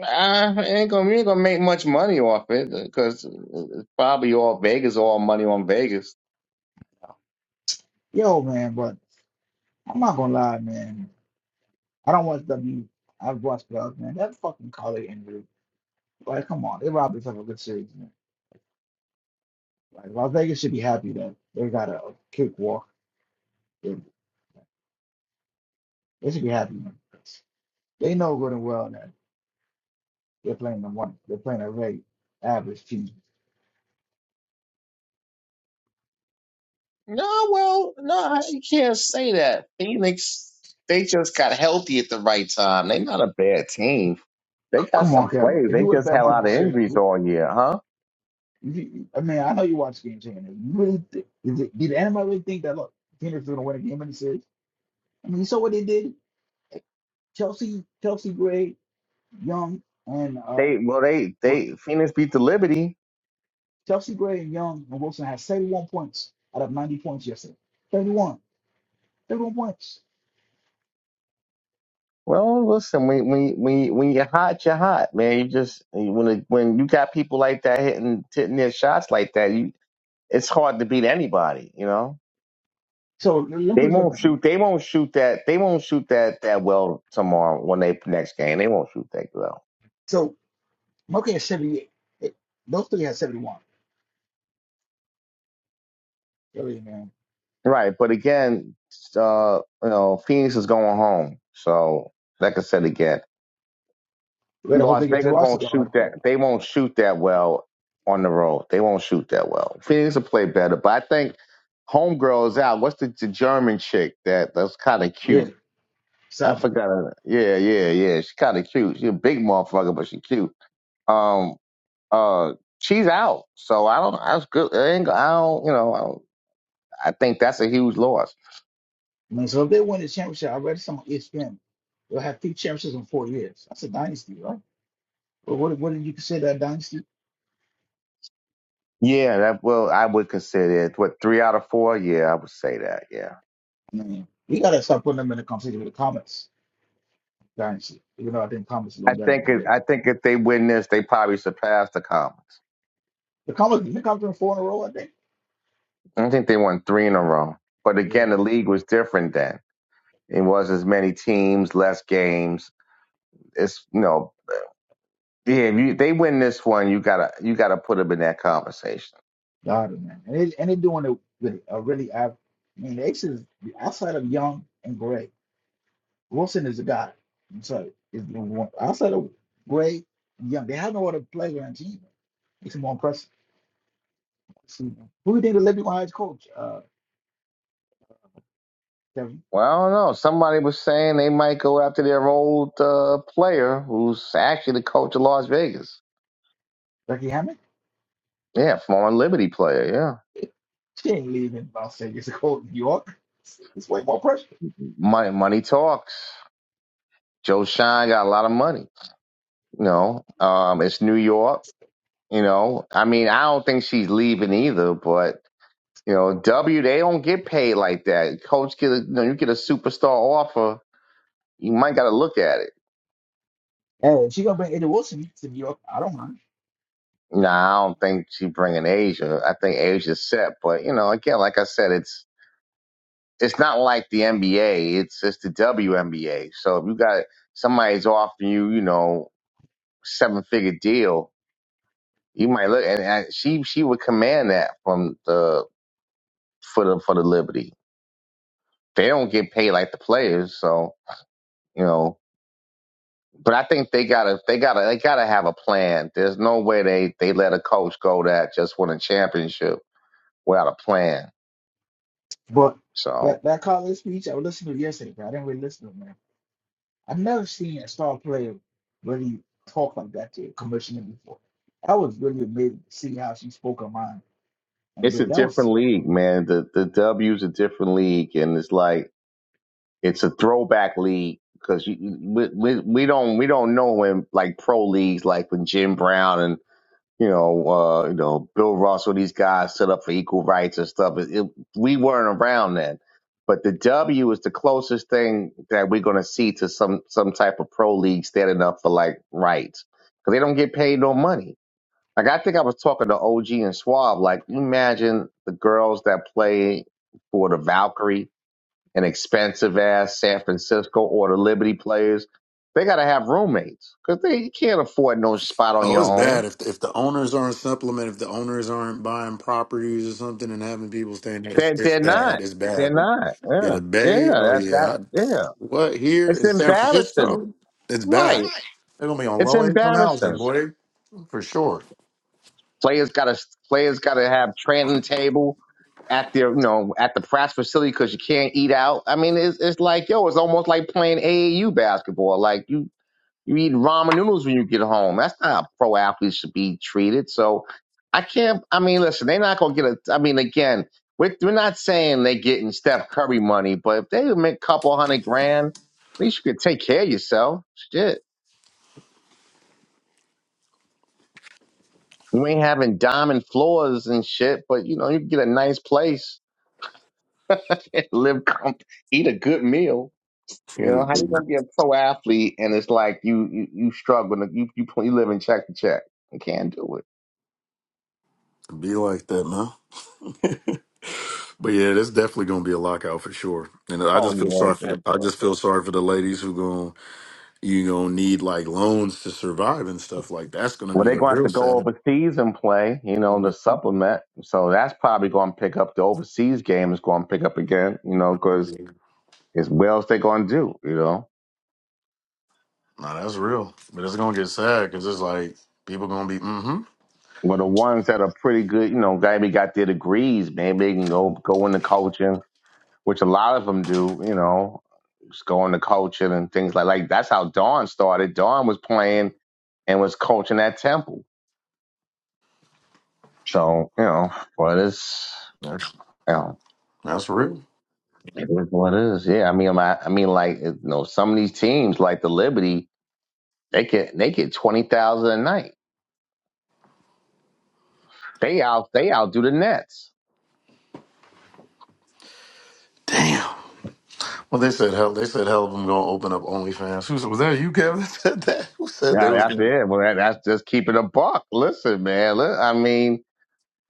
G: Uh, ain't gonna you ain't gonna make much money off it because it's probably all Vegas, all money on Vegas.
N: Yo, man, but I'm not gonna lie, man. I don't watch W. I've watched clubs, man. That fucking collar injury. Like, come on, they robbed us of a good series, man. Like Las Vegas should be happy that they got a kick walk. They they should be happy, man. They know good and well that. They're playing the one. They're playing a very average team. C-
G: No, well, no, you can't say that. Phoenix, they just got healthy at the right time. They're not a bad team. They got
N: Come on,
G: some
N: Kevin.
G: players.
N: If you
G: They
N: would have
G: just
N: bet
G: had a
N: money on
G: lot of
N: this series,
G: injuries
N: you,
G: all year, huh?
N: you, I mean, I know you watch Game Changer. You really think, is it, did anybody really think that look Phoenix was going to win a game in the series? I mean, you saw what they did. Chelsea, Chelsea Gray, Young, and uh,
G: They well, they
N: what
G: they Phoenix beat the Liberty.
N: Chelsea Gray and Young and Wilson had 71 points out of 90 points yesterday. 31, 31 points.
G: Well, listen, when when when when you're hot, you're hot, man. You just when it, when you got people like that hitting hitting their shots like that, you it's hard to beat anybody. You know,
N: So let let me put
G: they
N: this up to
G: won't
N: you.
G: shoot. They won't shoot that. They won't shoot that that well tomorrow when they next game. They won't shoot that well.
N: So Moke has 78. It- Those three had 71. Really, man.
G: Right, but again, uh, you know, Phoenix is going home. So, like I said again.
N: But I hope
G: Las
N: they get to
G: Vegas won't
N: Washington on
G: shoot
N: that court.
G: that. They won't shoot that well on the road. They won't shoot that well. Phoenix will play better, but I think Homegirl is out. What's the, the German chick that that's kind of
N: Yeah,
G: cute? I
N: Sabi.
G: forgot her. Yeah, yeah, yeah. She's kind of cute. She's a big motherfucker, but she's cute. Um, uh, she's out. So I don't. That's good. I, ain't, I don't. You know. I, don't, I think that's a huge loss.
N: And so if they win the championship, I read some on ESPN. They'll have three championships in four years. That's a dynasty, right? But what what did you consider that dynasty?
G: Yeah. That well, I would consider it. What three out of four? Yeah, I would say that. Yeah.
N: I mean, we gotta start putting them in the conversation with the Comets dynasty. Even though I think Comets a little
G: I
N: better
G: think
N: but
G: it,
N: they
G: I think if they win this, they probably surpass the Comets.
N: The Comets did they come in four in a row, I think.
G: I think they won three in a row. But
N: Yeah,
G: again, the league was different then. It was as many teams, less games. It's you know, yeah, if you, they win this one, you gotta you gotta put them in that conversation.
N: God man. And they and they're doing it with a really av- I mean the Aces outside of Young and Gray. Wilson is the guy. i sorry. Is the one outside of Gray and Young. They have no other player on the team. It's more impressive. So, who do you think the Liberty Lions coach? Uh Kevin?
G: Well, I don't know. Somebody was saying they might go after their old uh, player, who's actually the coach of Las Vegas.
N: Becky Hammond?
G: Yeah, former Liberty player. Yeah,
N: She ain't leaving Las Vegas to go to New York. It's, it's way more pressure.
G: money money talks. Joe Shine got a lot of money. You know, um, it's New York You know, I mean, I don't think she's leaving either, but you know, W they don't get paid like that. Coach get a, you know, you get a superstar offer, you might got to look at it.
N: And if she gonna bring Eddie Wilson to New York. I don't mind.
G: Nah, I don't think she's bringing Asia. I think Asia's set, but you know, again, like I said, it's it's not like the NBA. It's it's the WNBA. So if you got somebody's offering you, you know, seven figure deal, you might look and, and she she would command that from the for the for the Liberty. They don't get paid like the players, so you know. But I think they gotta they gotta they gotta have a plan. There's no way they they let a coach go that just won a championship without a plan.
N: But
G: So
N: that that college speech I was listening to yesterday, but I didn't really listen to it, man. I've never seen a star player really talk like that to a commissioner before. That was really amazing to see how she spoke her mind. And
G: it's a
N: really, that was
G: different league, man. The the W's a different league, and it's like it's a throwback league because you, we, we we don't we don't know when like pro leagues like when Jim Brown and. you know, uh, you know, Bill Russell, these guys set up for equal rights and stuff. It, it, we weren't around then, but the W is the closest thing that we're going to see to some some type of pro league standing up for like rights because they don't get paid no money. Like I think I was talking to OG and Swab. Like, you imagine the girls that play for the Valkyrie and expensive ass San Francisco or the Liberty players. They got to have roommates because they you can't afford no spot on
K: Oh,
G: your
K: it's bad
G: own.
K: if if the owners aren't supplement, if the owners aren't buying properties or something, and having people staying there. It's,
G: They're,
K: it's
G: they're
K: bad.
G: not.
K: It's
G: They're
K: bad.
G: not.
K: Yeah,
G: Yeah.
K: the
G: Yeah.
K: Bay. Oh
G: That, that,
K: yeah, I,
G: yeah.
K: what here
G: It's
K: in San
G: embarrassing.
K: Francisco? It's bad.
G: Right.
K: They're gonna be on
G: It's
K: low income housing,
G: embarrassing.
K: boy, for sure.
G: Players gotta, players gotta have training table at their, you know, at the practice facility because you can't eat out. I mean, it's, it's like, yo, it's almost like playing AAU basketball. Like you, You eat ramen noodles when you get home. That's not how pro athletes should be treated. So I can't. I mean, listen, they're not gonna get a. I mean, again, we're, we're not saying they're getting Steph Curry money, but if they make a couple hundred grand, at least you could take care of yourself. Shit, you ain't having diamond floors and shit, but you know you can get a nice place, [laughs] live, com- eat a good meal.
K: [laughs]
G: You
K: Cheaters
G: know how you gonna
K: didn't
G: be a pro athlete and it's like you you, you struggling, you, you you live in check to check. You can't do it.
K: be like that, man. [laughs] But yeah, that's definitely gonna be a lockout for sure. And I
G: Oh
K: just feel
G: yeah,
K: sorry for the,
G: that's
K: I
G: it.
K: just feel sorry for the ladies who gonna you gonna need like loans to survive and stuff like that. that's gonna
G: Well,
K: be
G: they're
K: the
G: going to have
K: real
G: to go
K: sad.
G: overseas and play, you know, to
K: [laughs]
G: supplement. So that's probably going to pick up the overseas game is going to pick up again, you know, because it's what else they going to do, you know.
K: Nah, that's real, but it's gonna get sad because it's like people gonna be mm-hmm.
G: Well, the ones that are pretty good, you know, maybe got their degrees, maybe they can go go into coaching, which a lot of them do, you know, just go into coaching and things like like that's how Dawn started. Dawn was playing and was coaching at Temple, so you know, but it's
K: That's
G: you know.
K: that's real.
G: It is what it is. Yeah, I mean, um, I, I mean, like you know, some of these teams, like the Liberty, they get they get twenty thousand a night. They out they outdo the Nets.
K: Damn. Well, they said hell. They said hell of them gonna open up OnlyFans. Who said- was that? You Kevin [laughs] that said that? Who said they
G: Yeah,
K: was
G: that's
K: gonna?
G: yeah. Well, that, that's just keeping a buck. Listen, man. li- I mean,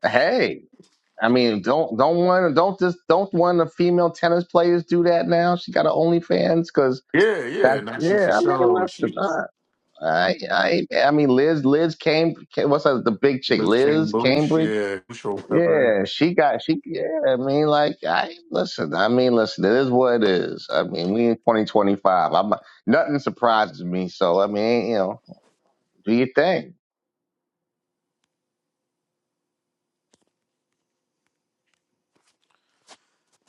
G: hey, I mean, don't don't want don't just don't want the female tennis players do that now. She got her OnlyFans because
K: Yeah,
G: that
K: yeah. Now she for
G: yeah. I mean,
K: sure.
G: listen.
K: She
G: I, I I I mean, Liz Liz came. What's that? The big chick,
K: Let's
G: Liz
K: Camboose,
G: Cambridge.
K: yeah, show pepper.
G: Yeah, she got she. Yeah, I mean, like I listen. I mean, listen. It is what it is. I mean, we in twenty twenty five. I'm nothing surprises me. So I mean, you know, do your thing.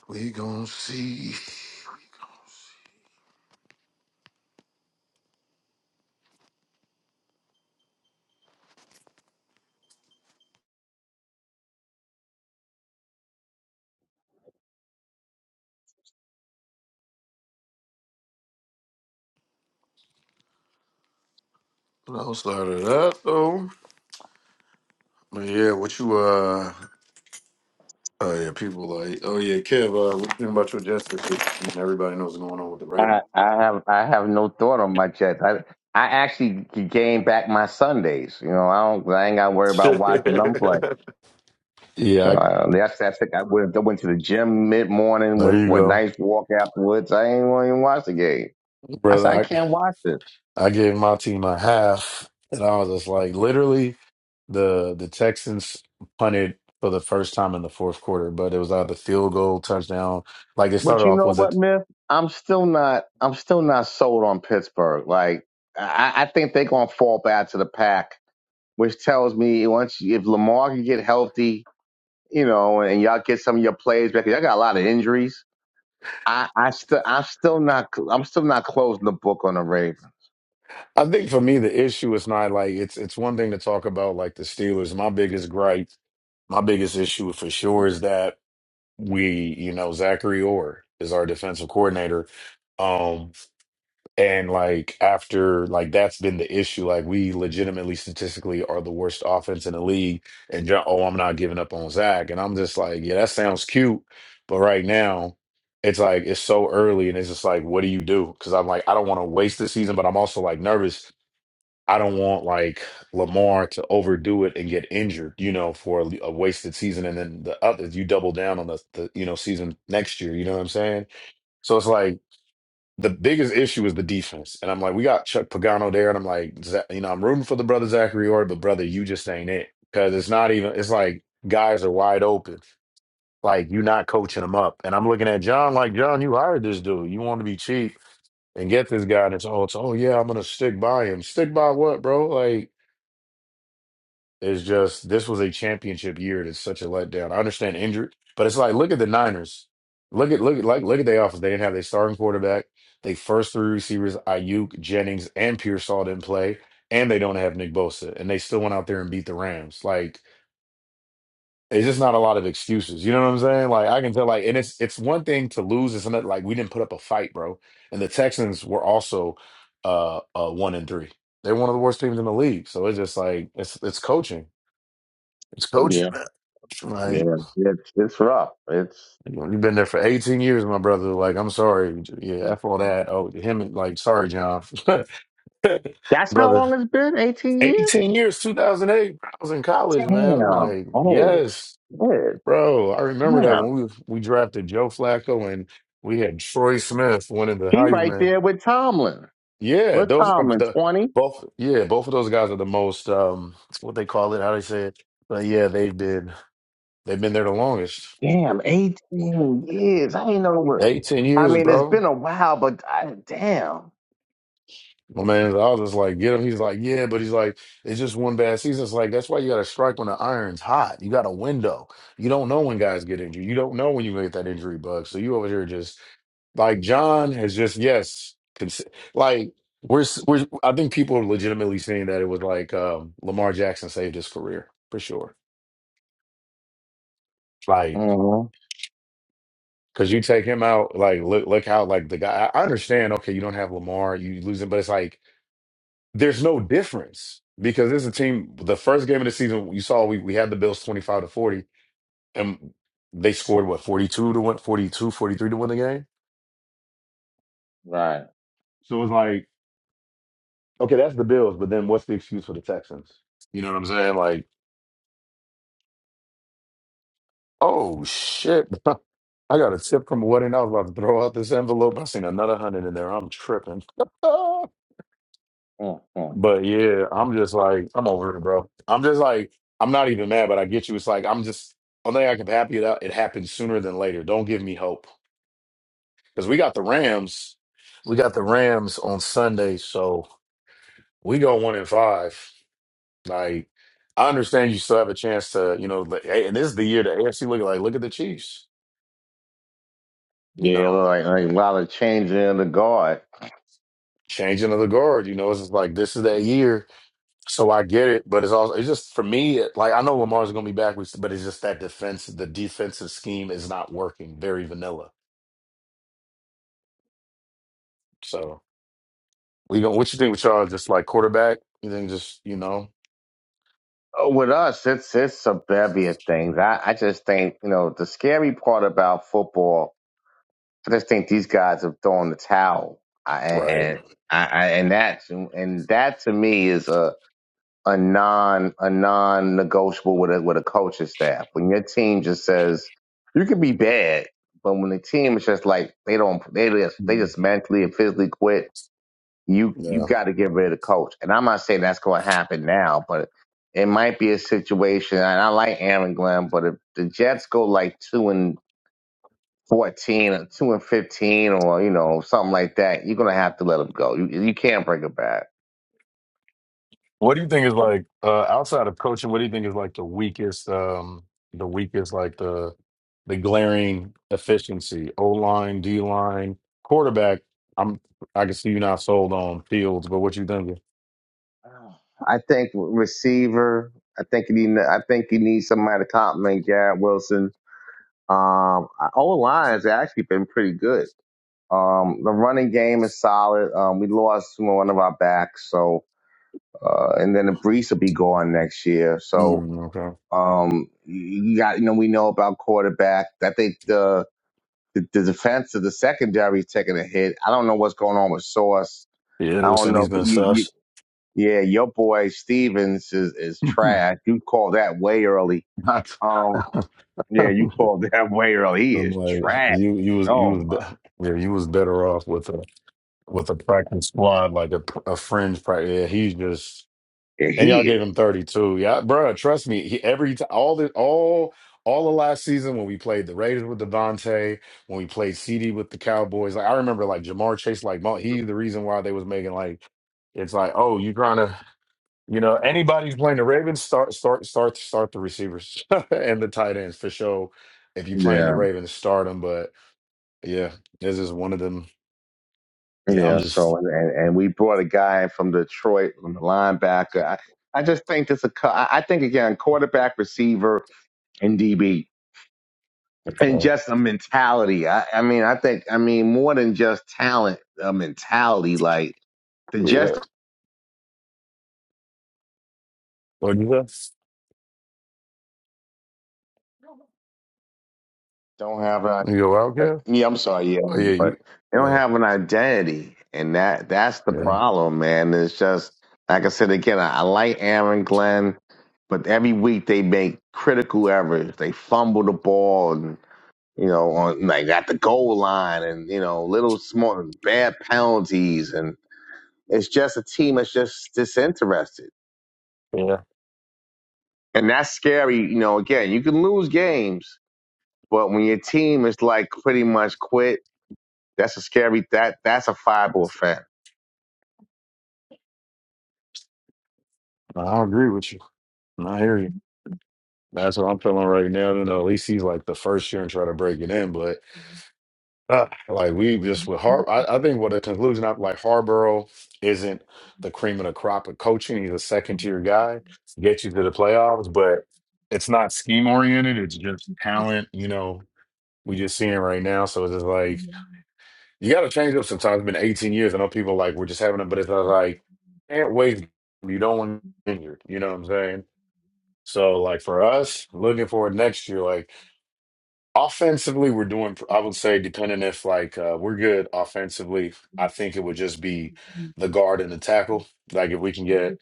K: We gonna see. What else out of that, though. But yeah, what you uh oh yeah, people like, oh yeah, Kev, uh what you think about your justice system? And everybody knows what's going on with the writing.
G: I I have I have no thought on my Jets. I I actually could gain back my Sundays. You know, I don't. I ain't got to worry about watching them play.
K: [laughs] Yeah,
G: So
K: I,
G: uh, that's that's it. I went I went to the gym mid morning
K: there
G: with
K: you
G: for a
K: go,
G: nice walk afterwards. I ain't want to even watch the game. I said I
K: brother.
G: can't watch this.
K: I I gave my team a half, and I was just like, literally. The the Texans punted for the first time in the fourth quarter, but it was either field goal, touchdown. Like it
G: But
K: started
G: you
K: off,
G: know
K: was
G: what,
K: it?
G: Myth? I'm still not. I'm still not sold on Pittsburgh. Like I, I think they're gonna fall back to the pack, which tells me once you- if Lamar can get healthy, you know, and y'all get some of your plays back. Y'all got a lot of injuries. I, I still, I'm still not. I'm still not closing the book on the Ravens.
K: I think for me the issue is not like it's it's one thing to talk about like the Steelers. My biggest gripe, my biggest issue for sure is that. we, you know, Zachary Orr is our defensive coordinator. Um, and like after like that's been the issue. Like we legitimately statistically are the worst offense in the league. And John, oh, I'm not giving up on Zach. And I'm just like, yeah, that sounds cute, but right now it's like it's so early, and it's just like, what do you do? Because I'm like, I don't want to waste the season, but I'm also like nervous I don't want like Lamar to overdo it and get injured, you know, for a, a wasted season. And then the other, you double down on the, the, you know, season next year. You know what I'm saying? So it's like the biggest issue is the defense. And I'm like, we got Chuck Pagano there. And I'm like, Za- you know, I'm rooting for the brother Zachary Ord, but brother, you just ain't it. Cause it's not even, it's like guys are wide open. Like you're not coaching them up. And I'm looking at John like, John, you hired this dude. You want to be cheap and get this guy. And it's, oh, it's, oh, yeah, I'm going to stick by him. Stick by what, bro? Like, It's just this was a championship year. It's such a letdown. I understand injured, but it's like look at the Niners. Look at look at like look at their offense. They didn't have their starting quarterback. They first three receivers, Ayuk, Jennings, and Pearsall didn't play, and they don't have Nick Bosa, and they still went out there and beat the Rams. Like it's just not a lot of excuses. You know what I'm saying? Like I can tell. Like and it's it's one thing to lose. It's another like we didn't put up a fight, bro. And the Texans were also uh, uh one and three. They're one of the worst teams in the league. So it's just like it's it's coaching. It's coaching,
G: Yeah,
K: man.
G: yeah.
K: Like
G: It's it's rough. It's
K: you know, you've been there for 18 years, my brother. Like I'm sorry, yeah, f all that. Oh, him, and like sorry, John, [laughs]
G: that's how
K: brother.
G: long it's been. 18 years.
K: 18 years, 2008. I was in college, man. I'm
G: Damn.
K: like,
G: Oh
K: yes,
G: shit.
K: bro. I remember that
G: Damn.
K: when we we drafted Joe Flacco and we had Troy Smith winning the
G: He right
K: Heisman.
G: there with Tomlin.
K: Yeah,
G: What
K: those are
G: time? In
K: the
G: 20?
K: both. Yeah, both of those guys are the most um, what they call it, how they say it. But yeah, they've been they've been there the longest.
G: Damn, 18 years. I ain't know what.
K: 18
G: I
K: years,
G: mean, it's
K: bro.
G: been a while, but I, damn.
K: My man, I was just like, get him. He's like, yeah, but he's like, it's just one bad season. It's like, that's why you got to strike when the iron's hot. You got a window. You don't know when guys get injured. You don't know when you get that injury bug. So you over here just like John has just, yes, cons- like we're, s- we're, I think people are legitimately saying that it was like um, Lamar Jackson saved his career for sure. Like,
G: hmm
K: cause you take him out, like, look, look how, like, the guy, I I understand, okay, you don't have Lamar, you lose him, but it's like, there's no difference because this is a team. The first game of the season, you saw we, we had the Bills 25 to 40, and they scored what 42 to win, 42, forty-three to win the game.
G: Right.
K: So it was like, okay, that's the Bills, but then what's the excuse for the Texans? You know what I'm saying? Like, oh shit, [laughs] I got a tip from a wedding. I was about to throw out this envelope. I seen another hundred in there. I'm tripping. [laughs]
G: hmm
K: But yeah, I'm just like, I'm over it, bro. I'm just like, I'm not even mad, but I get you. It's like, I'm just, only thing I can be happy about, it happens sooner than later. Don't give me hope. Because we got the Rams. We got the Rams on Sunday. So we go one and five. Like, I understand you still have a chance to, you know, like, hey, and this is the year the AFC look like, look at the Chiefs, you
G: Yeah,
K: know,
G: like, like a lot of changing in the guard.
K: changing of the guard. You know, it's just like, this is that year. So I get it, but it's also it's just for me. It, like I know Lamar's going to be back, but it's just that defense. The defensive scheme is not working. Very vanilla. So we going What you think with y'all? Just like quarterback? You think just you know?
G: Uh, With us, it's it's a bevy of things. I, I just think, you know, the scary part about football, I just think these guys have thrown the towel. I, and
K: Right.
G: and I, I, and that and that to me is a a non a non negotiable with a with a coaching staff. When your team just says you can be bad, but when the team is just like they don't they just they
K: Mm,
G: just mentally and physically quit, you you
K: Yeah.
G: got to get rid of the coach. And I'm not saying that's going to happen now, but it might be a situation. And I like Aaron Glenn, but if the Jets go like two and fourteen or two and fifteen or you know something like that, you're gonna have to let him go. You you can't bring him back.
K: What do you think is like uh, outside of coaching? What do you think is like the weakest? Um, the weakest like the the glaring efficiency. O line, D line, quarterback. I'm. I can see you're not sold on Fields, but what you thinking?
G: I think receiver. I think you need. I think you need somebody to compliment Garrett Wilson. Um, O line has actually been pretty good. Um, the running game is solid. Um, we lost one of our backs, so uh, and then the Brees will be gone next year. So
K: Mm,
G: um, you got you know we know about quarterback. I think the the, the defense of the secondary is taking a hit. I don't know what's going on with Sauce.
K: Yeah, they
G: I
K: were
G: don't
K: saying
G: know.
K: he's
G: If
K: been
G: you, you
K: sus.
G: yeah, your boy Stevens is, is
K: [laughs]
G: trash. You call that way early.
K: Not- [laughs]
G: Um, yeah, you call that [laughs] way early. He
K: I'm
G: is
K: like,
G: trash.
K: you, you was, you
G: Oh
K: was,
G: my,
K: be- yeah, you was better off with a with a practice squad, like a, a fringe practice. Yeah, he's just,
G: yeah,
K: and y'all
G: he
K: gave
G: is.
K: him 32. Yeah, bro, trust me. He, every time, all the all all the last season when we played the Raiders with Devontae, when we played CD with the Cowboys, like I remember, like Jamar Chase, like mo- he the reason why they was making like, it's like, oh, you trying to. You know, anybody who's playing the Ravens, start start start start the receivers [laughs] and the tight ends for sure. If you're playing the
G: Yeah,
K: Ravens, start them. But yeah, this is one of them. Yeah, I'm
G: yeah.
K: just.
G: So and and we brought a guy from Detroit, from the linebacker. I, I just think this a. cou- I I think again, quarterback, receiver, and DB, and
K: Uh,
G: just a mentality. I, I mean, I think I mean more than just talent, a mentality. Like the
K: yeah.
G: Jets
K: What you say?
G: don't have.
K: You go out, Kev?
G: Yeah, I'm sorry. Yeah,
K: Oh yeah, you.
G: but they don't
K: Yeah,
G: have an identity, and that that's the
K: yeah,
G: problem, man. It's just like I said again. I, I like Aaron Glenn, but every week they make critical errors. They fumble the ball, and you know, on like at the goal line, and you know, little small bad penalties, and it's just a team that's just disinterested,
K: yeah.
G: and that's scary. You know, again, you can lose games, but when your team is like pretty much quit, that's a scary. That that's a fireball offense
K: I agree with you. I hear you. That's what I'm feeling right now. You know, at least he's like the first year and try to break it in, but. Uh, like we just with Har, I, I think what the conclusion of like Harborough isn't the cream of the crop of coaching. He's a second tier guy, get you to the playoffs, but it's not scheme oriented. It's just talent. You know, we just seeing right now. So it's just like you got to change up sometimes. It's been 18 years. I know people like we're just having it, but it's not like can't wait. You don't want injured. You know what I'm saying? So like for us, looking forward next year, like. Offensively, we're doing, I would say, depending if like uh, we're good offensively, I think it would just be the guard and the tackle. Like if we can get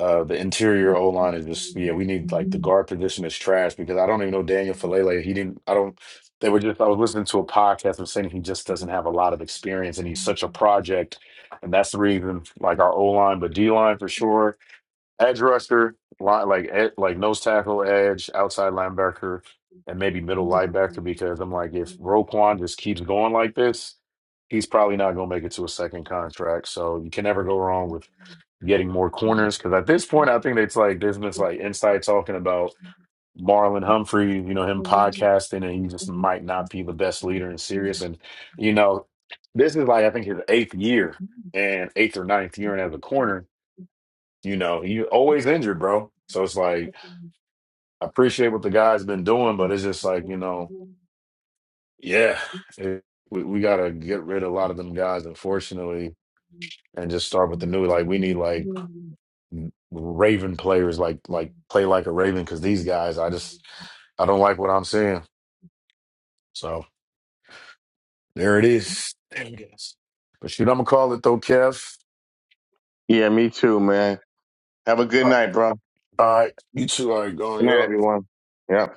K: uh, the interior O line is just yeah, we need like the guard position is trash because I don't even know Daniel Falele. He didn't. I don't. They were just. I was listening to a podcast of saying he just doesn't have a lot of experience and he's such a project, and that's the reason. Like our O line, but D line for sure edge rusher, line, like ed, like nose tackle, edge, outside linebacker, and maybe middle linebacker. Because I'm like, if Roquan just keeps going like this, he's probably not going to make it to a second contract. So you can never go wrong with getting more corners. Because at this point, I think it's like there's been this like inside talking about Marlon Humphrey, you know, him podcasting, and he just might not be the best leader in serious. And you know, this is like I think his eighth year and eighth or ninth year and as a corner you know, you always injured, bro. So it's like I appreciate what the guy's been doing, but it's just like you know, yeah, it, we we gotta get rid of a lot of them guys, unfortunately, and just start with the new. Like we need like Raven players, like like play like a Raven, because these guys, I just I don't like what I'm seeing. So there it is. Damn guys. But shoot, I'm gonna call it though, Kev.
G: Yeah, me too, man. Have a good
K: Uh,
G: night, bro.
K: all right, you two, all right,
G: Good
K: going.
G: night,
K: yo.
G: everyone. Yeah.